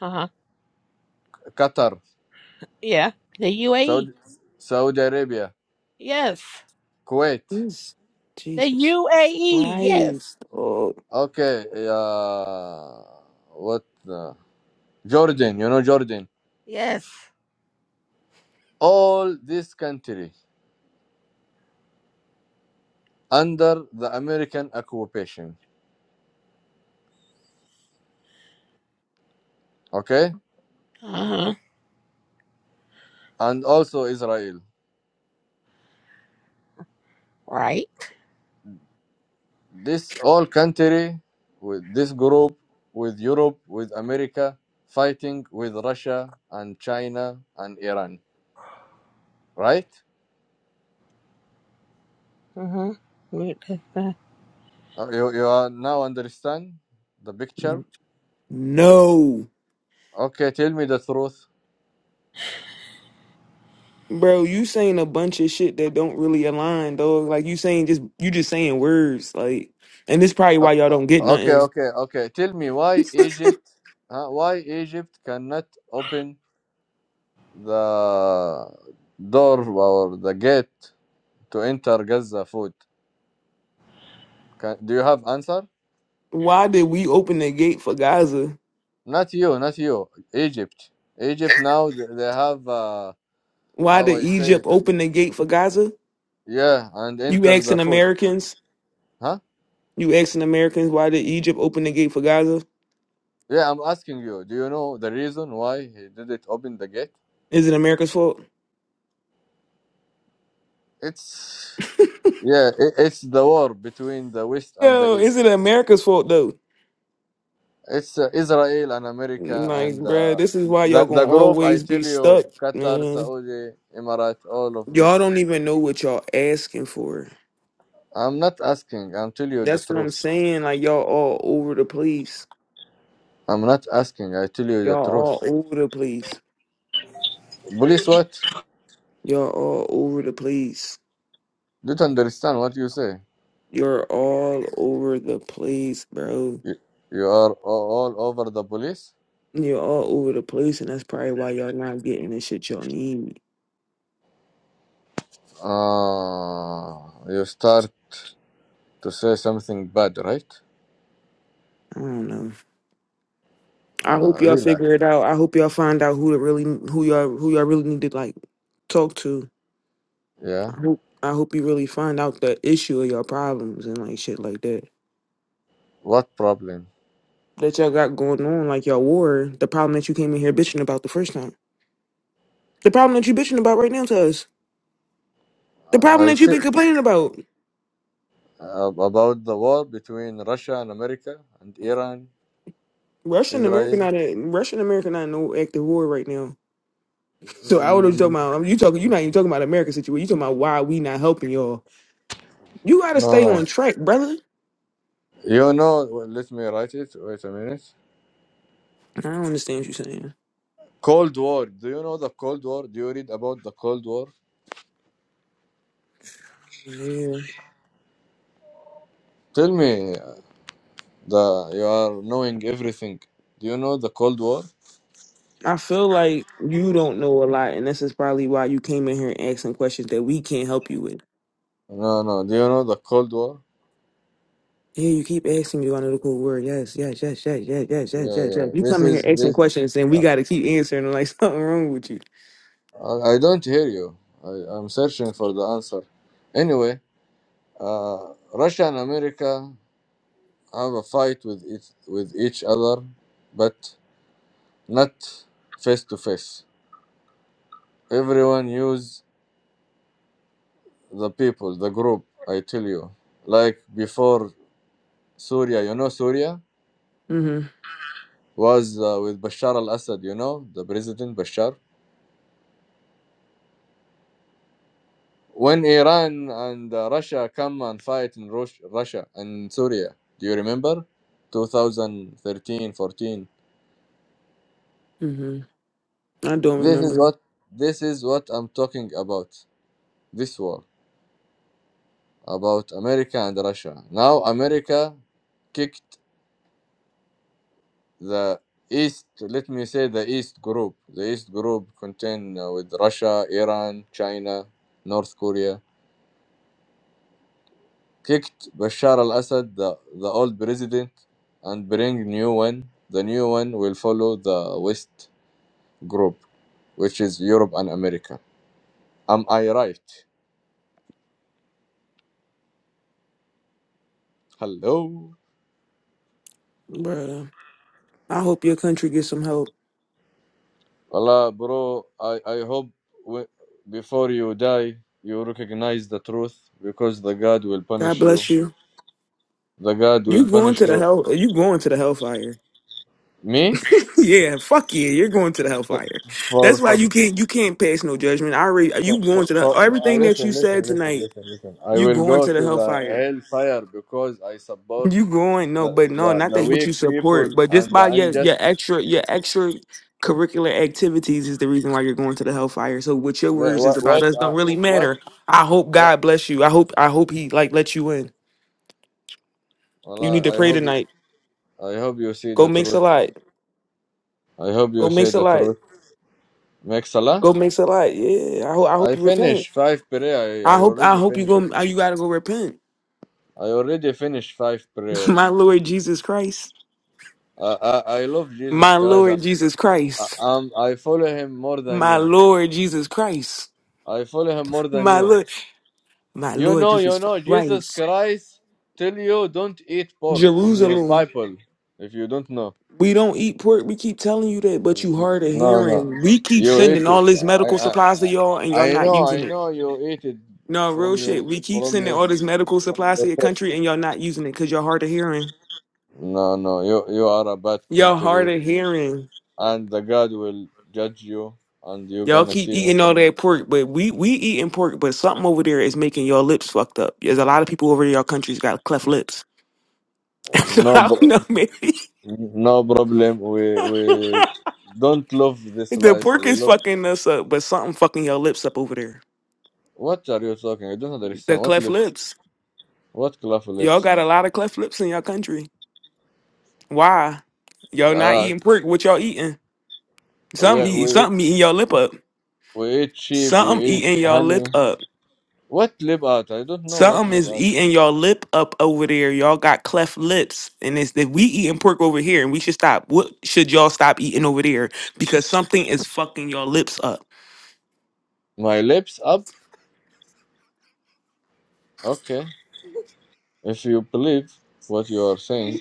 S3: Uh huh.
S4: Qatar,
S3: Yeah. The UAE.
S4: Saudi, Saudi Arabia,
S3: Yes.
S4: Kuwait.
S1: Yes.
S3: The
S1: Jesus
S3: UAE. Yes.
S1: Christ. Oh
S4: Okay, e, uh, what? Uh, Jordan, you know Jordan.
S3: Yes.
S4: All this country under the American occupation, okay,
S3: Uh huh.
S4: and also Israel.
S3: Right.
S4: This all country with this group with Europe, with America, fighting with Russia and China and Iran, right?
S3: Uh huh.
S4: Uh, You, you are now understand the picture.
S1: no.
S4: Okay, tell me the truth.
S1: Bro, you saying a bunch of shit that don't really align, dog. Like you saying just you just saying words, like, and this probably why
S4: O-
S1: y'all
S4: o-
S1: don't get
S4: Okay,
S1: nothing.
S4: okay, okay. Tell me why Egypt, uh, why Egypt cannot open the door or the gate to enter Gaza food? Can, do you have answer?
S1: Why did we open the gate for Gaza?
S4: Not you, not you. Egypt, Egypt. Now they they have uh,
S1: Why
S4: how
S1: did
S4: I say
S1: Egypt
S4: it.
S1: open the gate for Gaza?
S4: Yeah, and
S1: You
S4: enter the
S1: asking
S4: food,
S1: Americans?
S4: huh?
S1: You asking Americans why did Egypt open the gate for Gaza?
S4: Yeah, I'm asking you. Do you know the reason why he didn't open the gate?
S1: Is it America's fault?
S4: It's yeah, it, it's the war between the West and the
S1: Yo, is
S4: East.
S1: it America's fault though?
S4: It's uh, Israel and America
S1: Like,
S4: and
S1: bruh,
S4: uh,
S1: this is why
S4: the
S1: y'all
S4: the
S1: gonna
S4: group. I
S1: always
S4: tell
S1: be stuck,
S4: you, Qatar,
S1: man.
S4: Saudi, Emirate, all of
S1: Y'all
S4: this.
S1: don't even know what y'all asking for.
S4: I'm not asking. I'm telling you the
S1: That's what I'm
S4: truth.
S1: saying. Like y'all all over the place.
S4: I'm not asking. I tell you the
S1: Y'all
S4: truth.
S1: all over the place.
S4: Police, what?
S1: Y'all all over the place.
S4: Don't understand what you say.
S1: You're all over the place, bro.
S4: You, you are a- all over the police.
S1: You're all over the place, and that's probably why y'all not getting the shit y'all need.
S4: Ah, you start to say something bad, right?
S1: I don't know. I
S4: Uh,
S1: hope y'all figure
S4: relax.
S1: it out. I hope y'all find out who to really who y'all who y'all really need to like talk to.
S4: Yeah.
S1: I hope I hope you really find out the issue of your problems and like shit like that
S4: What problem?
S1: that y'all got going on, like y'all war. The problem that you came in here bitching about the first time. The problem that you bitching about right now to us. The problem
S4: I,
S1: that you've been complaining about.
S4: uh, about the war between Russia and America and Iran,
S1: Russia and America
S4: Israel.
S1: not in Russia and America not in no active war right now. So I what you talking
S4: Mm,
S1: about. I mean, you talking you not even talking about America situation. You talking about why we not helping y'all. You gotta
S4: No,
S1: stay
S4: no.
S1: on track, brother.
S4: You know, let me write it. Wait a minute.
S1: I don't understand what you're saying.
S4: Cold War. Do you know the Cold War? Do you read about the Cold War?
S1: Yeah.
S4: Tell me, uh, the you are knowing everything. Do you know the Cold War?
S1: I feel like you don't know a lot, and this is probably why you came in here and asking questions that we can't help you with.
S4: No, no. Do you know the Cold War?
S1: Yeah, you keep asking me your analytical word. Yes, yes, yes, yes, yes, yes, yes,
S4: Yeah,
S1: yes,
S4: yeah.
S1: yes. You
S4: This
S1: come in here
S4: is
S1: asking
S4: this.
S1: questions, and we
S4: Uh,
S1: got to keep answering them like (laughs) something wrong with you.
S4: I I don't hear you. I, I'm searching for the answer. Anyway, uh, Russia and America have a fight with each, with each other, but not face to face. Everyone use the people, the group. I tell you, like before Syria, you know Syria
S1: Mm-hmm.
S4: was uh, with Bashar al-Assad. You know the president Bashar. When Iran and uh, Russia come and fight in Rus- Russia and Syria, do you remember? 2013, 14.
S1: hmm I don't
S4: This is
S1: remember,
S4: what this is what I'm talking about. This war. about America and Russia. Now America kicked the East, let me say the East group. The East group contained uh, with Russia, Iran, China, North Korea. Kicked Bashar al-Assad, the, the old president, and bring new one. The new one will follow the West group, which is Europe and America. Am I right? Hello.
S1: but uh, I hope your country gets some help.
S4: Allah, bro, I, I hope w- before you die, you recognize the truth because the God will
S1: God
S4: punish you.
S1: bless you.
S4: The God
S1: You
S4: will
S1: going
S4: punish
S1: to the
S4: you.
S1: hell? You going to the hellfire?
S4: Me?
S1: (laughs) yeah, fuck yeah, you're going to the
S4: For,
S1: hellfire. That's
S4: for,
S1: why
S4: sub,
S1: you can't you can't pass no judgment. I already
S4: for,
S1: you
S4: for,
S1: going to the
S4: for uh,
S1: everything that
S4: listen,
S1: you said
S4: listen, listen,
S1: tonight.
S4: listen, listen. I
S1: You
S4: will
S1: going
S4: go
S1: to the
S4: to the
S1: hellfire.
S4: hellfire because I support
S1: You growing, no,
S4: the,
S1: but no,
S4: the,
S1: not
S4: the
S1: that what
S4: weak
S1: you
S4: people
S1: support, but
S4: and
S1: just by
S4: the
S1: your your
S4: unjust.
S1: extra your extra curricular activities is the reason why you're going to the hellfire. So what your
S4: Le-
S1: words is
S4: What?
S1: about
S4: What?
S1: us
S4: Uh,
S1: don't really
S4: what?
S1: matter. I hope
S4: what?
S1: God bless you. I hope I hope he like let you in. You need to
S4: Allah, I
S1: pray
S4: hope,
S1: tonight.
S4: I hope you see the
S1: Go make a
S4: truth.
S1: lot.
S4: I hope you
S1: Go
S4: see
S1: make a
S4: the
S1: lot.
S4: truth. Make salah.
S1: Go make a lot. Yeah. I hope I hope
S4: I
S1: you repent.
S4: finished five prayer. I,
S1: I
S4: I
S1: hope I
S4: already
S1: hope you
S4: finished it.
S1: go uh, you gotta go repent.
S4: I already finished five
S1: (laughs)
S4: prayer.
S1: My Lord Jesus Christ.
S4: I, I, I love Jesus
S1: My
S4: Christ. I,
S1: Lord Jesus
S4: I,
S1: Christ.
S4: um, I follow him more than
S1: My
S4: you.
S1: Lord Jesus Christ.
S4: I follow him more than
S1: My
S4: you.
S1: Lord. My
S4: You
S1: Lord
S4: know, you
S1: Jesus
S4: know, Jesus
S1: Christ.
S4: Christ tell you don't eat pork in your
S1: Jerusalem,
S4: Bible if you don't know.
S1: we don't eat pork. We keep telling you that, but you
S4: No,
S1: hard of
S4: no.
S1: hearing. We keep
S4: You
S1: sending
S4: eat it.
S1: all this
S4: I,
S1: medical
S4: I,
S1: supplies to y'all and y'all
S4: I
S1: not
S4: know, I
S1: using it.
S4: know you eat it
S1: No, real
S4: from your,
S1: shit. We keep
S4: from
S1: sending
S4: your,
S1: all this medical
S4: from
S1: supplies
S4: your
S1: to your
S4: face.
S1: country and y'all not using it because y'all hard of hearing.
S4: No, no, you, you are a bad
S1: Y'all
S4: country.
S1: hard of hearing.
S4: and the God will judge you, and you're
S1: Y'all
S4: gonna
S1: keep
S4: see
S1: eating
S4: him.
S1: all that pork, but we we eating pork, but something over there is making your lips fucked up. There's a lot of people over there, y'all countries got cleft lips. (laughs) so
S4: no
S1: I don't
S4: pro-
S1: know, (laughs) maybe
S4: no problem. We we don't love this
S1: the
S4: life.
S1: pork
S4: We
S1: is
S4: love.
S1: fucking us up, but something fucking your lips up over there.
S4: What are you talking? I don't
S1: The
S4: understand. What
S1: cleft
S4: lips?
S1: lips.
S4: What cloth
S1: Y'all
S4: lips?
S1: got a lot of cleft lips in your country. Why? Y'all not
S4: Uh,
S1: eating pork? What y'all eating?
S4: we
S1: Something eat
S4: we
S1: something eating your lip up.
S4: we eat sheep. We
S1: Something
S4: eat
S1: eating your lip
S4: honey.
S1: up.
S4: What lip art? I don't know what
S1: Something
S4: lip
S1: is
S4: art.
S1: eating your lip up over there. Y'all got cleft lips. And it's that we eating pork over here and we should stop. What should y'all stop eating over there? Because something is fucking your lips up.
S4: My lips up. Okay. If you believe what you are saying,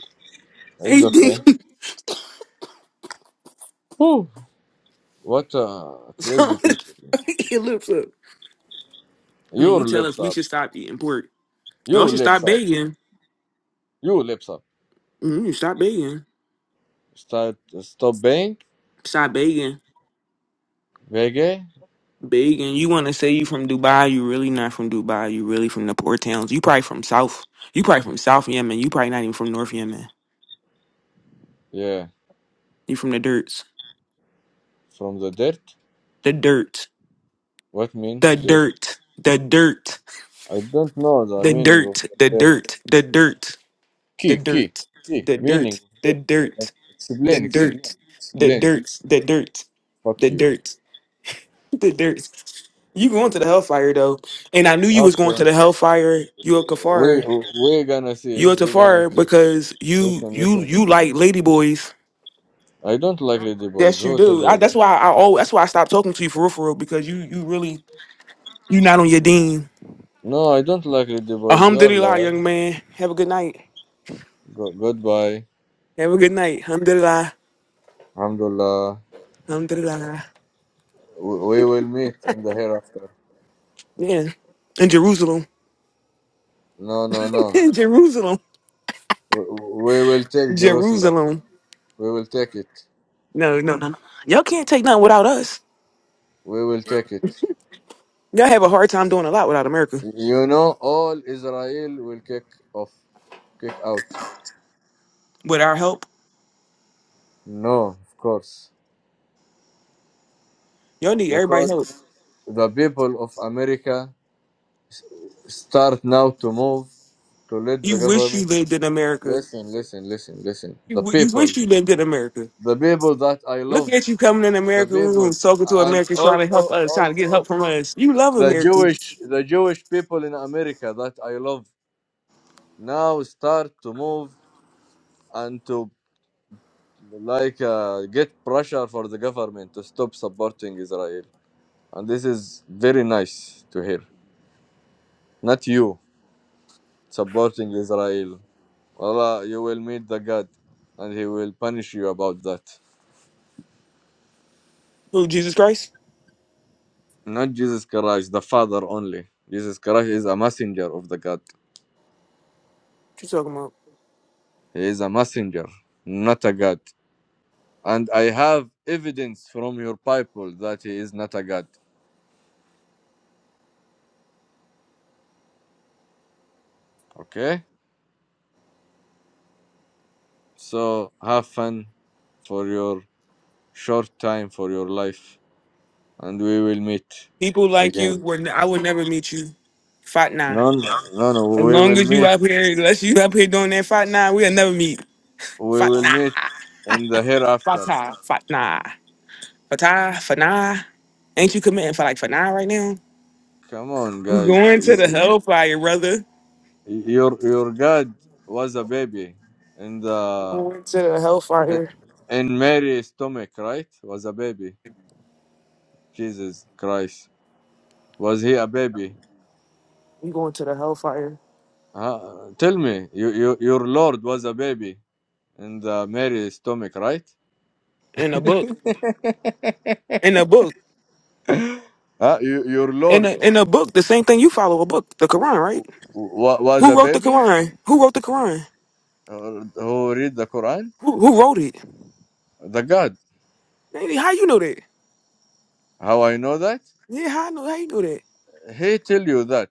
S1: (laughs)
S4: it's
S1: Anything
S4: okay. Whew. What uh, crazy
S1: something
S4: people.
S1: is fucking your lips up. Now you
S4: Your
S1: tell
S4: lips
S1: us we
S4: up.
S1: should stop eating pork. Y'all
S4: You
S1: should
S4: lips
S1: stop
S4: up.
S1: begging.
S4: You lips up.
S1: Mm, stop begging.
S4: Start stop baying.
S1: Stop begging.
S4: Vege.
S1: Big, and you want to say you from Dubai? You really not from Dubai. You really from the poor towns. You probably from South. You probably from South Yemen. You probably not even from North Yemen.
S4: Yeah.
S1: You from the dirts.
S4: From the dirt.
S1: The dirt.
S4: What mean
S1: The
S4: dirt?
S1: dirt. The dirt. (laughs)
S4: I don't know the
S1: The
S4: meaning of
S1: dirt.
S4: the
S1: The
S4: dirt.
S1: dirt. The dirt. The
S4: Key key
S1: dirt.
S4: key.
S1: The
S4: Meaning
S1: dirt.
S4: of
S1: The dirt.
S4: dirt.
S1: The dirt. The
S4: Explain explain
S1: dirt. The
S4: explain.
S1: dirt.
S4: Fuck
S1: The
S4: you.
S1: dirt. The dirt. You going to the hellfire though, and I knew you was going
S4: Okay.
S1: to the hellfire. You a
S4: We
S1: kafar.
S4: we're gonna see.
S1: You a
S4: We're gonna
S1: Tafari
S4: see.
S1: because you
S4: Listen
S1: you
S4: listen.
S1: you like ladyboys.
S4: I don't like lady boys.
S1: Yes, you
S4: Who tell
S1: do.
S4: you
S1: I, that's
S4: that?
S1: why I always, that's why I stopped talking to you for real, for real because you you really you not on your dean.
S4: No, I don't like lady boys. You're a
S1: Alhamdulillah,
S4: liar.
S1: young man. Have a good night.
S4: Go- goodbye.
S1: Have a good night. Alhamdulillah.
S4: Alhamdulillah.
S1: Alhamdulillah.
S4: We we will meet in the hereafter.
S1: Yeah. In Jerusalem.
S4: No, no, no.
S1: (laughs) In Jerusalem.
S4: We will take Jerusalem.
S1: Jerusalem.
S4: We will take it.
S1: No, no, no, no. Y'all can't take nothing without us.
S4: We will take it.
S1: Y'all have a hard time doing a lot without America.
S4: You know, all Israel will kick off, kick out.
S1: With our help,
S4: No, of course,
S1: y'all need everybody's
S4: because
S1: help.
S4: the people of America s- start now to move to let the
S1: You wish you
S4: government.
S1: lived in America.
S4: Listen, listen, listen, listen.
S1: You,
S4: The
S1: w- you wish
S4: people,
S1: you lived in America.
S4: the people that I
S1: Look
S4: love,
S1: at you coming in
S4: the
S1: American
S4: people,
S1: rooms, talking to
S4: and
S1: Americans, trying to help
S4: also,
S1: us, trying to get
S4: also
S1: help from us. You love
S4: the
S1: Americans.
S4: Jewish, the Jewish people in America that I love now start to move and to like uh, get pressure for the government to stop supporting Israel. And this is very nice to hear. Not you supporting Israel. Allah, you will meet the God, and He will punish you about that.
S1: Who, Jesus Christ?
S4: Not Jesus Christ, the Father only. Jesus Christ is a messenger of the God.
S1: What you talking about?
S4: He is a messenger, not a God. And I have evidence from your Bible that He is not a God. Okay. So have fun for your short time for your life and we will meet
S1: People like you,
S4: again.
S1: were, n- I would never meet you. Fight nah.
S4: No, no, no, no,
S1: As
S4: we
S1: long
S4: will
S1: as you
S4: meet.
S1: up here, unless you up here doing that fight nah, we'll never meet.
S4: We
S1: Fight
S4: will
S1: nah.
S4: meet in the
S1: Fight
S4: hereafter.
S1: nah. Fight nah. Fight nah. Fight nah. Ain't you committing for like for nah right now?
S4: Come on,
S1: You
S4: guys.
S1: going
S4: Y-
S1: to the
S4: y-
S1: hellfire, brother.
S4: Your your God was a baby in the
S1: Going to the hellfire.
S4: in Mary's stomach, right? Was a baby. Jesus Christ. Was he a baby?
S1: You going to the hellfire.
S4: Huh? Tell me, you, you, your Lord was a baby in the Mary's stomach, right?
S1: In a book. In a book.
S4: Huh? You, your
S1: In
S4: Lord
S1: the in the book, the same thing you follow a book, the
S4: w-
S1: Quran,
S4: w-
S1: right?
S4: w- was a
S1: Who wrote the
S4: baby?
S1: Quran? Who wrote the Quran?
S4: uh, who read the Quran?
S1: Who who wrote it?
S4: The God.
S1: Maybe how you know that?
S4: How I know that?
S1: Yeah, how I know how you know that?
S4: He tell you that.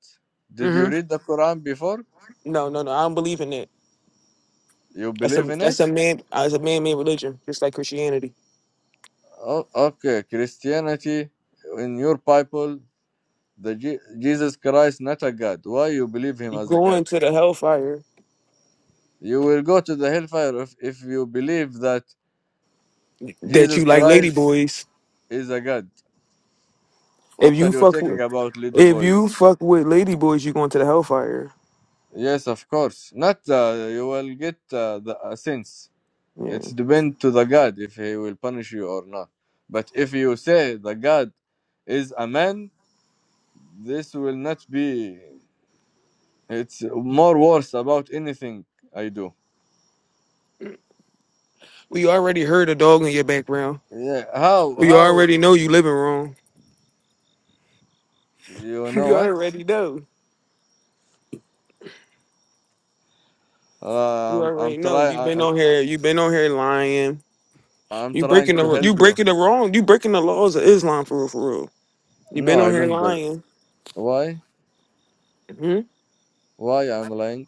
S4: Did you
S1: hmm
S4: read the Quran before?
S1: No, no, no. I don't believe in that.
S4: You
S1: That's
S4: believe
S1: a
S4: in
S1: that's
S4: it?
S1: a man that's a man made religion, just like Christianity.
S4: Oh, okay, Christianity in your Bible, the Je- Jesus Christ not a God. Why you believe him
S1: You
S4: as a
S1: go
S4: God?
S1: into the hellfire
S4: You will go to the hellfire if, if you believe that
S1: that
S4: Jesus
S1: you like
S4: Christ
S1: ladyboys.
S4: is a God.
S1: If
S4: What are
S1: you
S4: you
S1: fuck
S4: talking
S1: with
S4: about, lady
S1: if you
S4: boys?
S1: fuck with ladyboys, you going to the hellfire.
S4: Yes, of course. Not uh, you will get uh, the uh, sins.
S1: Yeah.
S4: It's depend to the God if he will punish you or not. But if you say the God is a man, this will not be. It's more worse about anything I do.
S1: We already heard a dog in your background.
S4: Yeah. How?
S1: We
S4: How?
S1: already know you living wrong.
S4: You
S1: (laughs)
S4: know
S1: We
S4: what?
S1: already know. You
S4: Um, I'm
S1: already know.
S4: trying.
S1: You've been
S4: I'm,
S1: on here. You've been on here lying.
S4: I'm
S1: You
S4: trying
S1: breaking
S4: to
S1: the
S4: help
S1: you
S4: you.
S1: breaking the wrong. You breaking the laws of Islam for real, for real. You've been
S4: No, I
S1: on here
S4: don't believe.
S1: lying.
S4: Why?
S1: hmm
S4: Why I'm lying?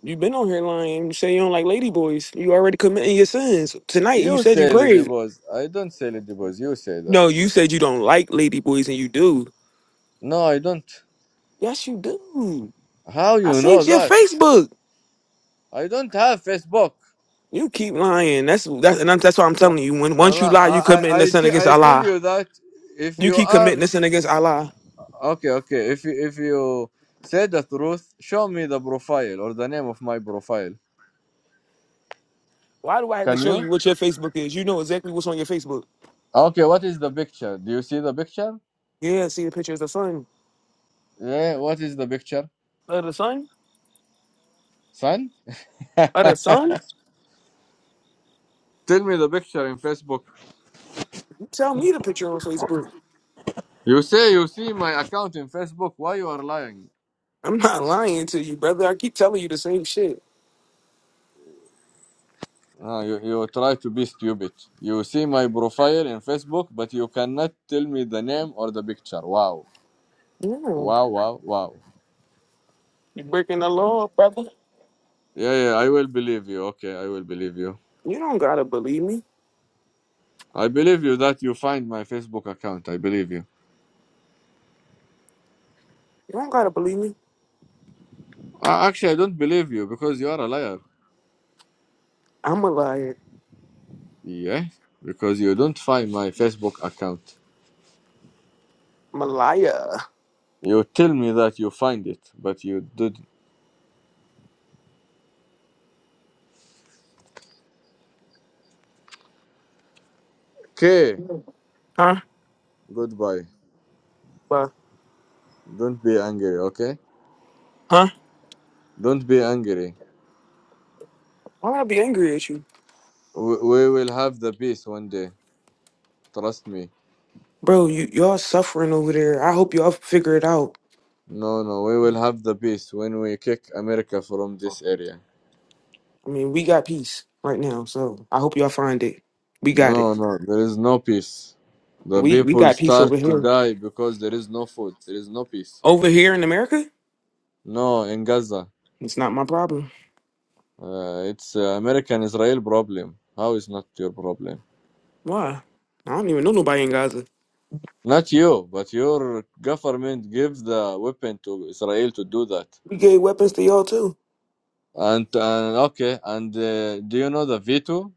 S1: you been on here lying. You say you don't like ladyboys. You already committing your sins tonight. You
S4: You
S1: said you
S4: say Lady
S1: prayed.
S4: Boss. I don't say Lady Boss. You say that.
S1: No, you said you don't like ladyboys, and you do.
S4: No, I don't.
S1: Yes, you do.
S4: How
S1: I
S4: you
S1: seen
S4: know
S1: your
S4: that?
S1: Facebook.
S4: I don't have Facebook.
S1: You keep lying. That's that's and I'm, that's why I'm telling
S4: Well,
S1: you. When once
S4: well,
S1: you
S4: I
S1: lie, you committing
S4: I
S1: the
S4: I
S1: sin
S4: te-
S1: against
S4: I tell
S1: Allah.
S4: you that if
S1: You
S4: you
S1: keep
S4: are
S1: committing the sin against Allah.
S4: okay, okay. If you, if you say the truth, show me the profile or the name of my profile.
S1: Why do I have to
S4: Can
S1: show
S4: you?
S1: you what your Facebook is? You know exactly what's on your Facebook.
S4: Okay, what is the picture? Do you see the picture?
S1: Yeah, see the picture of the sun.
S4: Yeah, what is the picture,
S1: Of the sun?
S4: son?
S1: Of the sun?
S4: Tell me the picture in Facebook.
S1: You tell me the picture on Facebook.
S4: You say you see my account in Facebook. Why you are lying?
S1: I'm not lying to you, brother. I keep telling you the same shit.
S4: Ah, you, you try to be stupid. You see my profile in Facebook, but you cannot tell me the name or the picture. Wow.
S1: No.
S4: Wow, wow, wow.
S1: You breaking the law, brother.
S4: Yeah, yeah, I will believe you. Okay, I will believe you.
S1: You don't gotta believe me.
S4: I believe you that you find my Facebook account. I believe you.
S1: You don't gotta believe me.
S4: Uh, actually, I don't believe you because you are a liar.
S1: I'm a liar.
S4: Yeah, because you don't find my Facebook account.
S1: I'm a liar.
S4: You tell me that you find it, but you didn't. Okay,
S1: Huh?
S4: goodbye.
S1: But
S4: Don't be angry, okay?
S1: huh?
S4: Don't be angry.
S1: Why would I be angry at you?
S4: We, we will have the peace one day. Trust me.
S1: Bro, you y'all suffering over there. I hope y'all figure it out.
S4: No, no, we will have the peace when we kick America from this area.
S1: I mean, we got peace right now, so I hope y'all find it. We got it.
S4: No, no, there is no peace. The
S1: We we
S4: people
S1: got peace over
S4: start to
S1: here.
S4: die because there is no food. There is no peace.
S1: Over here in America?
S4: No, in Gaza,
S1: It's not my problem.
S4: uh, it's uh, American-Israel problem. How is not your problem?
S1: Why? I don't even know nobody in Gaza.
S4: Not you, but your government gives the weapon to Israel to do that.
S1: We gave weapons to y'all too.
S4: And, and okay, and uh, do you know the veto?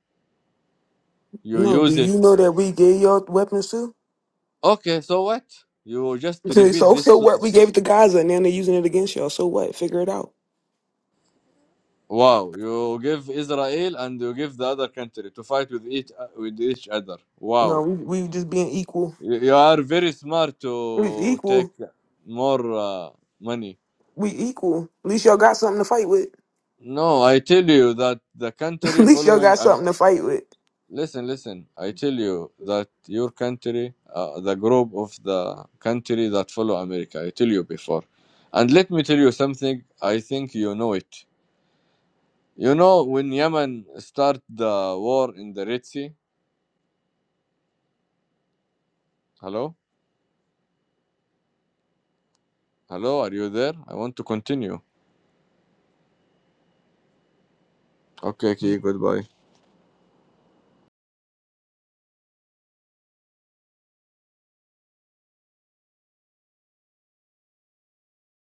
S4: You
S1: No, do
S4: use it.
S1: you know that we gave y'all weapons too? (laughs)
S4: Okay, so what? You just
S1: So,
S4: repeat
S1: so so what? We
S4: this.
S1: gave it to Gaza, and then they're using it against y'all. So what? Figure it out.
S4: Wow, you give Israel and you give the other country to fight with each with each other.
S1: No,
S4: Wow,
S1: we we just being equal.
S4: you you are very smart
S1: We
S4: to take
S1: equal.
S4: more uh, money.
S1: We equal. At least y'all got something to fight with.
S4: No, I tell you that the
S1: (laughs) At
S4: country
S1: least y'all
S4: following.
S1: got
S4: Um,
S1: something to fight with.
S4: listen, listen. I tell you that your country, uh, the group of the country that follow America. I tell you before, and let me tell you something. I think you know it. You know when Yemen start the war in the Red Sea. Hello. Hello, are you there? I want to continue. Okay, okay, goodbye.